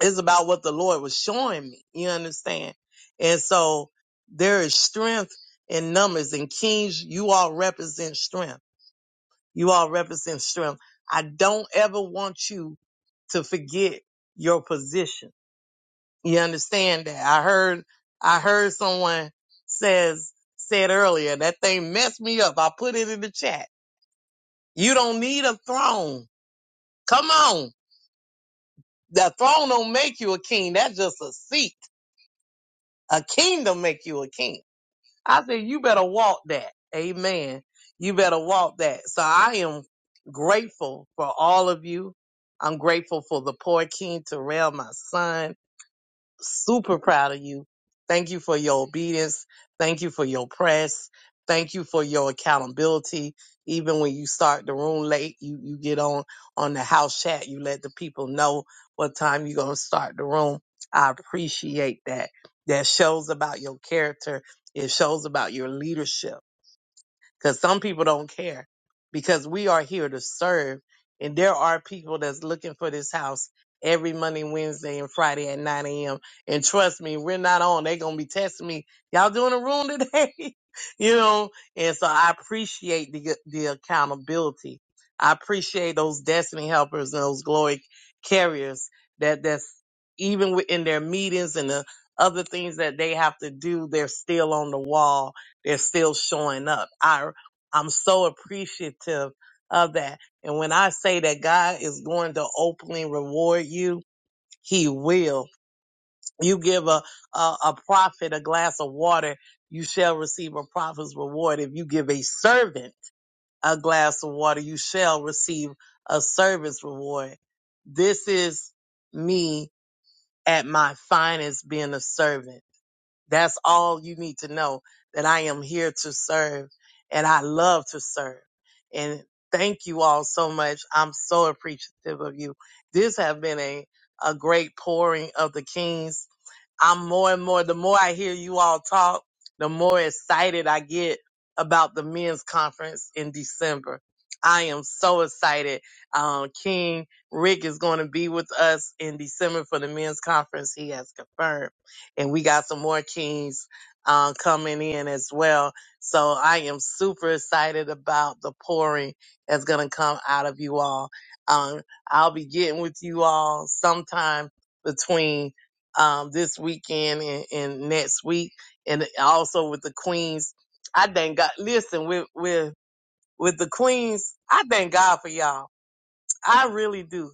F: It's about what the Lord was showing me. You understand? And so there is strength in numbers and kings. You all represent strength. You all represent strength. I don't ever want you to forget your position. You understand that? I heard, I heard someone says, said earlier, that thing messed me up. I put it in the chat. You don't need a throne. Come on. The throne don't make you a king. That's just a seat. A kingdom make you a king. I said, you better walk that. Amen. You better walk that. So I am grateful for all of you. I'm grateful for the poor King Terrell, my son super proud of you. Thank you for your obedience. Thank you for your press. Thank you for your accountability. Even when you start the room late, you, you get on on the house chat. You let the people know what time you're gonna start the room. I appreciate that. That shows about your character. It shows about your leadership because some people don't care because we are here to serve and there are people that's looking for this house every monday wednesday and friday at 9 a.m and trust me we're not on they're gonna be testing me y'all doing a room today you know and so i appreciate the, the accountability i appreciate those destiny helpers and those glory carriers that that's even within their meetings and the other things that they have to do they're still on the wall they're still showing up. I. I'm so appreciative of that. And when I say that God is going to openly reward you, He will. You give a, a, a prophet a glass of water, you shall receive a prophet's reward. If you give a servant a glass of water, you shall receive a service reward. This is me at my finest being a servant. That's all you need to know that I am here to serve and I love to serve. And thank you all so much. I'm so appreciative of you. This has been a, a great pouring of the Kings I'm more and more, the more I hear you all talk, the more excited I get about the men's conference in December. I am so excited. Um, King Rick is going to be with us in December for the men's conference. He has confirmed. And we got some more Kings uh, coming in as well. So I am super excited about the pouring that's going to come out of you all. Um, I'll be getting with you all sometime between um, this weekend and, and next week, and also with the Queens. I thank God. Listen, with with with the Queens, I thank God for y'all. I really do.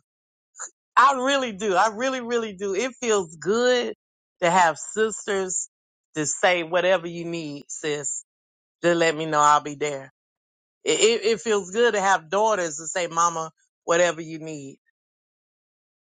F: I really do. I really, really do. It feels good to have sisters to say whatever you need, sis. Just let me know. I'll be there. It, it, it feels good to have daughters to say, Mama, whatever you need.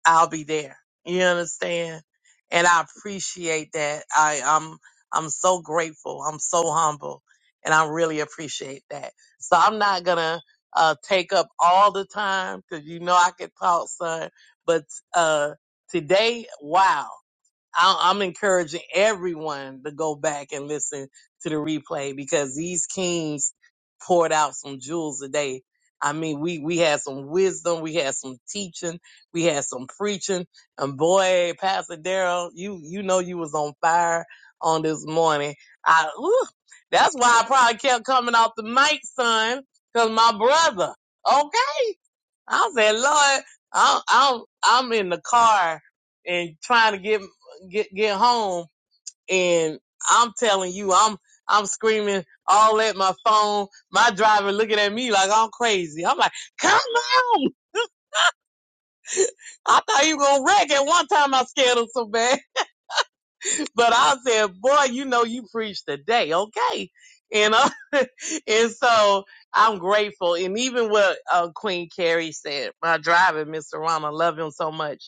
F: I'll be there. You understand? And I appreciate that. I, I'm I'm so grateful. I'm so humble, and I really appreciate that. So I'm not gonna uh, take up all the time because you know I could talk, son. But uh, today, wow! I- I'm encouraging everyone to go back and listen to the replay because these kings poured out some jewels today. I mean, we, we had some wisdom, we had some teaching, we had some preaching, and boy, Pastor Daryl, you you know you was on fire on this morning. I whew, that's why I probably kept coming off the mic, son, because my brother. Okay, I said, Lord, I'm I'm I'm in the car and trying to get get get home, and I'm telling you, I'm I'm screaming all at my phone. My driver looking at me like I'm crazy. I'm like, come on! I thought you were gonna wreck at one time. I scared him so bad, but I said, boy, you know you preached today, okay? And uh, and so I'm grateful, and even what uh, Queen Carrie said, my driver, Mr. Ron, I love him so much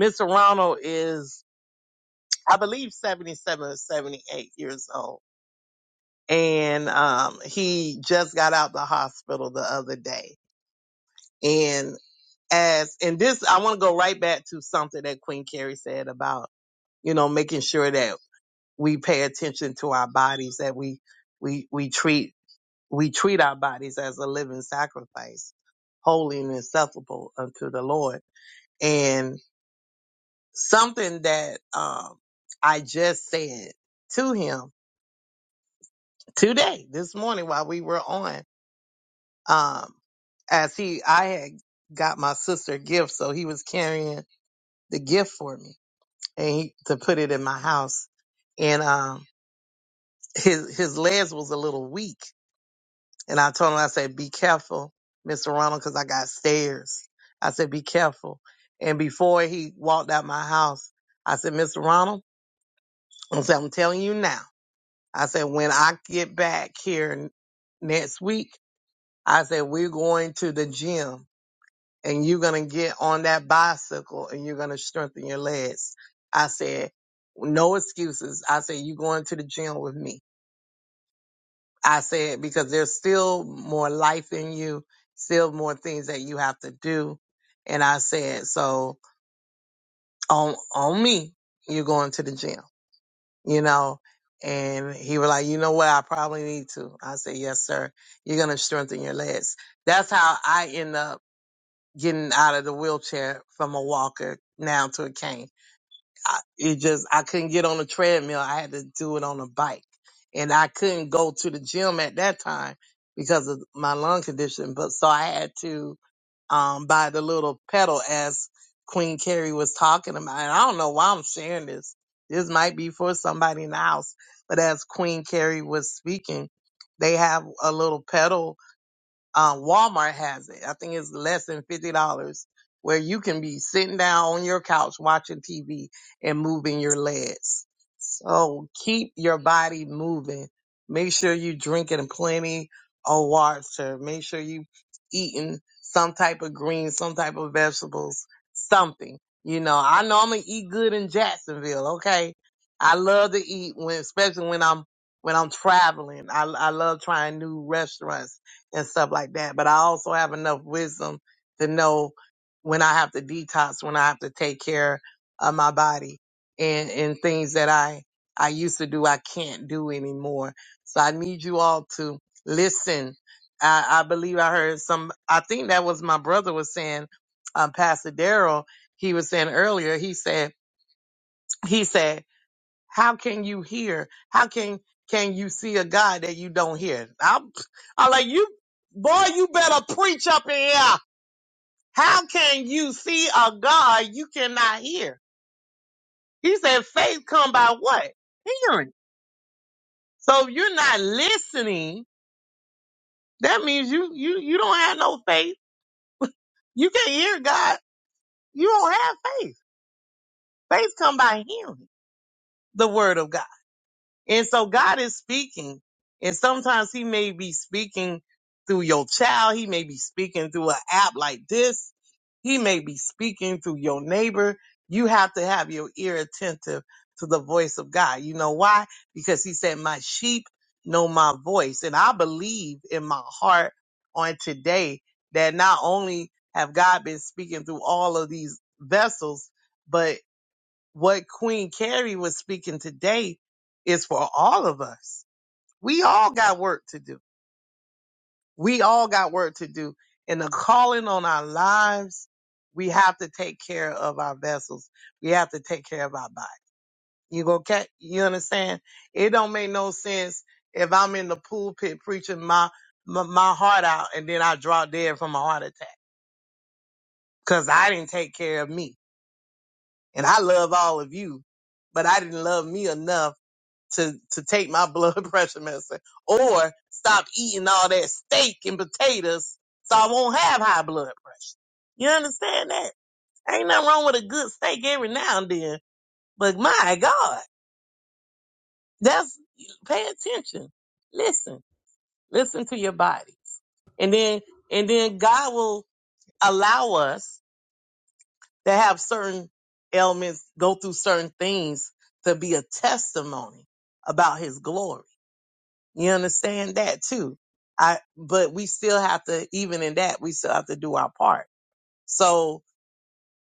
F: Mr. Ronald is, I believe, 77 or 78 years old. And um, he just got out the hospital the other day. And as, and this, I want to go right back to something that Queen Carrie said about, you know, making sure that we pay attention to our bodies, that we, we, we treat, we treat our bodies as a living sacrifice, holy and acceptable unto the Lord. and. something that um I just said to him today, this morning while we were on. Um as he I had got my sister a gift, so he was carrying the gift for me and he, to put it in my house. And um his his legs was a little weak. And I told him, I said, Be careful, Mr. Ronald, because I got stairs. I said, Be careful. And before he walked out my house, I said, Mr. Ronald, I said, I'm telling you now. I said, when I get back here n- next week, I said, we're going to the gym and you're going to get on that bicycle and you're going to strengthen your legs. I said, no excuses. I said, you going to the gym with me. I said, because there's still more life in you, still more things that you have to do. And I said, so on, on me, you're going to the gym. you know. And he was like, you know what? I probably need to. I said, yes, sir. You're going to strengthen your legs. That's how I end up getting out of the wheelchair from a walker now to a cane. I, it just, I couldn't get on a treadmill. I had to do it on a bike and I couldn't go to the gym at that time because of my lung condition. But so I had to um, by the little pedal as Queen Carrie was talking about. And I don't know why I'm sharing this. This might be for somebody in the house, but as Queen Carrie was speaking, they have a little pedal um, Walmart has it. I think it's less than fifty dollars, where you can be sitting down on your couch watching TV and moving your legs. So keep your body moving. Make sure you drinking plenty of water. Make sure you eating some type of greens, some type of vegetables, something. You know, I normally eat good in Jacksonville. Okay, I love to eat when, especially when I'm when I'm traveling. I I love trying new restaurants and stuff like that. But I also have enough wisdom to know when I have to detox, when I have to take care of my body and, and things that I, I used to do, I can't do anymore. So I need you all to listen. I, I believe I heard some, I think that was my brother was saying, um, Pastor Daryl, he was saying earlier, he said, he said, how can you hear? How can can you see a God that you don't hear? I'm, I'm like you, boy. You better preach up in here. How can you see a God you cannot hear? He said, faith come by what? Hearing. So if you're not listening, that means you you you don't have no faith. You can't hear God. You don't have faith. Faith come by hearing the word of God. And so God is speaking. And sometimes he may be speaking through your child. He may be speaking through an app like this. He may be speaking through your neighbor. You have to have your ear attentive to the voice of God. You know why? Because he said, my sheep know my voice. And I believe in my heart on today that not only have God been speaking through all of these vessels, but what Queen Carrie was speaking today is for all of us. We all got work to do. We all got work to do. And the calling on our lives, we have to take care of our vessels. We have to take care of our body. You go, ca- you understand? It don't make no sense if I'm in the pulpit preaching my, my, my heart out and then I draw dead from a heart attack because I didn't take care of me. And I love all of you, but I didn't love me enough to to take my blood pressure medicine or stop eating all that steak and potatoes so I won't have high blood pressure. You understand that? Ain't nothing wrong with a good steak every now and then, but my God, that's pay attention. Listen, listen to your bodies, and then and then God will allow us to have certain ailments, go through certain things to be a testimony about His glory. You understand that too. I, but we still have to, even in that, we still have to do our part. So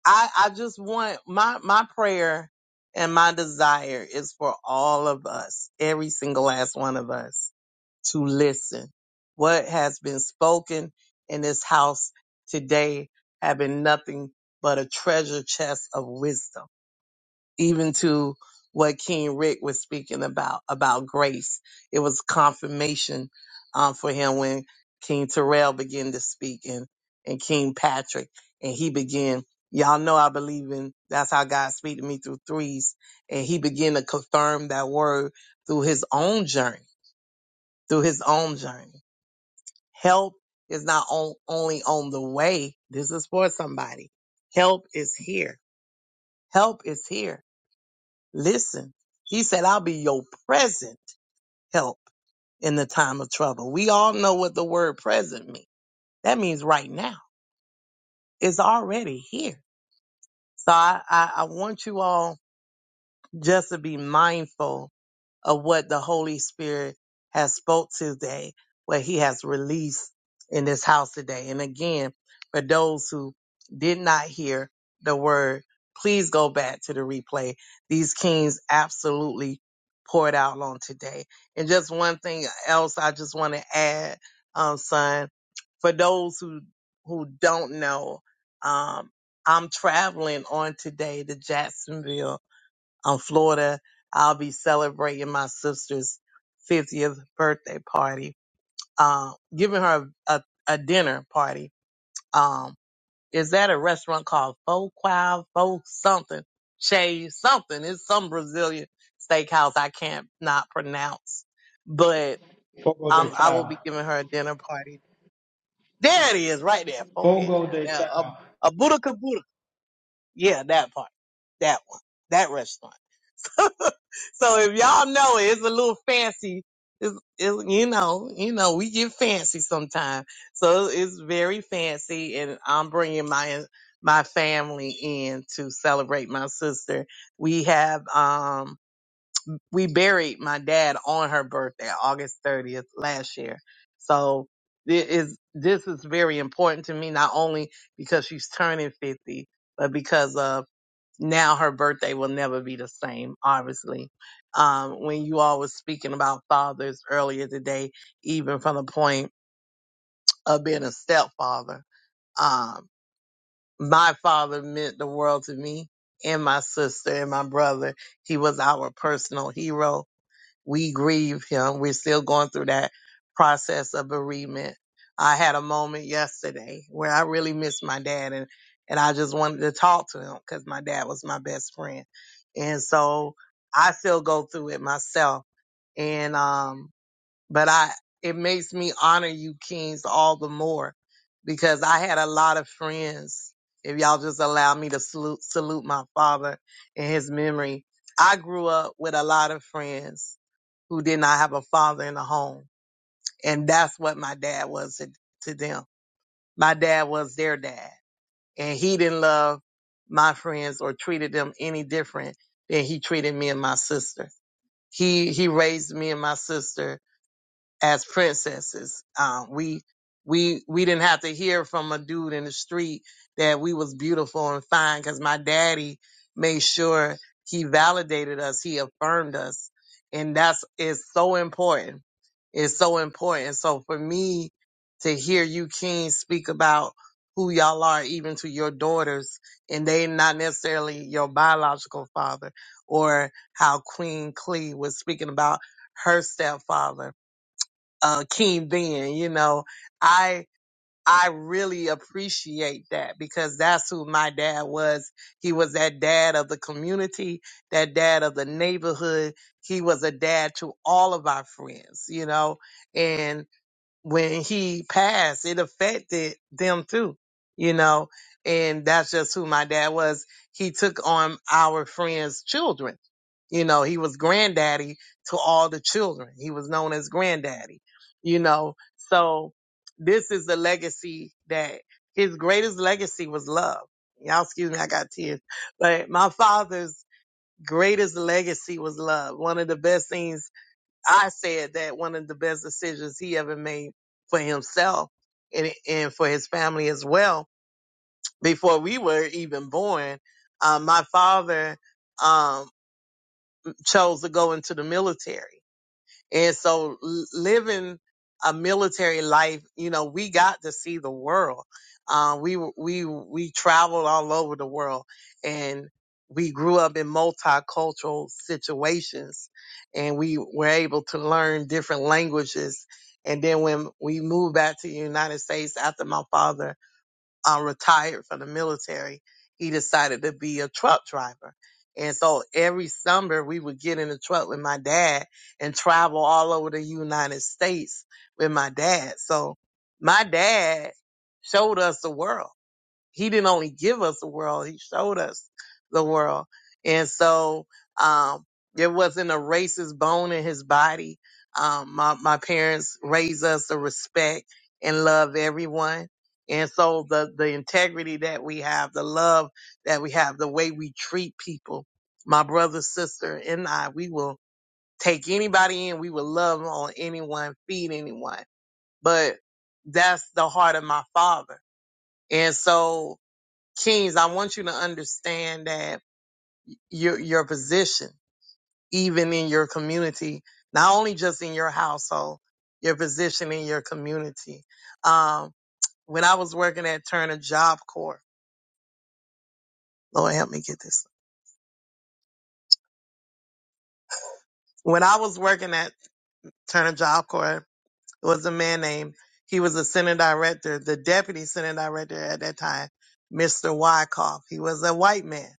F: I, I just want my, my prayer and my desire is for all of us, every single last one of us to listen. What has been spoken in this house today have been nothing but a treasure chest of wisdom even to what King Rick was speaking about about grace. It was confirmation um, for him when King Terrell began to speak and and King Patrick and he began. Y'all know I believe in that's how God speak to me through threes and he began to confirm that word through his own journey, through his own journey. Help is not on, only on the way. This is for somebody. Help is here. Help is here Listen, he said, I'll be your present help in the time of trouble. We all know what the word present means. That means right now. It's already here. So I, I, I want you all just to be mindful of what the Holy Spirit has spoke today, what he has released in this house today. And again, for those who did not hear the word, please go back to the replay. These kings absolutely poured out on today. And just one thing else I just want to add, um, son, for those who, who don't know, um, I'm traveling on today to Jacksonville um, Florida. I'll be celebrating my sister's 50th birthday party, uh, giving her a, a dinner party. Um, is that a restaurant called Faux Quav, Faux something, Che something? It's some Brazilian steakhouse I can't not pronounce, but um, I will be giving her a dinner party. There it is, right there, Faux Child. Now, a, a Buddha Kabuda. Yeah, that part, that one, that restaurant. So if y'all know it, it's a little fancy. It's, it's you know, you know, we get fancy sometimes. So it's very fancy, and I'm bringing my my family in to celebrate my sister. We have um we buried my dad on her birthday, August 30th last year. So it is this is very important to me not only because she's turning 50, but because of now her birthday will never be the same, obviously. Um, when you all were speaking about fathers earlier today, even from the point of being a stepfather, um, my father meant the world to me and my sister and my brother. He was our personal hero we grieve him. We're still going through that process of bereavement. I had a moment yesterday where I really missed my dad and, and I just wanted to talk to him because my dad was my best friend. And so I still go through it myself. And, um, but I, it makes me honor you kings all the more because I had a lot of friends. If y'all just allow me to salute, salute my father in his memory, I grew up with a lot of friends who did not have a father in the home. And that's what my dad was to, to them. My dad was their dad. And he didn't love my friends or treated them any different than he treated me and my sister. He he raised me and my sister as princesses. Um, we we we didn't have to hear from a dude in the street that we was beautiful and fine because my daddy made sure he validated us, he affirmed us, and that's is so important. It's so important. So for me to hear you, King, speak about who y'all are, even to your daughters, and they not necessarily your biological father, or how Queen Clee was speaking about her stepfather uh, King Ben. You know, I I really appreciate that because that's who my dad was. He was that dad of the community, that dad of the neighborhood. He was a dad to all of our friends. You know, when he passed, it affected them too, you know. And that's just who my dad was. He took on our friends' children. You know, he was granddaddy to all the children. He was known as granddaddy, you know. So this is the legacy that his greatest legacy was love. Y'all excuse me, I got tears. But my father's greatest legacy was love. One of the best things I said that one of the best decisions he ever made for himself and, and for his family as well. Before we were even born, uh, my father um, chose to go into the military. And so l- living a military life, you know, we got to see the world. Uh, we w- we we traveled all over the world, and we grew up in multicultural situations, and we were able to learn different languages. And then when we moved back to the United States after my father um, retired from the military, he decided to be a truck driver. And so every summer we would get in the truck with my dad and travel all over the United States with my dad. So my dad showed us the world he didn't only give us the world, he showed us the world. And so, um, there wasn't a racist bone in his body. Um, my, my parents raised us to respect and love everyone. And so the, the integrity that we have, the love that we have, the way we treat people, my brother, sister, and I, we will take anybody in. We will love on anyone, feed anyone. But that's the heart of my father. And so Kings, I want you to understand that your your position, even in your community, not only just in your household, your position in your community. Um, when I was working at Turner Job Corps, Lord help me get this. When I was working at Turner Job Corps, it was a man named he was a center director, the deputy center director at that time, Mr. Wyckoff. He was a white man,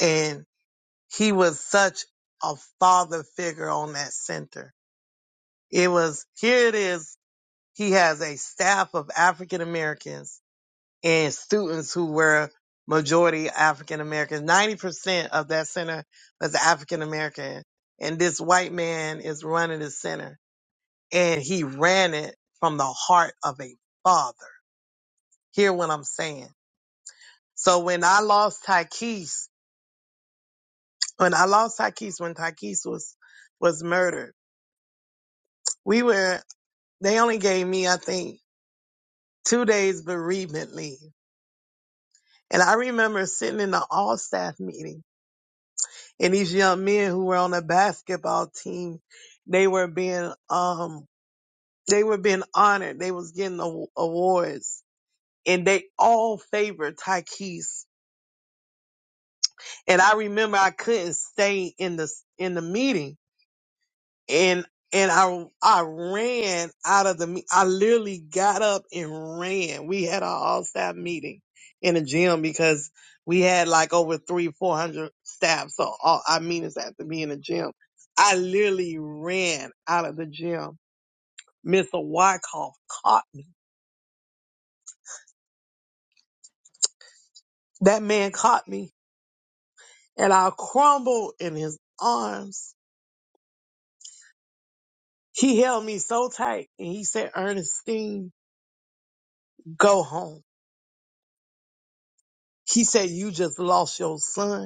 F: and he was such a father figure on that center It was, here it is. He has a staff of African Americans and students who were majority African Americans. 90% of that center was African American. And this white man is running the center and he ran it from the heart of a father. Hear what I'm saying. So when I lost Tyquise, when I lost Tyquise, when Tyquise was, was murdered, we were, they only gave me, I think, two days bereavement leave And I remember sitting in the all staff meeting and these young men who were on the basketball team, they were being, um, they were being honored. They was getting the awards and they all favored Tykees. And I remember I couldn't stay in the, in the meeting and and I I ran out of the me- I literally got up and ran. We had our all staff meeting in the gym because we had like over three four hundred staff, so all our meetings had to be in the gym. I literally ran out of the gym. Mr. Wyckoff caught me. That man caught me, and I crumbled in his arms. He held me so tight, and he said, "Ernestine, go home." He said, "You just lost your son."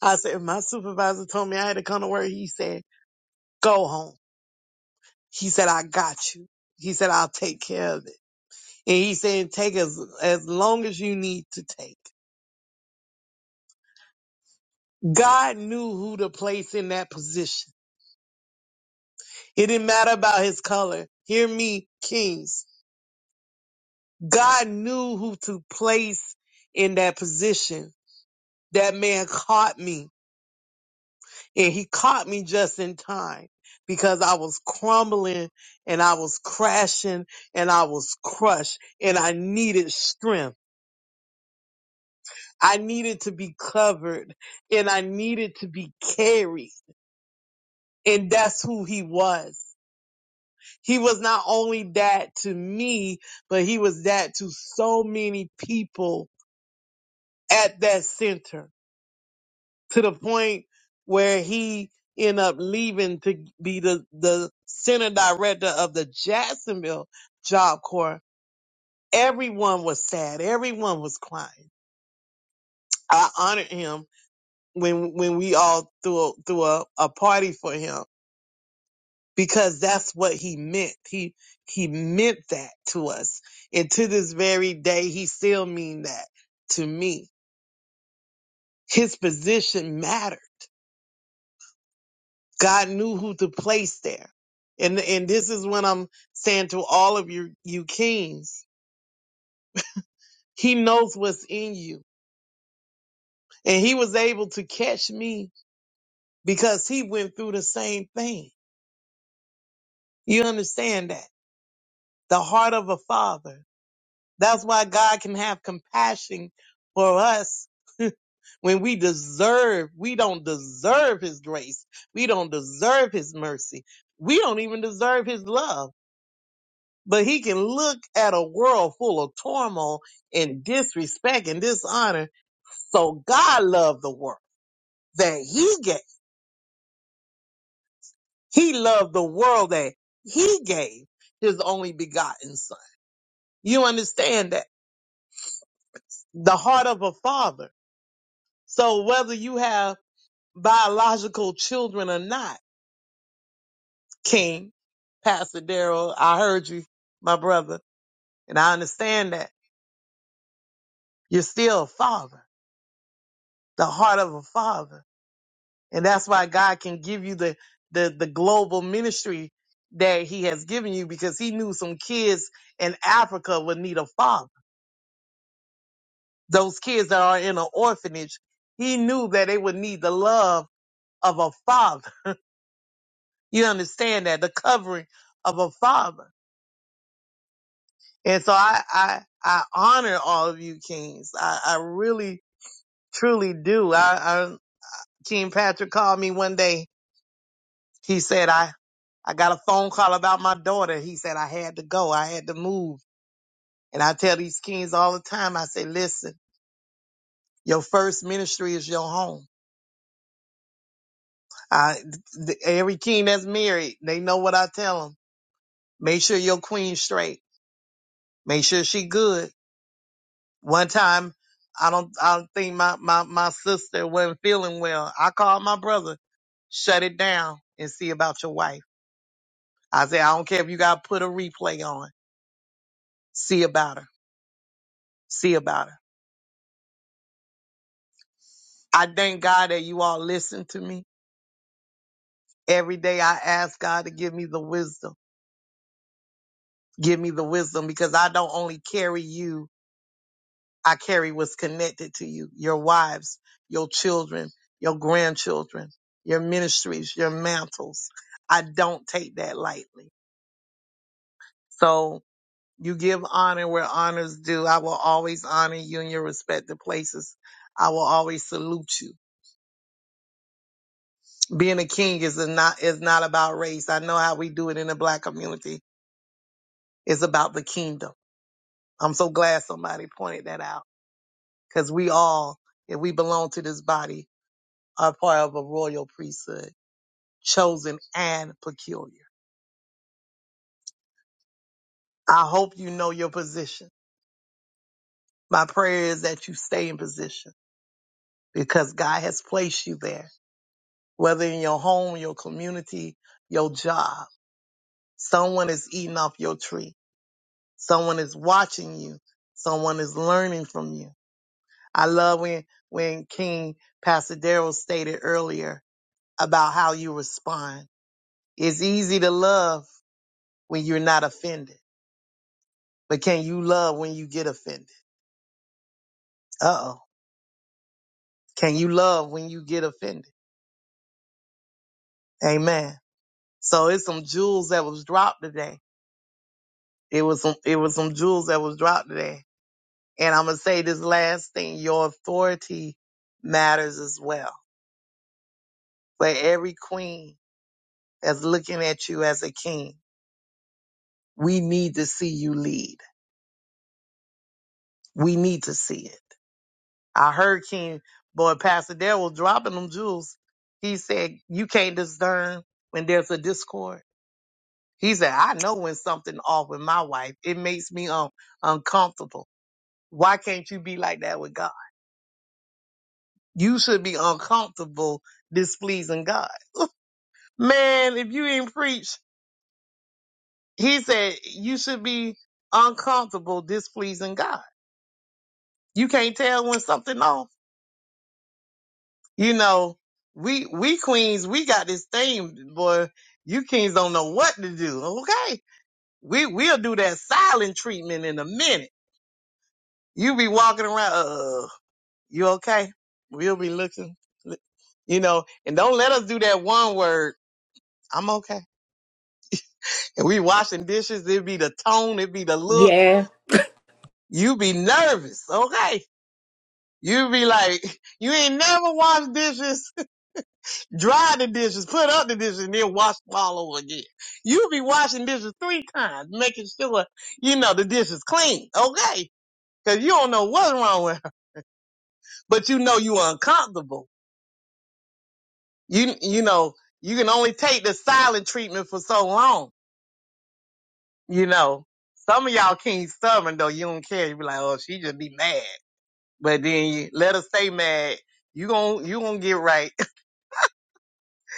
F: I said, if my supervisor told me I had to come to work. He said, go home. He said, I got you. He said, I'll take care of it. And he said, take as, as long as you need to take. God knew who to place in that position. It didn't matter about his color. Hear me, kings. God knew who to place in that position. That man caught me. and he caught me just in time because I was crumbling and I was crashing and I was crushed and I needed strength. I needed to be covered and I needed to be carried. And that's who he was. He was not only that to me, but he was that to so many people at that center. to the point where he end up leaving to be the, the center director of the Jacksonville Job Corps. Everyone was sad. Everyone was crying. I honored him when when we all threw a, threw a, a party for him because that's what he meant. He he meant that to us, and to this very day, he still mean that to me. His position mattered. God knew who to place there. And and this is what I'm saying to all of you you kings. He knows what's in you. And he was able to catch me because he went through the same thing. You understand that? The heart of a father. That's why God can have compassion for us when we deserve, we don't deserve his grace. We don't deserve his mercy. We don't even deserve his love but he can look at a world full of turmoil and disrespect and dishonor. So God loved the world that he gave. He loved the world that he gave his only begotten son. You understand that? The heart of a father. So whether you have biological children or not, King, Pastor Daryl, I heard you, my brother, and I understand that you're still a father, the heart of a father. And that's why God can give you the, the, the global ministry that he has given you because he knew some kids in Africa would need a father. Those kids that are in an orphanage, he knew that they would need the love of a father. You understand that? The covering of a father. And so I, I, I honor all of you kings. I, I really, truly do. I, I, King Patrick called me one day He said, I, I got a phone call about my daughter. He said, I had to go. I had to move. And I tell these kings all the time, I say, listen, your first ministry is your home. I, th- every king that's married, they know what I tell them. Make sure your queen's straight. Make sure she good. One time, I don't, I don't think my, my, my sister wasn't feeling well. I called my brother, shut it down and see about your wife. I said, I don't care if you got to put a replay on. See about her. See about her. I thank God that you all listen to me. Every day I ask God to give me the wisdom. Give me the wisdom because I don't only carry you, I carry what's connected to you, your wives, your children, your grandchildren, your ministries, your mantles. I don't take that lightly. So you give honor where honors due. I will always honor you in your respective places. I will always salute you. Being a king is a not is not about race. I know how we do it in the black community It's about the kingdom. I'm so glad somebody pointed that out because we all, if we belong to this body, are part of a royal priesthood, chosen and peculiar. I hope you know your position. My prayer is that you stay in position because God has placed you there, whether in your home, your community, your job. Someone is eating off your tree. Someone is watching you. Someone is learning from you. I love when, when King Pastor Darrell stated earlier about how you respond. It's easy to love when you're not offended, but can you love when you get offended? Uh oh. Can you love when you get offended? Amen. So it's some jewels that was dropped today. It was some, it was some jewels that was dropped today. And I'm going to say this last thing, your authority matters as well. For every queen that's looking at you as a king, we need to see you lead. We need to see it. I heard King Boy Pastor Dale was dropping them jewels. He said, You can't discern when there's a discord. He said, I know when something off with my wife. It makes me um, uncomfortable. Why can't you be like that with God? You should be uncomfortable displeasing God. Man, if you didn't preach, he said you should be uncomfortable displeasing God. You can't tell when something off You know, we we queens, we got this thing, boy. You kings don't know what to do. Okay, we we'll do that silent treatment in a minute. You be walking around, uh, you okay? We'll be looking, you know, and don't let us do that one word. I'm okay. And we washing dishes. It be the tone. It be the look.
H: Yeah.
F: You be nervous, okay? You be like, you ain't never washed dishes. Dry the dishes, put up the dishes, and then wash them all over again. You be washing dishes three times, making sure, you know, the dish is clean, okay? Cause you don't know what's wrong with her, but you know you uncomfortable. You, you know, you can only take the silent treatment for so long, you know. Some of y'all can't stubborn though, you don't care. You be like, oh, she just be mad. But then you let her stay mad. You gon' you gonna get right.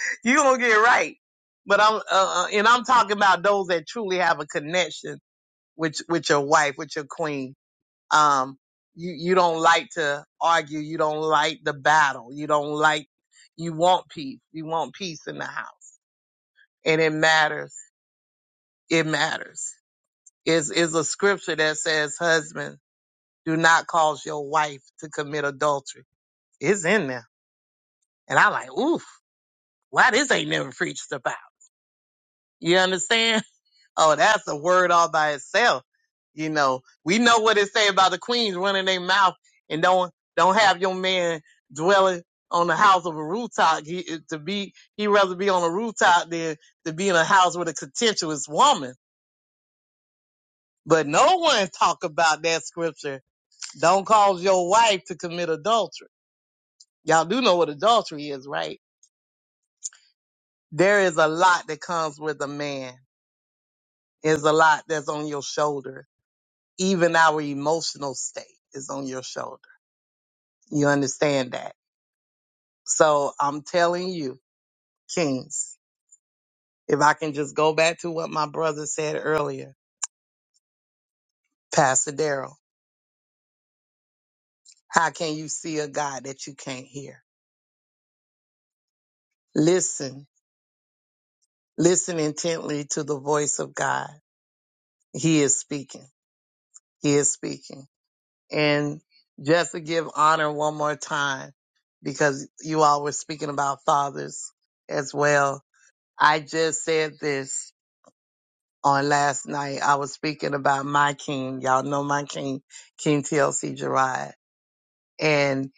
F: you gonna get right. But I'm, uh, uh, and I'm talking about those that truly have a connection with with your wife, with your queen. Um, you you don't like to argue. You don't like the battle. You don't like. You want peace. You want peace in the house, and it matters. It matters. Is is a scripture that says, "Husband, do not cause your wife to commit adultery." It's in there, and I like, oof, why this ain't never preached about? You understand? Oh, that's a word all by itself. You know, we know what it say about the queens running their mouth and don't don't have your man dwelling on the house of a rooftop. He it- to be he rather be on a rooftop than to be in a house with a contentious woman. But no one talk about that scripture. Don't cause your wife to commit adultery. Y'all do know what adultery is, right? There is a lot that comes with a man. There's a lot that's on your shoulders even our emotional state is on your shoulder. You understand that? So I'm telling you, Kings, if I can just go back to what my brother said earlier, Pastor Daryl, how can you see a God that you can't hear? Listen, listen intently to the voice of God. He is speaking. He is speaking. And just to give honor one more time, because you all were speaking about fathers as well. I just said this on last night. I was speaking about my king. Y'all know my king, King TLC Gerard. And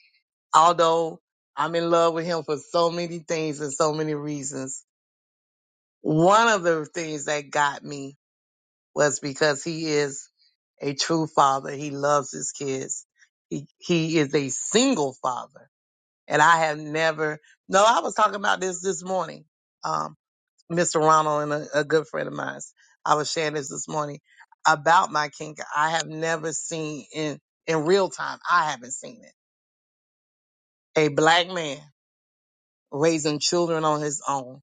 F: although I'm in love with him for so many things and so many reasons, one of the things that got me was because he is a true father. He loves his kids. He, he is a single father. And I have never, no, I was talking about this this morning. um, Mr. Ronald and a, a good friend of mine. I was sharing this this morning about my kink. I have never seen in in real time. I haven't seen it. A black man raising children on his own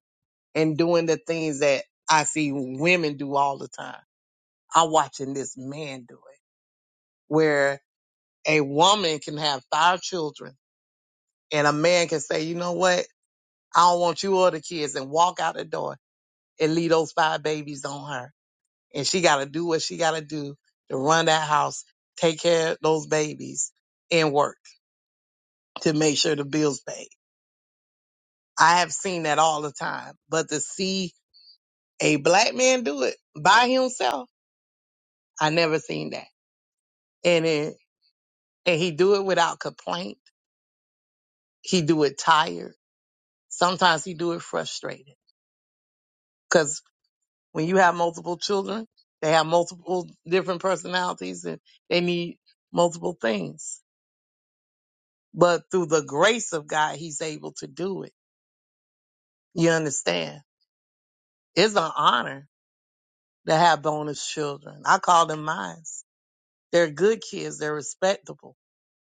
F: and doing the things that I see women do all the time. I'm watching this man do it, where a woman can have five children and a man can say, you know what? I don't want you or the kids and walk out the door and leave those five babies on her and she got to do what she got to do to run that house, take care of those babies, and work to make sure the bills paid. I have seen that all the time, but to see a black man do it by himself, I never seen that. And it, and he do it without complaint. He do it tired. Sometimes he do it frustrated because when you have multiple children, they have multiple different personalities and they need multiple things but through the grace of God, he's able to do it. You understand? It's an honor to have bonus children. I call them mine. They're good kids. They're respectable.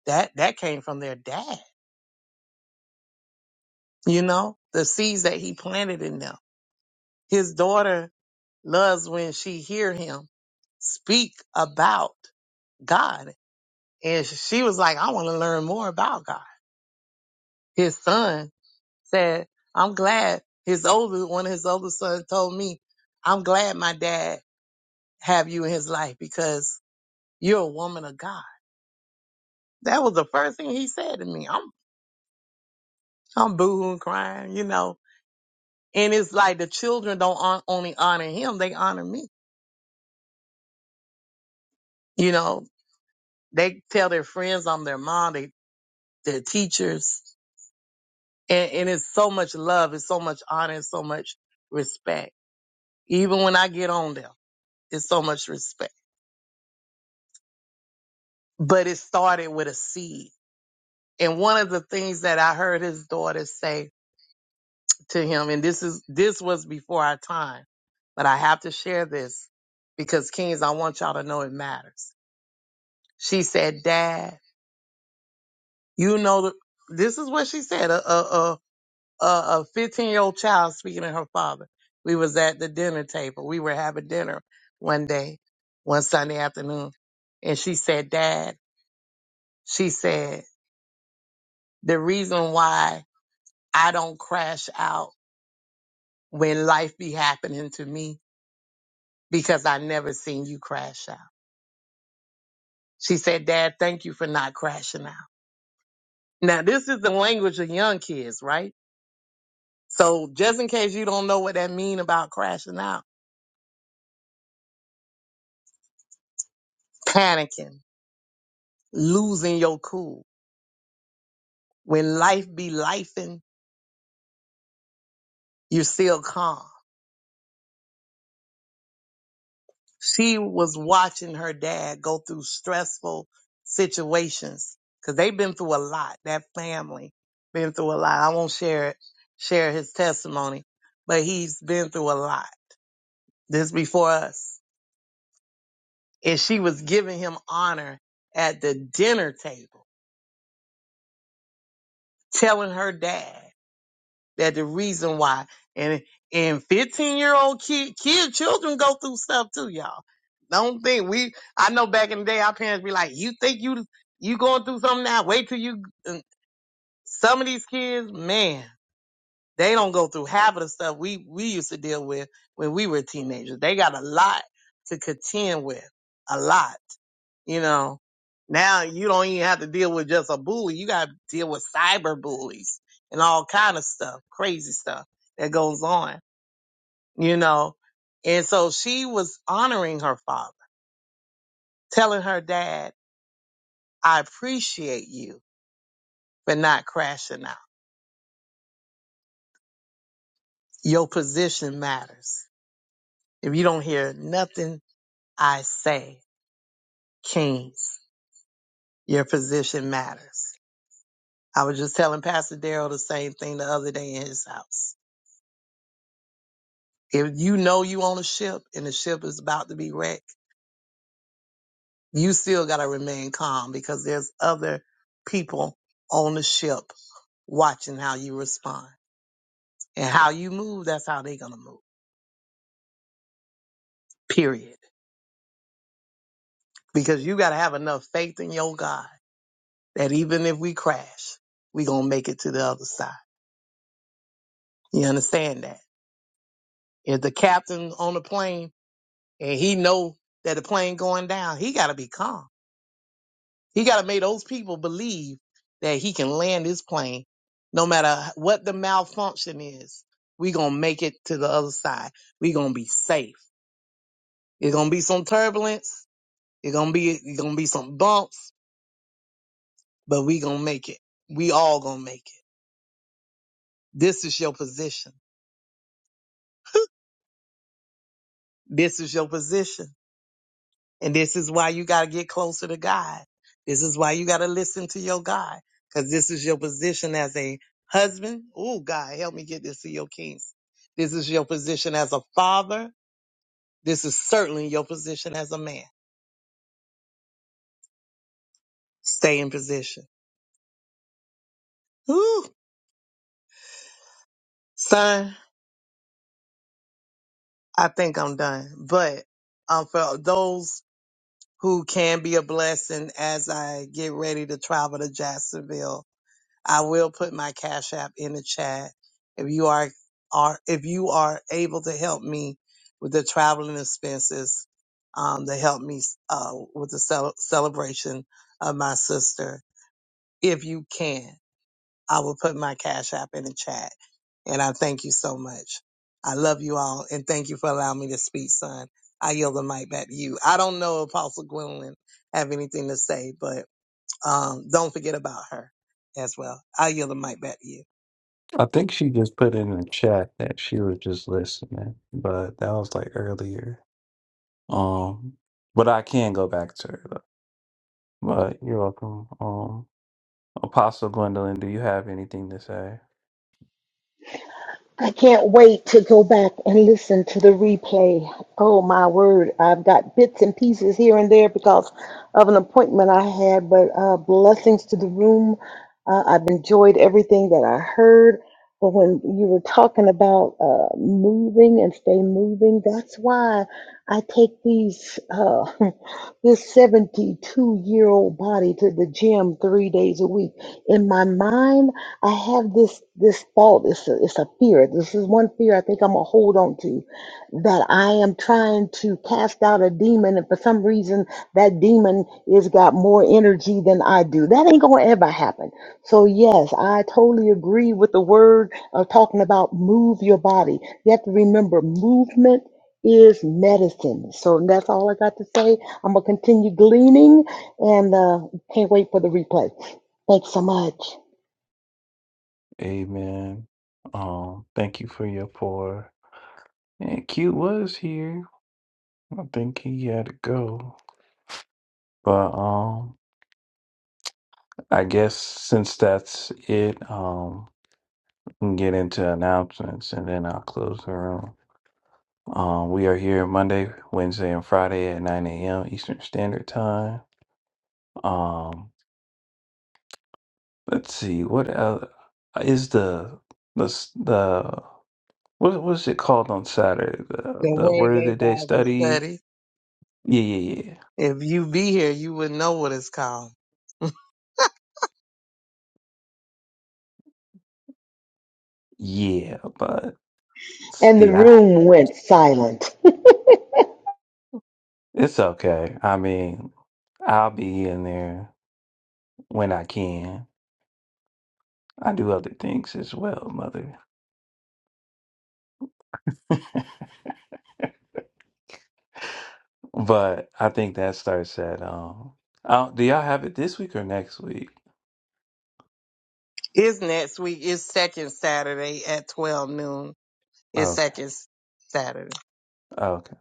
F: That, that came from their dad, you know, the seeds that he planted in them. His daughter loves when she hear him speak about God. And she was like, I want to learn more about God. His son said, I'm glad his older, one of his older sons told me, I'm glad my dad have you in his life because you're a woman of God. That was the first thing he said to me. I'm, I'm boohooing, crying, you know. And it's like the children don't on, only honor him, they honor me. You know, they tell their friends I'm their mom, they, their teachers. And, and it's so much love, it's so much honor, it's so much respect. Even when I get on them, it's so much respect. But it started with a seed. And one of the things that I heard his daughter say to him. And this is, this was before our time, but I have to share this because Kings, I want y'all to know it matters. She said, dad, you know, the, this is what she said. A, a, a, a 15 year old child speaking to her father. We was at the dinner table. We were having dinner one day, one Sunday afternoon. And she said, dad, she said, the reason why I don't crash out when life be happening to me because I never seen you crash out. She said, Dad, thank you for not crashing out. Now, this is the language of young kids, right? So just in case you don't know what that mean about crashing out, panicking, losing your cool. When life be lifing, you're still calm. She was watching her dad go through stressful situations because they've been through a lot. That family been through a lot. I won't share it, share his testimony, but he's been through a lot. This before us and she was giving him honor at the dinner table, telling her dad that the reason why and and 15 year old kid, kid children go through stuff too, y'all. Don't think we. I know back in the day, our parents be like, "You think you you going through something now? Wait till you." and Some of these kids, man, they don't go through half of the stuff we we used to deal with when we were teenagers. They got a lot to contend with, a lot. You know, now you don't even have to deal with just a bully. You got to deal with cyber bullies and all kind of stuff, crazy stuff that goes on, you know. And so she was honoring her father, telling her dad, I appreciate you for not crashing out. Your position matters. If you don't hear nothing I say, Kings, your position matters. I was just telling Pastor Daryl the same thing the other day in his house If you know you on a ship and the ship is about to be wrecked, you still gotta remain calm because there's other people on the ship watching how you respond. And how you move, that's how they gonna move. Period. Because you gotta have enough faith in your God that even if we crash, we gonna make it to the other side. You understand that? If the captain on the plane and he know that the plane going down, he gotta be calm He got to make those people believe that he can land his plane, no matter what the malfunction is. We gonna make it to the other side. We gonna be safe. It's gonna be some turbulence. It's gonna be it's gonna be some bumps, but we gonna make it. We all gonna make it. This is your position. This is your position. And this is why you got to get closer to God. This is why you got to listen to your God because this is your position as a husband. Oh, God, help me get this to your kings. This is your position as a father. This is certainly your position as a man. Stay in position. Whew. Son, I think I'm done. But um, for those who can be a blessing as I get ready to travel to Jacksonville I will put my cash app in the chat. If you are, are if you are able to help me with the traveling expenses, um, to help me uh, with the cel- celebration of my sister, if you can, I will put my cash app in the chat. And I thank you so much. I love you all, and thank you for allowing me to speak, son. I yield the mic back to you. I don't know if Apostle Gwendolyn have anything to say, but um, don't forget about her as well. I yield the mic back to you.
A: I think she just put in the chat that she was just listening, but that was like earlier. Um, but I can go back to her though. But you're welcome. Um, Apostle Gwendolyn, do you have anything to say?
K: I can't wait to go back and listen to the replay. Oh my word, I've got bits and pieces here and there because of an appointment I had, but uh, blessings to the room. Uh, I've enjoyed everything that I heard. But when you were talking about uh, moving and stay moving, that's why I take these. Uh, this 72 year old body to the gym three days a week. In my mind, I have this this thought. It's a, it's a fear. This is one fear I think I'm gonna hold on to, that I am trying to cast out a demon, and for some reason that demon is got more energy than I do. That ain't gonna ever happen. So yes, I totally agree with the word of talking about move your body. You have to remember movement is medicine. So that's all I got to say. I'm gonna continue gleaning and uh, can't wait for the replay. Thanks so much.
A: Amen. Um, thank you for your pour. And Q was here. I think he had to go. But um I guess since that's it, um we can get into announcements and then I'll close the room. Um we are here Monday, Wednesday, and Friday at nine AM Eastern Standard Time. Um let's see, what uh, is the the s- the what what is it called on Saturday? The
F: The
A: the
F: Word
A: word of
F: Day
A: the day
F: Bible
A: study?
F: Study.
A: Yeah, yeah, yeah.
F: If you be here, you would know what it's called.
A: Yeah, but
K: And the
A: see I
K: room went silent.
A: It's okay. I mean, I'll be in there when I can. I do other things as well, mother. But I think that starts at um. Oh, do y'all have it this week or next week?
F: it's next week. It's second Saturday at 12 noon. It's
A: Okay,
F: second Saturday.
A: okay.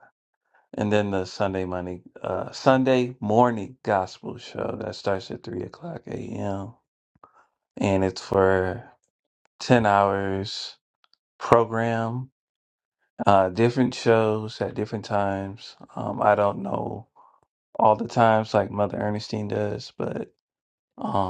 A: And then the Sunday morning, uh, Sunday morning gospel show that starts at three o'clock a.m. and it's for ten hours program. Uh, different shows at different times. Um, I don't know all the times like Mother Ernestine does, but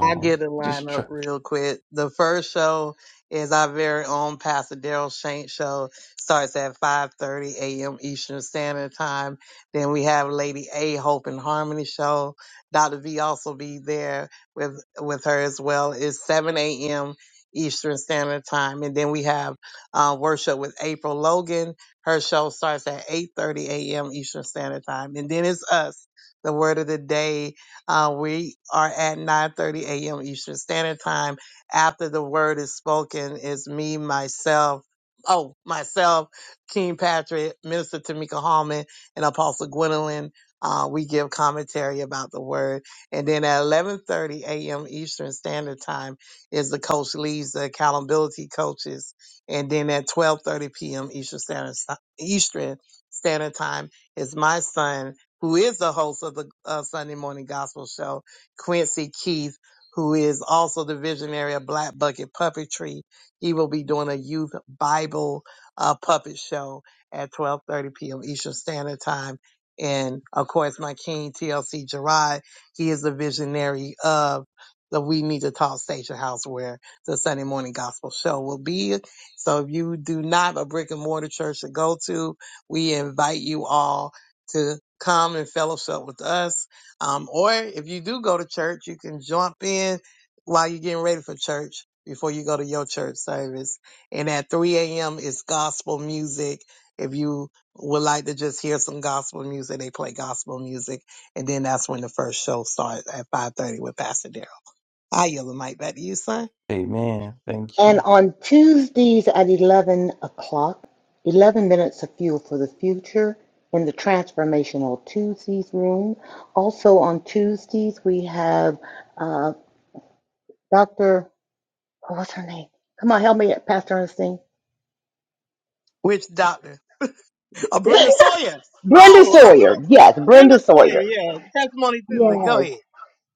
F: I get a
A: just
F: lineup
A: try
F: real quick. The first show is our very own Pastor Daryl Shank show. Starts at 5:30 a.m. Eastern Standard Time. Then we have Lady A Hope and Harmony show. Dr. V also be there with with her as well. It's 7 a.m. Eastern Standard Time, and then we have uh, worship with April Logan. Her show starts at 8:30 a.m. Eastern Standard Time, and then it's us. The word of the day uh, we are at 9:30 a.m. Eastern Standard Time. After the word is spoken, it's me, myself, oh, myself, King Patrick, Minister Tamika Hallman, and Apostle Gwendolyn. Uh, we give commentary about the word, and then at 11:30 a.m. Eastern Standard Time is the coach leaves the accountability coaches, and then at 12:30 p.m. Eastern Standard Eastern Standard Time is my son who is the host of the uh, Sunday Morning Gospel Show, Quincy Keith, who is also the visionary of Black Bucket Puppetry. He will be doing a youth Bible uh, puppet show at 12:30 p.m. Eastern Standard Time. And of course, my king TLC Gerard, he is the visionary of the We Need to Talk Station House, where the Sunday Morning Gospel Show will be. So if you do not have a brick and mortar church to go to, we invite you all to come and fellowship with us. Um, or if you do go to church, you can jump in while you're getting ready for church before you go to your church service. And at 3 a.m. is gospel music. If you would like to just hear some gospel music, they play gospel music. And then that's when the first show starts at 5.30 with Pastor Daryl. I yell the mic back to you, son.
A: Amen. Thank
K: And
A: you.
K: on Tuesdays at 11 o'clock, 11 minutes of fuel for the future in the transformational Tuesdays room. Also on Tuesdays, we have uh, Dr. oh, What's her name? Come on, help me, Pastor Ernestine.
F: Which doctor? Oh, Brenda Sawyer.
K: Brenda
F: Oh,
K: Sawyer. Yes,
F: Brenda
K: Brenda
F: Sawyer,
K: Sawyer.
F: yeah. Testimony Tuesday. Go
K: Yes.
F: ahead.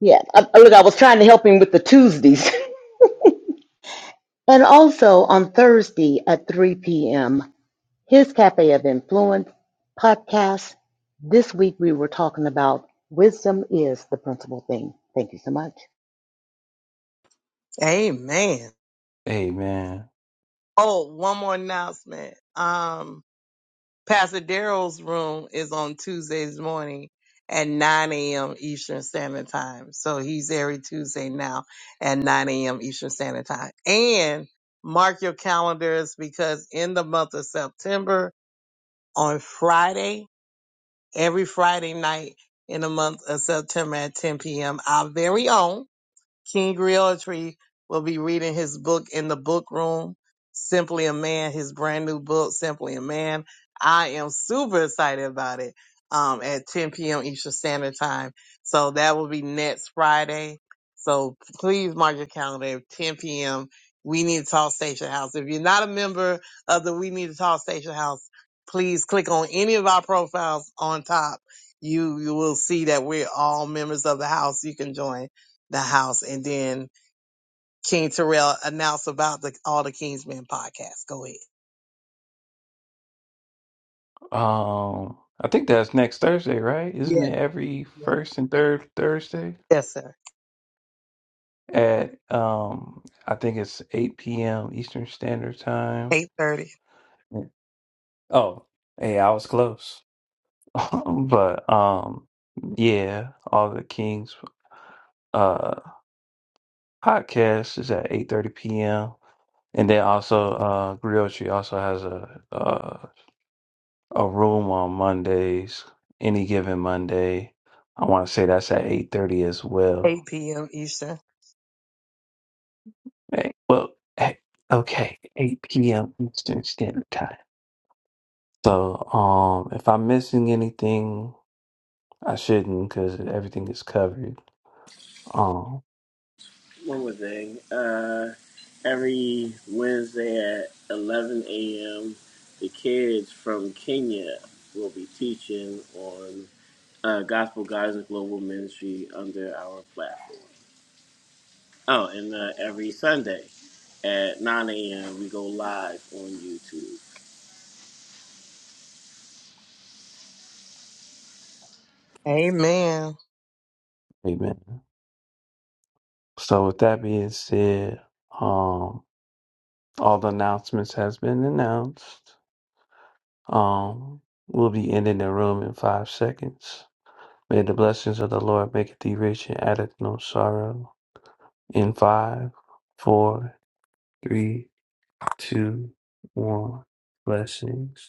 K: Yes. I, I- look, I was trying to help him with the Tuesdays. And also on Thursday at 3 p.m., his Cafe of Influence podcast. This week we were talking about wisdom is the principal thing. Thank you so much.
F: Amen.
A: Amen.
F: Oh, one more announcement. Um, Pastor Daryl's room is on Tuesdays morning at 9 a.m. Eastern Standard Time. So he's every Tuesday now at 9 a.m. Eastern Standard Time. And mark your calendars because in the month of September on Friday, every Friday night in the month of September at 10 p.m., our very own King Realtree will be reading his book in the book room, Simply a Man, his brand new book, Simply a Man. I am super excited about it um, at 10 p.m. Eastern Standard Time. So that will be next Friday. So please mark your calendar at 10 p.m. We Need to Talk Station House. If you're not a member of the We Need to Talk Station House, please click on any of our profiles on top. You, you will see that we're all members of the house. You can join the house. And then King Terrell announced about the all the Kingsmen podcast. Go ahead.
A: Um I think that's next Thursday, right? Isn't
F: Yeah.
A: it every
F: yeah.
A: first and third Thursday?
F: Yes, sir.
A: At um I think it's eight PM Eastern Standard Time.
F: Eight thirty,
A: Mm. Oh, hey, I was close. but um yeah, all the Kings uh podcast is at eight thirty p.m. And then also, uh, Griotri also has a uh, a room on Mondays, any given Monday. I want to say that's at eight thirty as
F: eight
A: well.
F: p.m. Eastern.
A: Hey, well, hey, okay, eight p.m. Eastern Standard Time. So, um, if I'm missing anything, I shouldn't because everything is covered. Um,
E: One more thing. Uh, every Wednesday at 11 a.m., the kids from Kenya will be teaching on uh, Gospel Guys and Global Ministry under our platform. Oh, and uh, every Sunday at 9 a.m., we go live on YouTube.
F: Amen.
A: amen. So, with that being said, um, all the announcements has been announced. Um, we'll be ending the room in five seconds. May the blessings of the Lord make thee rich and addeth no sorrow. In five, four, three, two, one. Blessings.